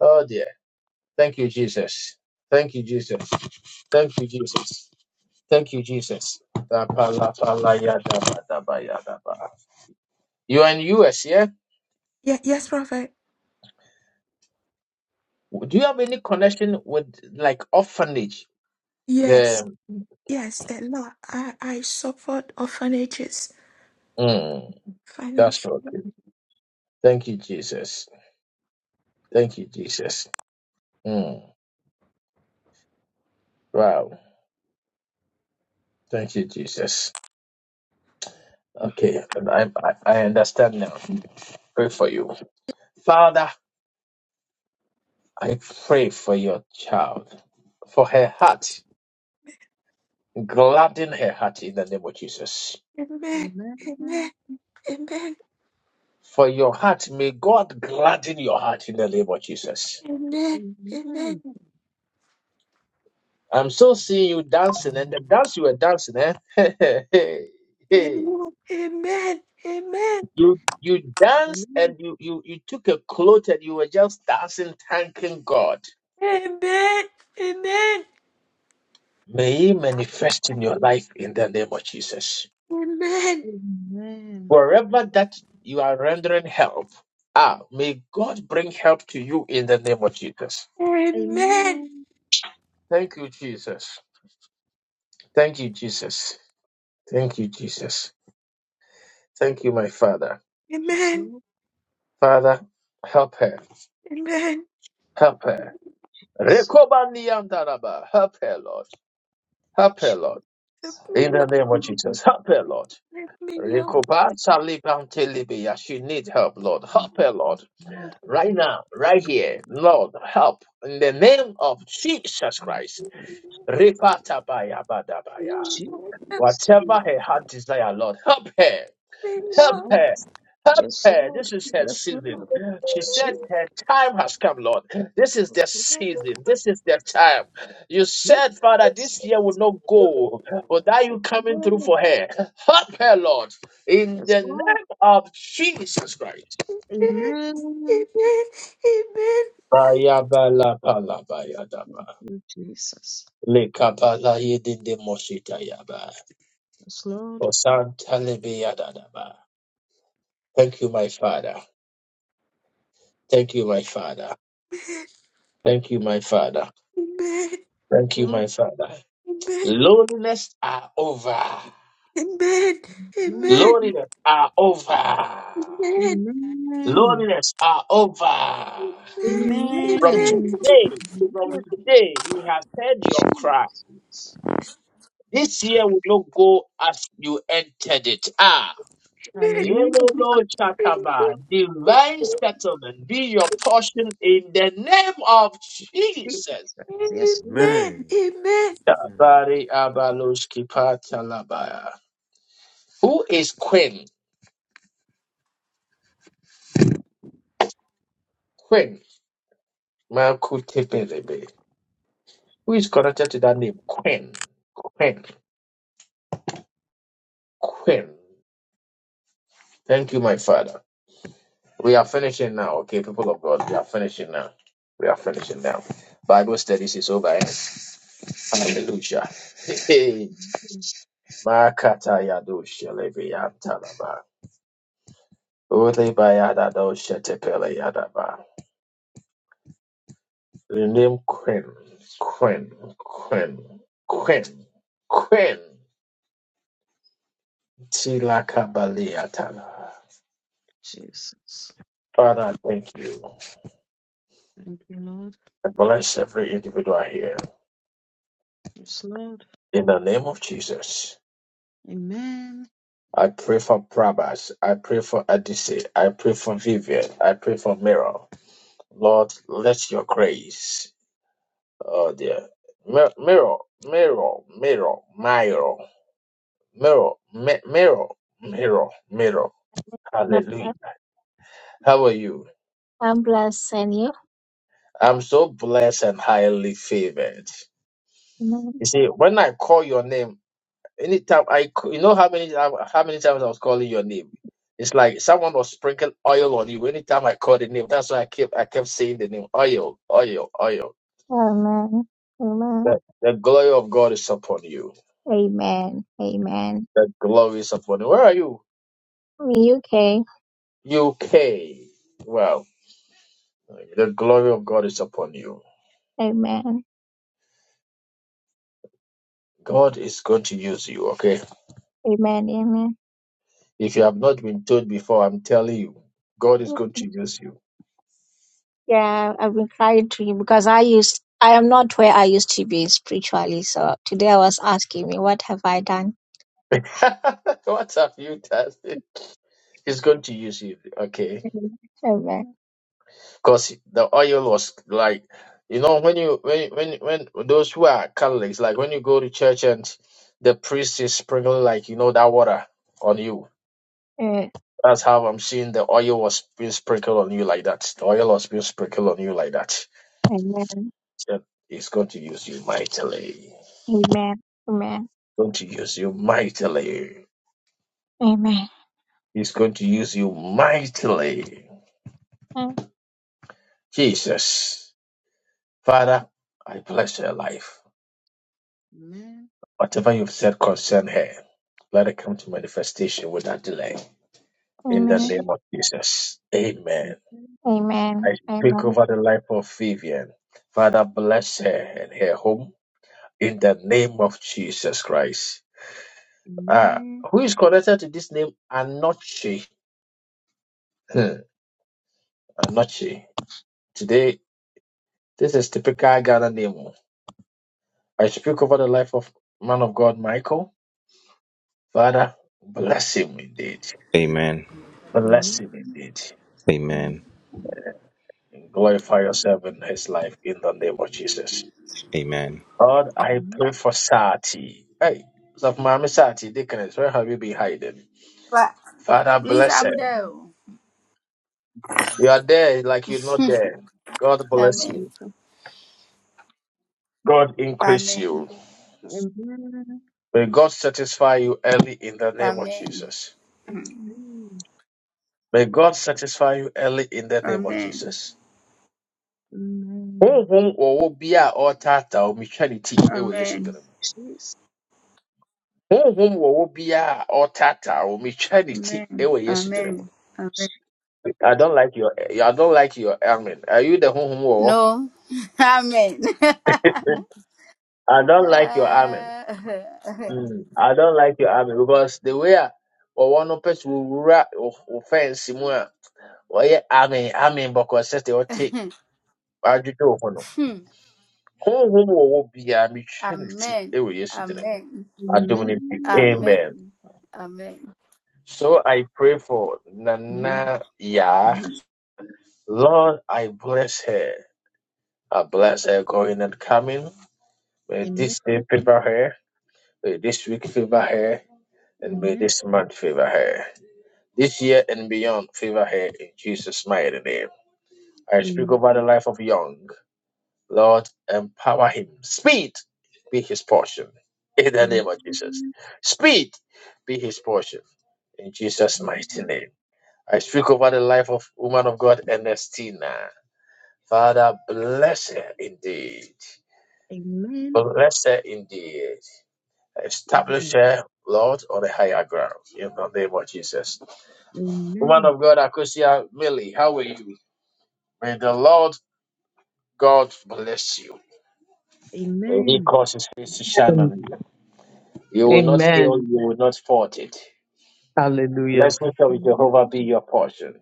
Speaker 1: Oh dear. Thank you, Jesus. Thank you, Jesus. Thank you, Jesus. Thank you, Jesus. You are in US, yeah?
Speaker 4: Yeah, yes, Prophet.
Speaker 1: Do you have any connection with like orphanage?
Speaker 4: Yes,
Speaker 1: The
Speaker 4: yes, a lot. I, I suffered orphanages
Speaker 1: mm, that's
Speaker 4: financially.
Speaker 1: okay. Thank you, Jesus. Thank you, Jesus. Mm, wow. Thank you, Jesus. Okay, and I, I I understand now. Pray for you, Father. I pray for your child, for her heart. Gladden her heart in the name of Jesus.
Speaker 4: Amen. Amen. Amen.
Speaker 1: for your heart. May God gladden your heart in the name of Jesus.
Speaker 4: Amen. Amen.
Speaker 6: Amen.
Speaker 1: I'm still seeing you dancing, and the dance you were dancing, eh?
Speaker 4: Amen. Amen. Amen.
Speaker 1: you you danced and you, you you took a cloth and you were just dancing, thanking God.
Speaker 4: Amen. Amen.
Speaker 1: May He manifest in your life in the name of Jesus.
Speaker 4: Amen.
Speaker 6: Amen.
Speaker 1: Wherever that you are rendering help, ah, may God bring help to you in the name of Jesus.
Speaker 4: Amen.
Speaker 6: Amen.
Speaker 1: Thank you, Jesus. Thank you, Jesus. Thank you, Jesus. Thank you, my Father.
Speaker 6: As
Speaker 4: Amen.
Speaker 6: long
Speaker 1: Father, help her.
Speaker 4: Amen.
Speaker 1: Help her.
Speaker 6: as
Speaker 1: Rekobandiandaraba. Help her, Lord. Help her, Lord.
Speaker 4: Help
Speaker 6: Jesus.
Speaker 4: me,
Speaker 1: In the
Speaker 4: Lord.
Speaker 1: name of Jesus. Help her, Lord.
Speaker 4: Help me, Lord.
Speaker 6: Lord,
Speaker 1: Rekobatalibantelibia. She needs help, Lord.
Speaker 6: we
Speaker 1: Help her, Lord.
Speaker 4: Help
Speaker 1: Right now, right
Speaker 6: thank
Speaker 1: here, Lord, help. In the name of Jesus Christ.
Speaker 6: you.
Speaker 1: Repatabayabadabaya.
Speaker 4: me,
Speaker 6: Jesus.
Speaker 1: Whatever her heart desire, Lord, help her.
Speaker 6: Yes,
Speaker 1: Help
Speaker 4: Lord. Help
Speaker 6: Lord.
Speaker 1: her. Help
Speaker 6: Yes,
Speaker 1: her.
Speaker 6: Lord.
Speaker 1: This is her
Speaker 6: Yes,
Speaker 1: season.
Speaker 6: Lord.
Speaker 4: me,
Speaker 1: She said
Speaker 4: Lord.
Speaker 6: Jesus,
Speaker 1: her time has come, Lord. This is the
Speaker 6: Lord.
Speaker 1: season. This is the time. You
Speaker 6: Jesus,
Speaker 1: said, Father, this year will not go without you coming through
Speaker 6: Lord.
Speaker 1: for her. Help her, Lord. In
Speaker 6: Yes,
Speaker 1: the
Speaker 6: Lord.
Speaker 1: name of Jesus Christ.
Speaker 4: Amen. Amen.
Speaker 6: Amen. Thank
Speaker 1: Bayabalabayadaba.
Speaker 6: you, Jesus.
Speaker 1: Lekabalayedidemositayaba.
Speaker 6: Yes, Lord.
Speaker 1: Osantalebeyadadaba. Thank you, my Father. Thank you, my Father. Thank you, my Father.
Speaker 4: Amen.
Speaker 1: Thank you, my Father.
Speaker 4: Amen.
Speaker 1: Loneliness are over.
Speaker 4: Amen. Amen.
Speaker 6: Amen.
Speaker 1: Loneliness are over.
Speaker 4: Amen.
Speaker 6: Amen.
Speaker 1: Loneliness are over.
Speaker 4: Amen.
Speaker 1: From
Speaker 6: Amen. Hallelujah,
Speaker 1: today, head your cry.
Speaker 6: Jesus.
Speaker 1: This year will not go as you entered it. Ah.
Speaker 6: Hallelujah,
Speaker 1: Elolo Chataba, divine settlement. Jesus.
Speaker 6: Jesus.
Speaker 4: Amen.
Speaker 6: Yes, Lord.
Speaker 4: Amen.
Speaker 1: Abaloshki Patalabaya. Who is Queen? Queen. Makutepelebe. Who is connected to that name? Queen. Queen. Queen. Thank you, my Father. We are finishing now, okay, people of God. We are finishing now. We are finishing now. Bible studies is over. eh? Hallelujah. Hey, Makata yado shelebe talaba Ode bayada do shetepele yadaba. The name Quinn, Quinn, Quinn, Quinn, Quinn. Tila Kabalia Tala.
Speaker 6: Jesus.
Speaker 1: Father, I thank you.
Speaker 6: Thank you, Lord.
Speaker 1: I bless every individual here.
Speaker 6: Yes, Lord.
Speaker 1: In the name of Jesus.
Speaker 6: Amen.
Speaker 1: I pray for Prabhas. I pray for Adisi. I pray for Vivian. I pray for Miro. Lord, let your grace. Oh dear. Miro, Miro, Miro, Miro, Miro, Miro, Mi- Miro, Miro, Miro.
Speaker 14: Love
Speaker 1: Hallelujah.
Speaker 14: God.
Speaker 1: How are you?
Speaker 14: bless and you.
Speaker 1: I'm so blessed and highly favored.
Speaker 14: Amen.
Speaker 1: You see, when I call your name, Anytime I, c- you know how many time- how many times I was calling your name. It's like someone was sprinkling oil on you. Anytime I called the name, that's why I kept I kept saying the name oil, oil, oil.
Speaker 14: Amen. Amen.
Speaker 1: The, the glory of God is upon you.
Speaker 14: Amen. Amen.
Speaker 1: The glory is upon you. Where are you?
Speaker 14: I'm in UK.
Speaker 1: UK. Well, the glory of God is upon you.
Speaker 14: Amen.
Speaker 1: God is going to use you. Okay.
Speaker 14: Amen. Amen.
Speaker 1: If you have not been told before, I'm telling you, God is
Speaker 14: Amen.
Speaker 1: going to use you.
Speaker 14: Yeah, I've been crying to you because I used I am not where I used to be spiritually. So today I was asking me, what have I done?
Speaker 1: what have you done? He's going to use you. Okay.
Speaker 14: Amen. Amen.
Speaker 1: because the oil was like you know when you when when when those who are Catholics like when you go to church and the priest is sprinkling like you know that water on you.
Speaker 14: Eh,
Speaker 1: That's how I'm seeing the oil was being sprinkled on you like that. The oil was being sprinkled on you like that.
Speaker 14: Amen.
Speaker 1: So He's going to use you mightily.
Speaker 14: Amen. Amen.
Speaker 1: Going to use you mightily.
Speaker 14: Amen.
Speaker 1: He's going to use you mightily.
Speaker 14: Eh,
Speaker 1: Jesus, Father, I bless your life.
Speaker 6: Amen.
Speaker 1: Whatever you've said concern her, let it come to manifestation without delay. In the
Speaker 14: Amen.
Speaker 1: name
Speaker 6: Jesus.
Speaker 1: of Jesus. Amen.
Speaker 6: Amen.
Speaker 14: Amen.
Speaker 1: I
Speaker 14: Amen.
Speaker 1: speak over the life of Vivian. Father, bless her and her home in the name of Jesus Christ. Ah,
Speaker 6: Amen.
Speaker 1: who is connected to this name? Anochi. Hmm, Anochi. Today, this is typical Ghana name. oh. I speak over the life of man of God, Michael. Father, bless him indeed.
Speaker 15: Amen.
Speaker 1: Bless
Speaker 6: Amen.
Speaker 1: him indeed.
Speaker 6: Amen.
Speaker 15: Amen.
Speaker 1: and Glorify yourself in his life in the name of Jesus.
Speaker 15: Amen.
Speaker 1: Lord, I
Speaker 6: Amen.
Speaker 1: pray for Sati. Hey, of Mama Sati, Deaconess, where have you been hiding?
Speaker 16: But
Speaker 1: Father,
Speaker 16: please,
Speaker 1: bless her.
Speaker 16: I'm there.
Speaker 1: You are there like you're not there. God bless
Speaker 16: Amen.
Speaker 1: you. God increase you.
Speaker 16: Amen.
Speaker 6: Amen.
Speaker 1: May God satisfy you early in the name of
Speaker 16: Amen.
Speaker 1: Jesus.
Speaker 6: Amen.
Speaker 1: May God satisfy you early in the name of
Speaker 16: Amen.
Speaker 1: Jesus.
Speaker 6: Amen.
Speaker 1: Honhom wɔ wo bia a ɔretaataa wo, metwa ne ti ɛwɔ Yesu din
Speaker 16: Amen.
Speaker 1: mu.
Speaker 6: Jesus.
Speaker 1: Honhom wɔ wo bia a ɔretaataa wo, metwa ne ti
Speaker 16: Amen.
Speaker 1: ɛwɔ Yesu din mu.
Speaker 16: Amen. Amen.
Speaker 1: I don't like your I don't like your amen. Are you the home war?
Speaker 16: No. Amen.
Speaker 1: I don't like your amen.
Speaker 16: Uh,
Speaker 1: I don't like your amen because the way I or one of us will ra- of- offense mu a ɔyɛ amen amen because says they will take adwene wɔ no.
Speaker 16: hmm.
Speaker 1: Honhom wɔ hɔ biara metwa ne ti
Speaker 16: Amen.
Speaker 1: wɔ Yesu din mu.
Speaker 16: Amen.
Speaker 1: Adom ne nti.
Speaker 6: Amen.
Speaker 1: Amen.
Speaker 16: Amen. Amen.
Speaker 1: So I pray for
Speaker 16: Mhm.
Speaker 1: Nana Yah. Lord, I bless her. I bless her going and coming. May
Speaker 6: Amen.
Speaker 1: this day favor her. May this week favor her, and may
Speaker 6: Amen.
Speaker 1: this month favor her. This year and beyond, favor her in Jesus' mighty name. I speak
Speaker 6: Amen.
Speaker 1: over the life of Young. Lord, empower him. Speed be his portion. In the
Speaker 6: Amen.
Speaker 1: name of Jesus. Speed be his portion. In Jesus' mighty name. I speak over the life of woman of God, Ernestina. Father, bless her indeed.
Speaker 6: Amen. Amen.
Speaker 1: Bless her indeed. Establish
Speaker 6: Amen.
Speaker 1: her, Lord, on a higher ground in the name of Jesus. Woman of God, Akosia Millie, how are you? May the Lord God bless you.
Speaker 6: Amen.
Speaker 1: You will
Speaker 17: Amen.
Speaker 1: not fault it.
Speaker 17: Hallelujah.
Speaker 1: Blessings of Jehovah
Speaker 6: Amen.
Speaker 1: be your portion.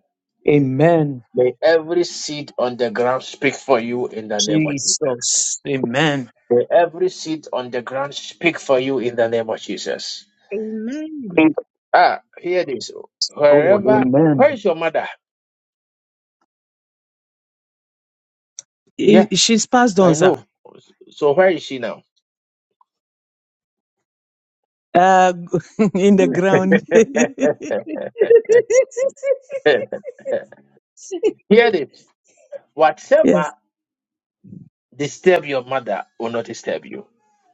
Speaker 17: Amen.
Speaker 1: May every seed on the ground speak for you in the name of Jesus.
Speaker 17: Jesus. Amen.
Speaker 1: May every seed on the ground speak for you in the name of Jesus.
Speaker 6: Amen.
Speaker 17: Thank you,
Speaker 1: Ah, hear this.
Speaker 17: Lord.
Speaker 1: Wherever, where
Speaker 17: Amen.
Speaker 1: is your mother? Yeah,
Speaker 17: I- She's passed
Speaker 1: I
Speaker 17: on,
Speaker 1: know.
Speaker 17: sir.
Speaker 1: So where is she now?
Speaker 17: Uh, in the ground.
Speaker 1: Hear this. Whatever
Speaker 17: yes.
Speaker 1: disturb your mother will not disturb you.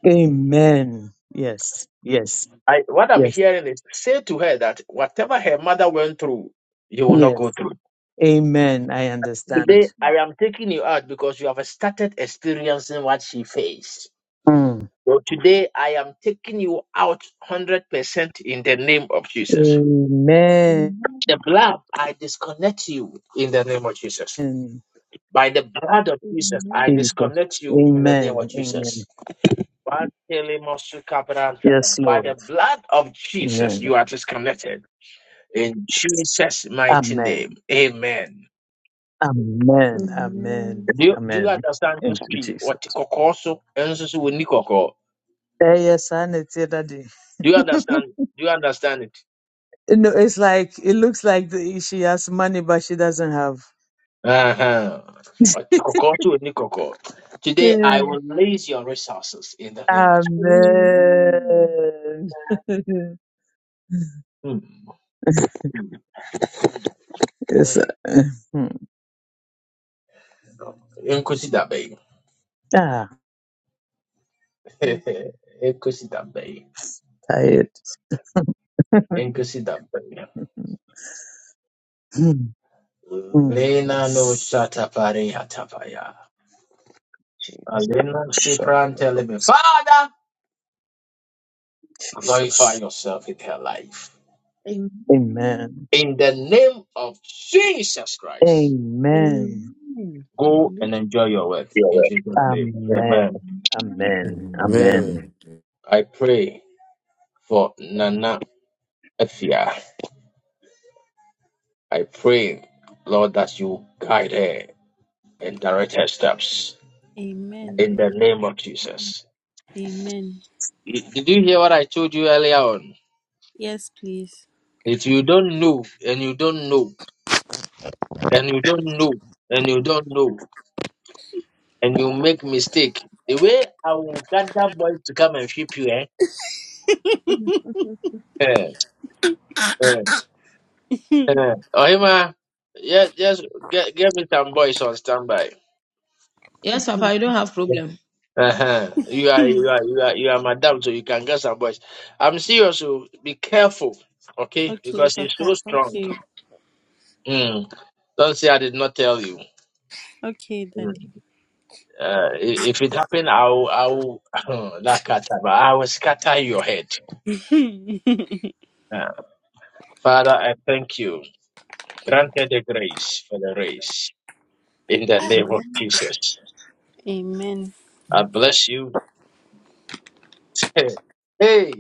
Speaker 17: Amen. Yes. Yes.
Speaker 1: I, what I'm
Speaker 17: Yes.
Speaker 1: hearing is say to her that whatever her mother went through, you will not go
Speaker 17: Yes.
Speaker 1: through.
Speaker 17: Amen. I understand.
Speaker 1: Today, I
Speaker 6: Amen.
Speaker 1: am taking you out because you have started experiencing what she faced.
Speaker 17: Mm.
Speaker 1: So today, I am taking you out 100% in the name of Jesus.
Speaker 17: Amen.
Speaker 1: The
Speaker 6: Amen.
Speaker 1: blood, I disconnect you in the name of Jesus. By the blood of Jesus, I
Speaker 6: Amen.
Speaker 17: Jesus.
Speaker 1: disconnect you in the name of
Speaker 17: Amen. Amen.
Speaker 1: Jesus. By
Speaker 17: Yes,
Speaker 1: the
Speaker 17: Lord.
Speaker 1: blood of Jesus,
Speaker 17: Amen.
Speaker 1: you are disconnected. In Jesus' mighty
Speaker 17: Amen.
Speaker 1: name. Amen.
Speaker 17: Amen.
Speaker 6: Amen.
Speaker 17: Amen.
Speaker 1: Do you, do you
Speaker 17: Amen.
Speaker 1: understand this
Speaker 17: Thank you,
Speaker 1: tree?
Speaker 17: Jesus.
Speaker 1: What kokoso? Enso so ni koko.
Speaker 17: Eh, yes, I need to daddy.
Speaker 1: Do you understand? Do you understand it?
Speaker 17: You know, it's like it looks like the, she has money, but she doesn't have.
Speaker 1: Uh-huh. What kokoso ni koko. Today
Speaker 17: Yeah.
Speaker 1: I will release your resources in the name of Jesus.
Speaker 6: Amen.
Speaker 17: Amen.
Speaker 1: Mm.
Speaker 17: yes. uh,
Speaker 1: Mm.
Speaker 17: hmm.
Speaker 1: Nkosi dabe.
Speaker 17: Ah,
Speaker 6: Oh,
Speaker 1: Nkosi dabe.
Speaker 17: tired.
Speaker 1: Nkosi dabe.
Speaker 17: Hmm, hmm,
Speaker 1: Lena no
Speaker 17: yes.
Speaker 1: shatapare hatapaya.
Speaker 6: Jesus.
Speaker 1: Alena
Speaker 17: So,
Speaker 1: skipran teleme.
Speaker 17: so,
Speaker 1: Father, glorify
Speaker 17: Jesus.
Speaker 1: yourself in her life.
Speaker 6: Amen.
Speaker 17: Amen.
Speaker 1: In the name of Jesus Christ,
Speaker 17: Amen.
Speaker 6: Amen.
Speaker 1: go
Speaker 6: Hallelujah.
Speaker 1: and enjoy your work.
Speaker 17: You're
Speaker 1: In
Speaker 17: right.
Speaker 1: Jesus' name. Amen.
Speaker 17: Amen.
Speaker 6: Amen.
Speaker 17: Amen. Amen.
Speaker 1: I pray for Nana Afia. I pray, Lord, that you guide her and direct her steps.
Speaker 9: Amen.
Speaker 1: In the name of Jesus.
Speaker 9: Amen.
Speaker 1: Did you hear what I told you earlier on?
Speaker 9: Yes, please.
Speaker 1: If you don't know, and you don't know, and you don't know, and you don't know, and you make mistake, the way I will gather boys to come and ship you,
Speaker 6: Amen.
Speaker 1: eh? Uh, Oima, yes, yes, get, get me some boys on standby.
Speaker 8: Yes, Papa, you don't have problem.
Speaker 1: Uh-huh. You are, you are, you are, you are madam, so you can get some boys. I'm serious, so be careful, okay?
Speaker 9: okay,
Speaker 1: Because he's
Speaker 9: Papa.
Speaker 1: so strong.
Speaker 9: Okay.
Speaker 1: Mm. Don't say I did not tell you.
Speaker 9: Okay,
Speaker 1: Mm.
Speaker 9: Daddy.
Speaker 1: Uh, i- if it happened, I'll, I'll, that kata, but I will scatter your head. Uh, Father, I thank you. Grant Granted the grace for the race in the name of
Speaker 6: Amen.
Speaker 1: Jesus.
Speaker 9: Amen.
Speaker 1: I bless you. hey.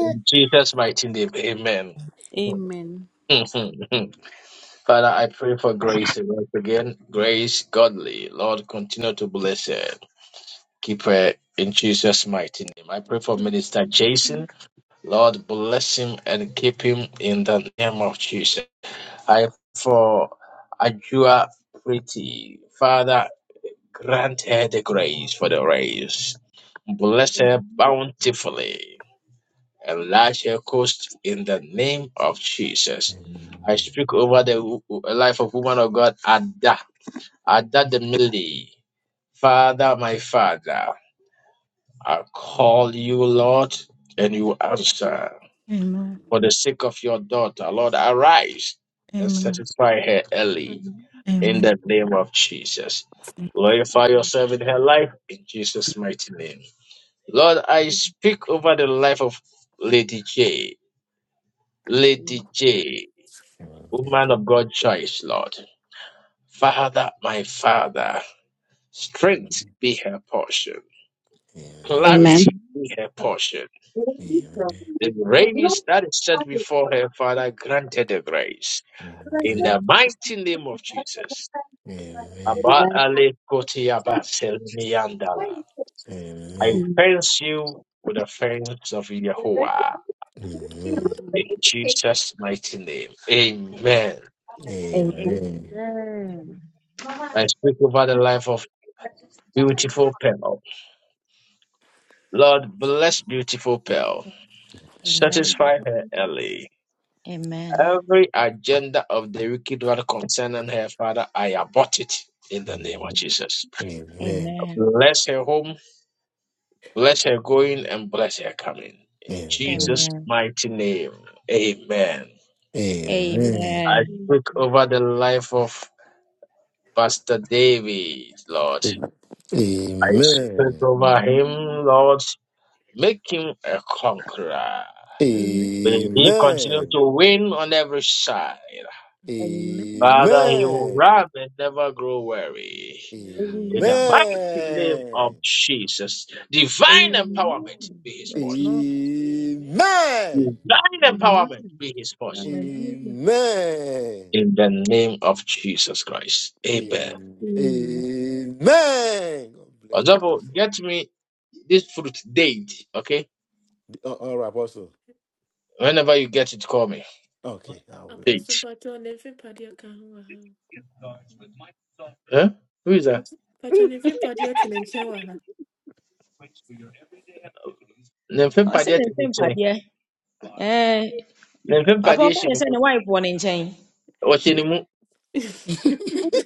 Speaker 1: In Jesus' mighty name, amen.
Speaker 9: Amen.
Speaker 1: Father, I pray for grace once again. Grace, godly. Lord, continue to bless her. Keep her in Jesus' mighty name. I pray for
Speaker 4: Amen.
Speaker 1: Minister Jason. Lord, bless him and keep him in the name of Jesus. I pray for Ajua Pretty. Father, grant her the grace for the race. Bless her
Speaker 6: Amen.
Speaker 1: bountifully. Elisha Coast in the name of Jesus. I speak over the wo- wo- life of woman of God, Ada, Ada the Millie. Father, my father, I call you, Lord, and you answer. For the sake of your daughter, Lord, arise and
Speaker 11: Amen.
Speaker 1: satisfy her early
Speaker 6: Amen.
Speaker 1: in the name of Jesus. Glorify yourself in her life in Jesus' mighty name. Lord, I speak over the life of Lady J. Lady J. Woman of God choice, Lord. Father, my Father, strength be her portion.
Speaker 18: Amen.
Speaker 1: Clarity be
Speaker 6: Amen.
Speaker 1: her portion. The grace that is set before her, Father, granted the grace. In
Speaker 3: Amen.
Speaker 1: the mighty name of Jesus.
Speaker 3: Amen.
Speaker 1: Abba
Speaker 18: Amen.
Speaker 1: Ale Koti Abba Selmi Andala.
Speaker 3: Amen.
Speaker 1: I
Speaker 3: Amen.
Speaker 18: Amen.
Speaker 1: fence you with the fence of Yahuwah.
Speaker 3: Amen.
Speaker 1: In Jesus' mighty name. Amen.
Speaker 18: Amen.
Speaker 3: Amen.
Speaker 6: Amen.
Speaker 1: I speak over the life of beautiful Pearl. Lord, bless beautiful Pearl.
Speaker 6: Amen.
Speaker 8: Amen.
Speaker 6: Amen.
Speaker 1: Satisfy her early.
Speaker 8: Amen.
Speaker 1: Every agenda of the wicked one concerning her father, I abort it in the name of
Speaker 3: Amen.
Speaker 1: Jesus.
Speaker 3: Amen.
Speaker 8: Amen.
Speaker 1: Bless her home, bless her going, and bless her coming. In
Speaker 3: Amen.
Speaker 1: Jesus'
Speaker 8: Amen.
Speaker 1: mighty name, amen.
Speaker 3: Amen.
Speaker 6: Amen.
Speaker 3: Amen.
Speaker 1: I
Speaker 8: Amen.
Speaker 1: speak over the life of Pastor David, Lord.
Speaker 3: Amen. Amen.
Speaker 1: For him, Lord, make him a cry.
Speaker 6: Amen.
Speaker 1: May he continue to win on every side.
Speaker 3: Amen.
Speaker 1: Father, he will
Speaker 3: Amen.
Speaker 1: run and never grow weary. In the
Speaker 6: Amen.
Speaker 1: mighty name of Jesus,
Speaker 6: Amen.
Speaker 1: divine
Speaker 6: Amen.
Speaker 1: empowerment be his
Speaker 6: That's
Speaker 1: portion.
Speaker 6: Lord.
Speaker 1: Divine empowerment
Speaker 6: Amen.
Speaker 1: be his portion.
Speaker 6: Hallelujah.
Speaker 3: Amen.
Speaker 1: In the name of Jesus Christ. Amen.
Speaker 6: Amen.
Speaker 3: Amen. God bless you,
Speaker 1: Double,
Speaker 3: Apostle.
Speaker 1: get me this fruit date, okay?
Speaker 3: Uh, All right, Apostle.
Speaker 1: Whenever you get it, call me.
Speaker 3: Okay.
Speaker 1: Date. Huh? Who is that?
Speaker 8: I Ɔsɛ
Speaker 1: Nemfempadeɛ
Speaker 8: ne
Speaker 1: te
Speaker 8: mfe
Speaker 1: ne nkyɛn.
Speaker 8: mpadeɛ. Eh, papa
Speaker 1: Nemfempadeɛ
Speaker 8: can
Speaker 1: hyɛ
Speaker 8: you
Speaker 1: ne
Speaker 8: send
Speaker 1: mu.
Speaker 8: the wife wɔ ne
Speaker 1: Ɔhyɛ mu.
Speaker 6: Amen.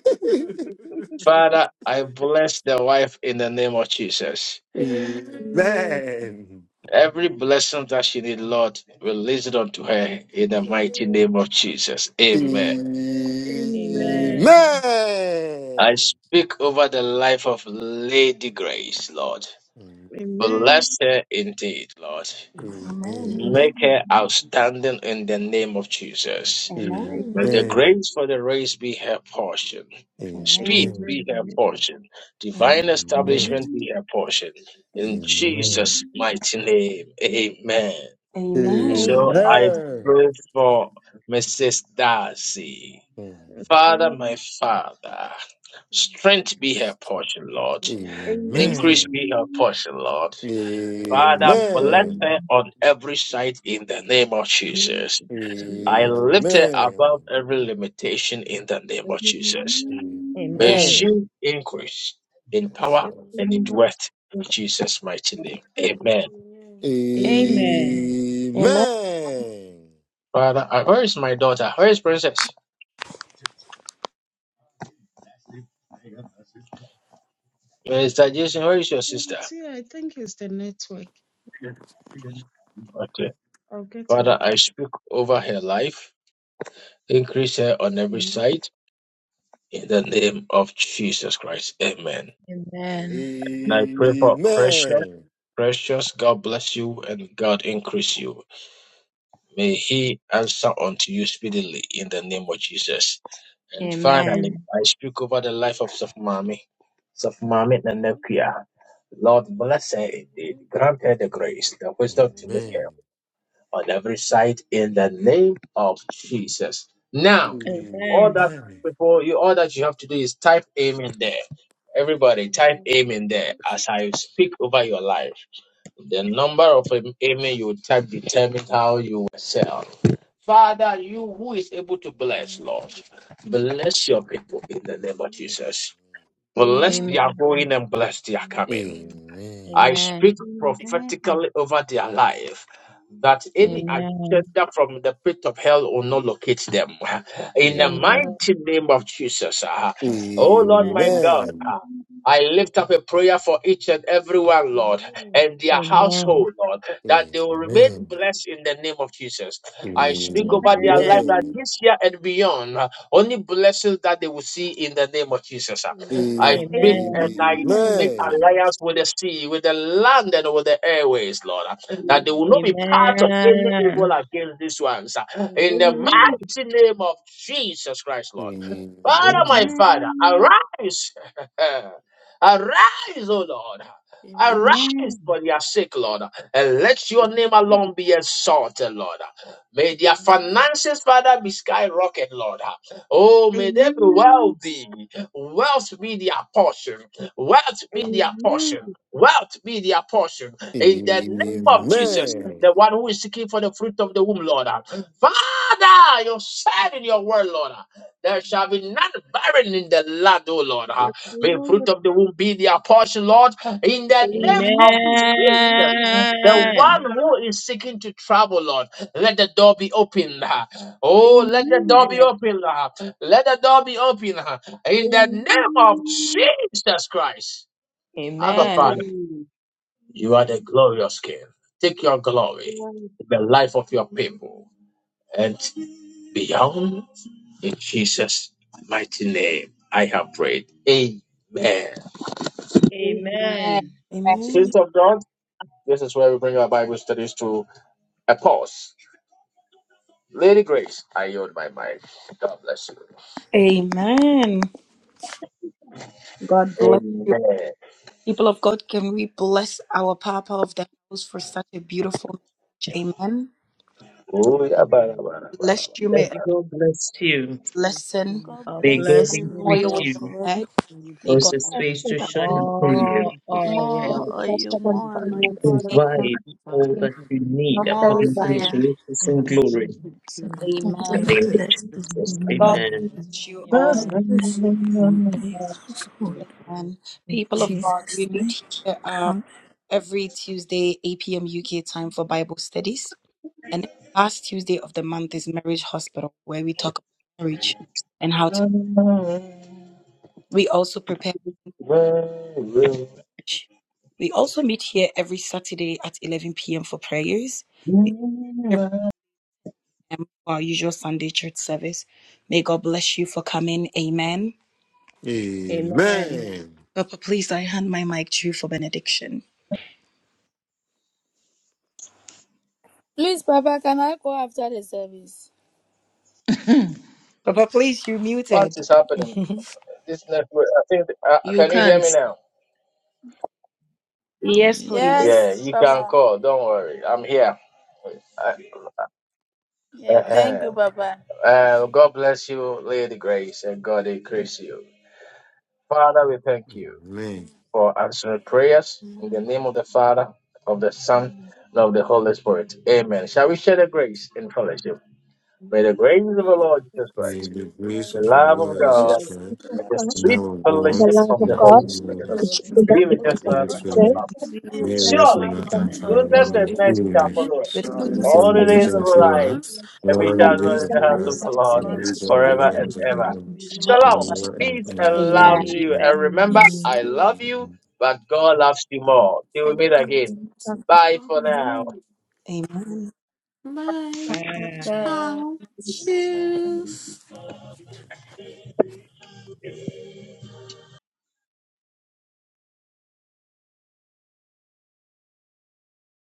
Speaker 1: Father, I bless the wife in the name of Jesus.
Speaker 3: man.
Speaker 1: Every blessing that she needs, Lord, release it unto her in the mighty name of Jesus. Amen.
Speaker 3: Amen.
Speaker 6: Amen.
Speaker 8: Amen.
Speaker 1: I speak over the life of Lady Grace, Lord.
Speaker 3: Amen.
Speaker 1: Bless
Speaker 6: Amen.
Speaker 1: her indeed, Lord.
Speaker 2: Amen.
Speaker 3: Amen.
Speaker 1: Make her
Speaker 6: Amen.
Speaker 1: outstanding in the name of Jesus.
Speaker 2: Amen.
Speaker 1: May the
Speaker 6: Amen.
Speaker 3: Amen.
Speaker 1: grace for the race be her portion.
Speaker 3: Amen.
Speaker 2: Amen.
Speaker 1: Speed
Speaker 3: Amen.
Speaker 1: be her portion.
Speaker 2: Amen.
Speaker 1: Divine
Speaker 3: Amen.
Speaker 1: establishment be
Speaker 6: Amen.
Speaker 1: her portion.
Speaker 2: Amen.
Speaker 1: In
Speaker 6: Amen.
Speaker 3: Amen.
Speaker 1: Jesus'
Speaker 6: Amen.
Speaker 1: mighty name, amen.
Speaker 3: Amen.
Speaker 2: Amen.
Speaker 1: So
Speaker 8: Amen.
Speaker 1: I
Speaker 6: Amen.
Speaker 1: pray for Mrs. Darcy.
Speaker 6: That's
Speaker 1: Father,
Speaker 6: Lord.
Speaker 1: my Father, strength be her portion, Lord.
Speaker 6: Amen.
Speaker 1: Increase
Speaker 3: Amen.
Speaker 1: be her portion, Lord. Father, bless
Speaker 6: Amen.
Speaker 1: her on every side in the name of
Speaker 6: Amen.
Speaker 1: Jesus. I lift her above
Speaker 3: Amen.
Speaker 1: every limitation in the name of Jesus. May she
Speaker 8: Amen.
Speaker 3: Amen.
Speaker 1: increase in
Speaker 3: That's
Speaker 1: power
Speaker 3: all.
Speaker 6: It's
Speaker 1: and in
Speaker 6: not.
Speaker 1: wealth in Jesus' mighty name. Amen.
Speaker 6: Amen.
Speaker 2: Amen.
Speaker 3: Amen.
Speaker 1: Father, uh, where is my daughter? Where is Princess? Mr. Jason, where is your sister?
Speaker 6: See, I think it's the network.
Speaker 1: Okay.
Speaker 6: I'll get it.
Speaker 1: Father, I speak over her life. Increase her on every
Speaker 6: Amen.
Speaker 1: side in the name of Jesus Christ. Amen.
Speaker 8: Amen.
Speaker 1: And I pray for precious,
Speaker 3: Amen.
Speaker 1: precious. God bless you and God increase you. May He answer unto you speedily in the name of Jesus. And
Speaker 8: Amen.
Speaker 1: finally, I speak over the life of Safmami, Safmami Nanekia. Lord, bless her indeed. Grant her the grace, the wisdom to make her. on every side in the name of Jesus. Now,
Speaker 3: Amen.
Speaker 8: Amen.
Speaker 1: all that
Speaker 3: Amen.
Speaker 1: people, you all that you have to do is type amen there. Everybody, type amen there as I speak over your life. The number of am- amen you type determines how you will sell. Father, you who is able to bless, Lord, bless your people in the name of Jesus. Bless
Speaker 6: Amen.
Speaker 8: Amen.
Speaker 1: their going and bless their coming.
Speaker 3: Amen.
Speaker 1: I
Speaker 8: Amen.
Speaker 1: speak
Speaker 6: Amen.
Speaker 1: prophetically over their life that any
Speaker 3: Amen.
Speaker 8: Amen.
Speaker 1: agenda from the pit of hell will not locate them. In the
Speaker 3: Amen.
Speaker 8: Amen.
Speaker 1: mighty name of Jesus. ah.
Speaker 3: Amen.
Speaker 1: Oh Lord
Speaker 8: Amen.
Speaker 1: my God.
Speaker 3: Amen.
Speaker 1: ah, I lift up a prayer for each and every one, Lord, and their
Speaker 8: Amen.
Speaker 1: household, Lord, that they will remain
Speaker 3: Amen.
Speaker 1: blessed in the name of Jesus. I speak over their
Speaker 8: Amen.
Speaker 1: life that
Speaker 6: Amen.
Speaker 3: Amen.
Speaker 1: this year and beyond, ah, only blessings that they will see in the name of Jesus. ah. I speak and
Speaker 8: Amen. Amen.
Speaker 1: I Make alliance with the sea, with the land, and with the airways, Lord. That they will not be part of any
Speaker 8: Amen.
Speaker 1: evil against these ones.
Speaker 6: Amen. Amen.
Speaker 1: In the
Speaker 6: Amen.
Speaker 1: mighty name of Jesus Christ, Lord.
Speaker 3: Amen.
Speaker 1: Father, my Father,
Speaker 6: Amen.
Speaker 1: arise. arise, O Lord. Arise
Speaker 6: Amen.
Speaker 1: for their sake, Lord, and let your name alone be exalted, Lord. May their finances, Father, be skyrocket, Lord. Oh, may they be
Speaker 6: Amen. Amen.
Speaker 1: wealthy. Wealth be their portion. Wealth be their
Speaker 6: Amen.
Speaker 1: portion. Wealth be their portion. In the name of Jesus,
Speaker 6: Amen.
Speaker 1: the one who is seeking for the fruit of the womb, Lord. Father, you said in your word, Lord, there shall be none barren in the land, O Lord.
Speaker 6: Yes,
Speaker 1: May
Speaker 6: Lord.
Speaker 1: fruit of the womb be their portion, Lord. In the name
Speaker 6: Amen.
Speaker 1: of Jesus. The
Speaker 6: Amen.
Speaker 8: Amen.
Speaker 1: one who is seeking to travel, Lord, let the door be open. Oh,
Speaker 6: Amen.
Speaker 1: let the door be open. Let the door be open. In the name of
Speaker 6: Amen.
Speaker 1: Jesus Christ. Abba, Father,
Speaker 8: Amen.
Speaker 6: Amen.
Speaker 1: you are the glorious King. Take your glory
Speaker 6: Amen.
Speaker 1: in the life of your people and beyond. In Jesus' mighty name, I have prayed. Amen.
Speaker 6: Amen.
Speaker 8: Amen.
Speaker 14: Amen.
Speaker 2: Amen.
Speaker 1: Saints of God, this is where we bring our Bible studies to a pause. Lady Grace, I yield my mind. God bless you.
Speaker 2: Amen. God bless you.
Speaker 1: Amen.
Speaker 2: People of God, can we bless our Papa of the house for such a beautiful message? Amen.
Speaker 1: Hallelujah. ba da ba
Speaker 2: Bless you, may
Speaker 17: Daddy, God bless you.
Speaker 2: lesson
Speaker 5: receive
Speaker 9: God
Speaker 8: God
Speaker 9: bless
Speaker 8: bless
Speaker 9: you,
Speaker 17: Begåvning
Speaker 8: you,
Speaker 5: and
Speaker 9: man
Speaker 2: oil on
Speaker 9: of
Speaker 8: Prophet.
Speaker 2: your
Speaker 17: within
Speaker 9: God.
Speaker 2: head.
Speaker 5: the
Speaker 2: May God
Speaker 17: causes
Speaker 14: The
Speaker 5: strength
Speaker 14: love
Speaker 17: face
Speaker 5: and
Speaker 14: of
Speaker 17: to
Speaker 5: power
Speaker 17: shine
Speaker 2: bless
Speaker 5: from
Speaker 17: upon
Speaker 2: you.
Speaker 5: the
Speaker 17: you,
Speaker 8: More
Speaker 5: Jesus
Speaker 9: More
Speaker 8: oil.
Speaker 5: name.
Speaker 9: oil,
Speaker 5: We
Speaker 9: more
Speaker 5: report blessed
Speaker 9: anointing,
Speaker 5: and
Speaker 17: provide all
Speaker 5: glorified
Speaker 17: that you
Speaker 5: and we
Speaker 17: need
Speaker 9: more
Speaker 5: keep
Speaker 17: according to his
Speaker 2: Amen.
Speaker 9: fire.
Speaker 5: safe
Speaker 17: riches
Speaker 4: And
Speaker 17: and
Speaker 5: and
Speaker 4: that's
Speaker 5: we
Speaker 17: glory.
Speaker 4: what you
Speaker 5: keep pure
Speaker 4: said.
Speaker 5: under
Speaker 17: In
Speaker 2: Amen.
Speaker 17: the
Speaker 19: They
Speaker 5: the
Speaker 4: So,
Speaker 17: name of
Speaker 19: blessed
Speaker 4: in
Speaker 5: Jesus
Speaker 4: the
Speaker 17: Jesus.
Speaker 5: name.
Speaker 4: name
Speaker 2: God
Speaker 4: of
Speaker 17: Amen.
Speaker 5: Amen.
Speaker 4: Jesus,
Speaker 2: bless you all.
Speaker 8: Amen.
Speaker 19: us from a
Speaker 4: Jesus,
Speaker 19: household.
Speaker 5: Amen.
Speaker 2: And
Speaker 4: we
Speaker 2: people
Speaker 4: come to
Speaker 2: of
Speaker 4: you,
Speaker 2: God, we
Speaker 19: Jesus' name.
Speaker 2: meet here um,
Speaker 19: amen.
Speaker 2: every Tuesday, 8 p.m. UK time for Bible studies. And the last Tuesday of the month is Marriage Hospital, where we talk about marriage and how to. We also prepare. church. We also meet here every Saturday at 11 p.m. for prayers. We meet every time for our usual Sunday church service. May God bless you for coming. Amen.
Speaker 8: Amen.
Speaker 3: Amen.
Speaker 2: Papa, please, I hand my mic to you for benediction.
Speaker 16: Please, Papa, can I go after the service?
Speaker 2: Papa, please, you're
Speaker 1: What
Speaker 2: muted.
Speaker 1: is happening? This network, I think, uh,
Speaker 8: You
Speaker 1: can you hear
Speaker 8: can't.
Speaker 1: me now?
Speaker 8: Let
Speaker 2: yes,
Speaker 8: me just-
Speaker 2: please.
Speaker 1: Yeah,
Speaker 16: Yes,
Speaker 1: you can
Speaker 16: Papa.
Speaker 1: call. Don't worry. I'm here. Uh,
Speaker 16: Yeah,
Speaker 1: uh-huh.
Speaker 16: thank you, Papa.
Speaker 1: Uh, God bless you, Lady Grace, and God increase you. Father, we thank you
Speaker 3: Amen.
Speaker 1: for answering prayers in the name of the Father, of the Son, and of the Holy Spirit. Amen. Shall we share the grace in fellowship? May the grace of the
Speaker 16: May the
Speaker 1: Lord Jesus
Speaker 16: grace
Speaker 3: May
Speaker 1: Christ,
Speaker 3: the
Speaker 16: of
Speaker 3: grace
Speaker 16: God
Speaker 1: the
Speaker 3: of our
Speaker 1: love of
Speaker 3: Lord
Speaker 16: be
Speaker 8: Our
Speaker 3: Jesus
Speaker 1: God,
Speaker 8: Lord Jesus
Speaker 3: Christ,
Speaker 16: with us.
Speaker 1: and the
Speaker 3: the
Speaker 8: Christ,
Speaker 1: sweet
Speaker 3: love of
Speaker 8: thank
Speaker 16: Holy
Speaker 3: God,
Speaker 1: fellowship
Speaker 8: God,
Speaker 1: of the
Speaker 16: Spirit,
Speaker 14: God,
Speaker 1: Holy
Speaker 16: let's be
Speaker 1: Spirit
Speaker 14: the
Speaker 8: this
Speaker 4: we
Speaker 16: glorious.
Speaker 4: come
Speaker 14: the
Speaker 1: be
Speaker 4: to
Speaker 8: fellowship
Speaker 4: you,
Speaker 1: with
Speaker 14: gift
Speaker 8: of
Speaker 1: us
Speaker 8: the
Speaker 14: of
Speaker 1: now and
Speaker 8: Holy
Speaker 1: from the
Speaker 14: faith,
Speaker 8: Spirit.
Speaker 16: Be
Speaker 3: may the
Speaker 14: the
Speaker 6: Bless
Speaker 3: rest
Speaker 6: my
Speaker 1: Surely,
Speaker 6: heart
Speaker 16: forever
Speaker 4: we
Speaker 1: goodness
Speaker 6: forevermore.
Speaker 1: and
Speaker 16: and ever.
Speaker 1: mercy
Speaker 4: come to
Speaker 1: shall
Speaker 16: Amen.
Speaker 1: follow us
Speaker 2: Good
Speaker 4: you, we come to you, we
Speaker 6: Surely,
Speaker 4: come
Speaker 16: Goodness
Speaker 1: all
Speaker 16: and
Speaker 1: the
Speaker 4: to
Speaker 16: mercy
Speaker 6: let
Speaker 1: days of
Speaker 6: the
Speaker 14: mathematics
Speaker 1: our
Speaker 14: of
Speaker 6: lips
Speaker 16: shall
Speaker 4: you, we
Speaker 1: life,
Speaker 6: of the Lord
Speaker 3: of
Speaker 1: and
Speaker 2: night.
Speaker 1: we
Speaker 14: one
Speaker 1: shall dwell in the
Speaker 14: percent
Speaker 3: our
Speaker 14: of
Speaker 1: house of
Speaker 2: guys.
Speaker 1: the
Speaker 6: of the
Speaker 1: Lord
Speaker 14: faith,
Speaker 6: Lord,
Speaker 14: which
Speaker 6: and
Speaker 14: is
Speaker 1: forever and
Speaker 6: the house
Speaker 1: ever.
Speaker 6: of
Speaker 4: come to you, and we come to you, and
Speaker 6: the Lord,
Speaker 1: Shalom,
Speaker 4: we come
Speaker 3: Lord and
Speaker 1: peace
Speaker 3: in our
Speaker 1: and love
Speaker 2: Amen.
Speaker 1: to
Speaker 6: Amen.
Speaker 8: be
Speaker 1: you.
Speaker 8: with us now and
Speaker 4: to
Speaker 1: And
Speaker 8: forever.
Speaker 1: remember,
Speaker 4: you,
Speaker 1: I love you, but God loves you more. Till we meet again.
Speaker 14: the
Speaker 1: Bye for now.
Speaker 2: Amen.
Speaker 3: Amen.
Speaker 8: Amen. Bye.
Speaker 16: follow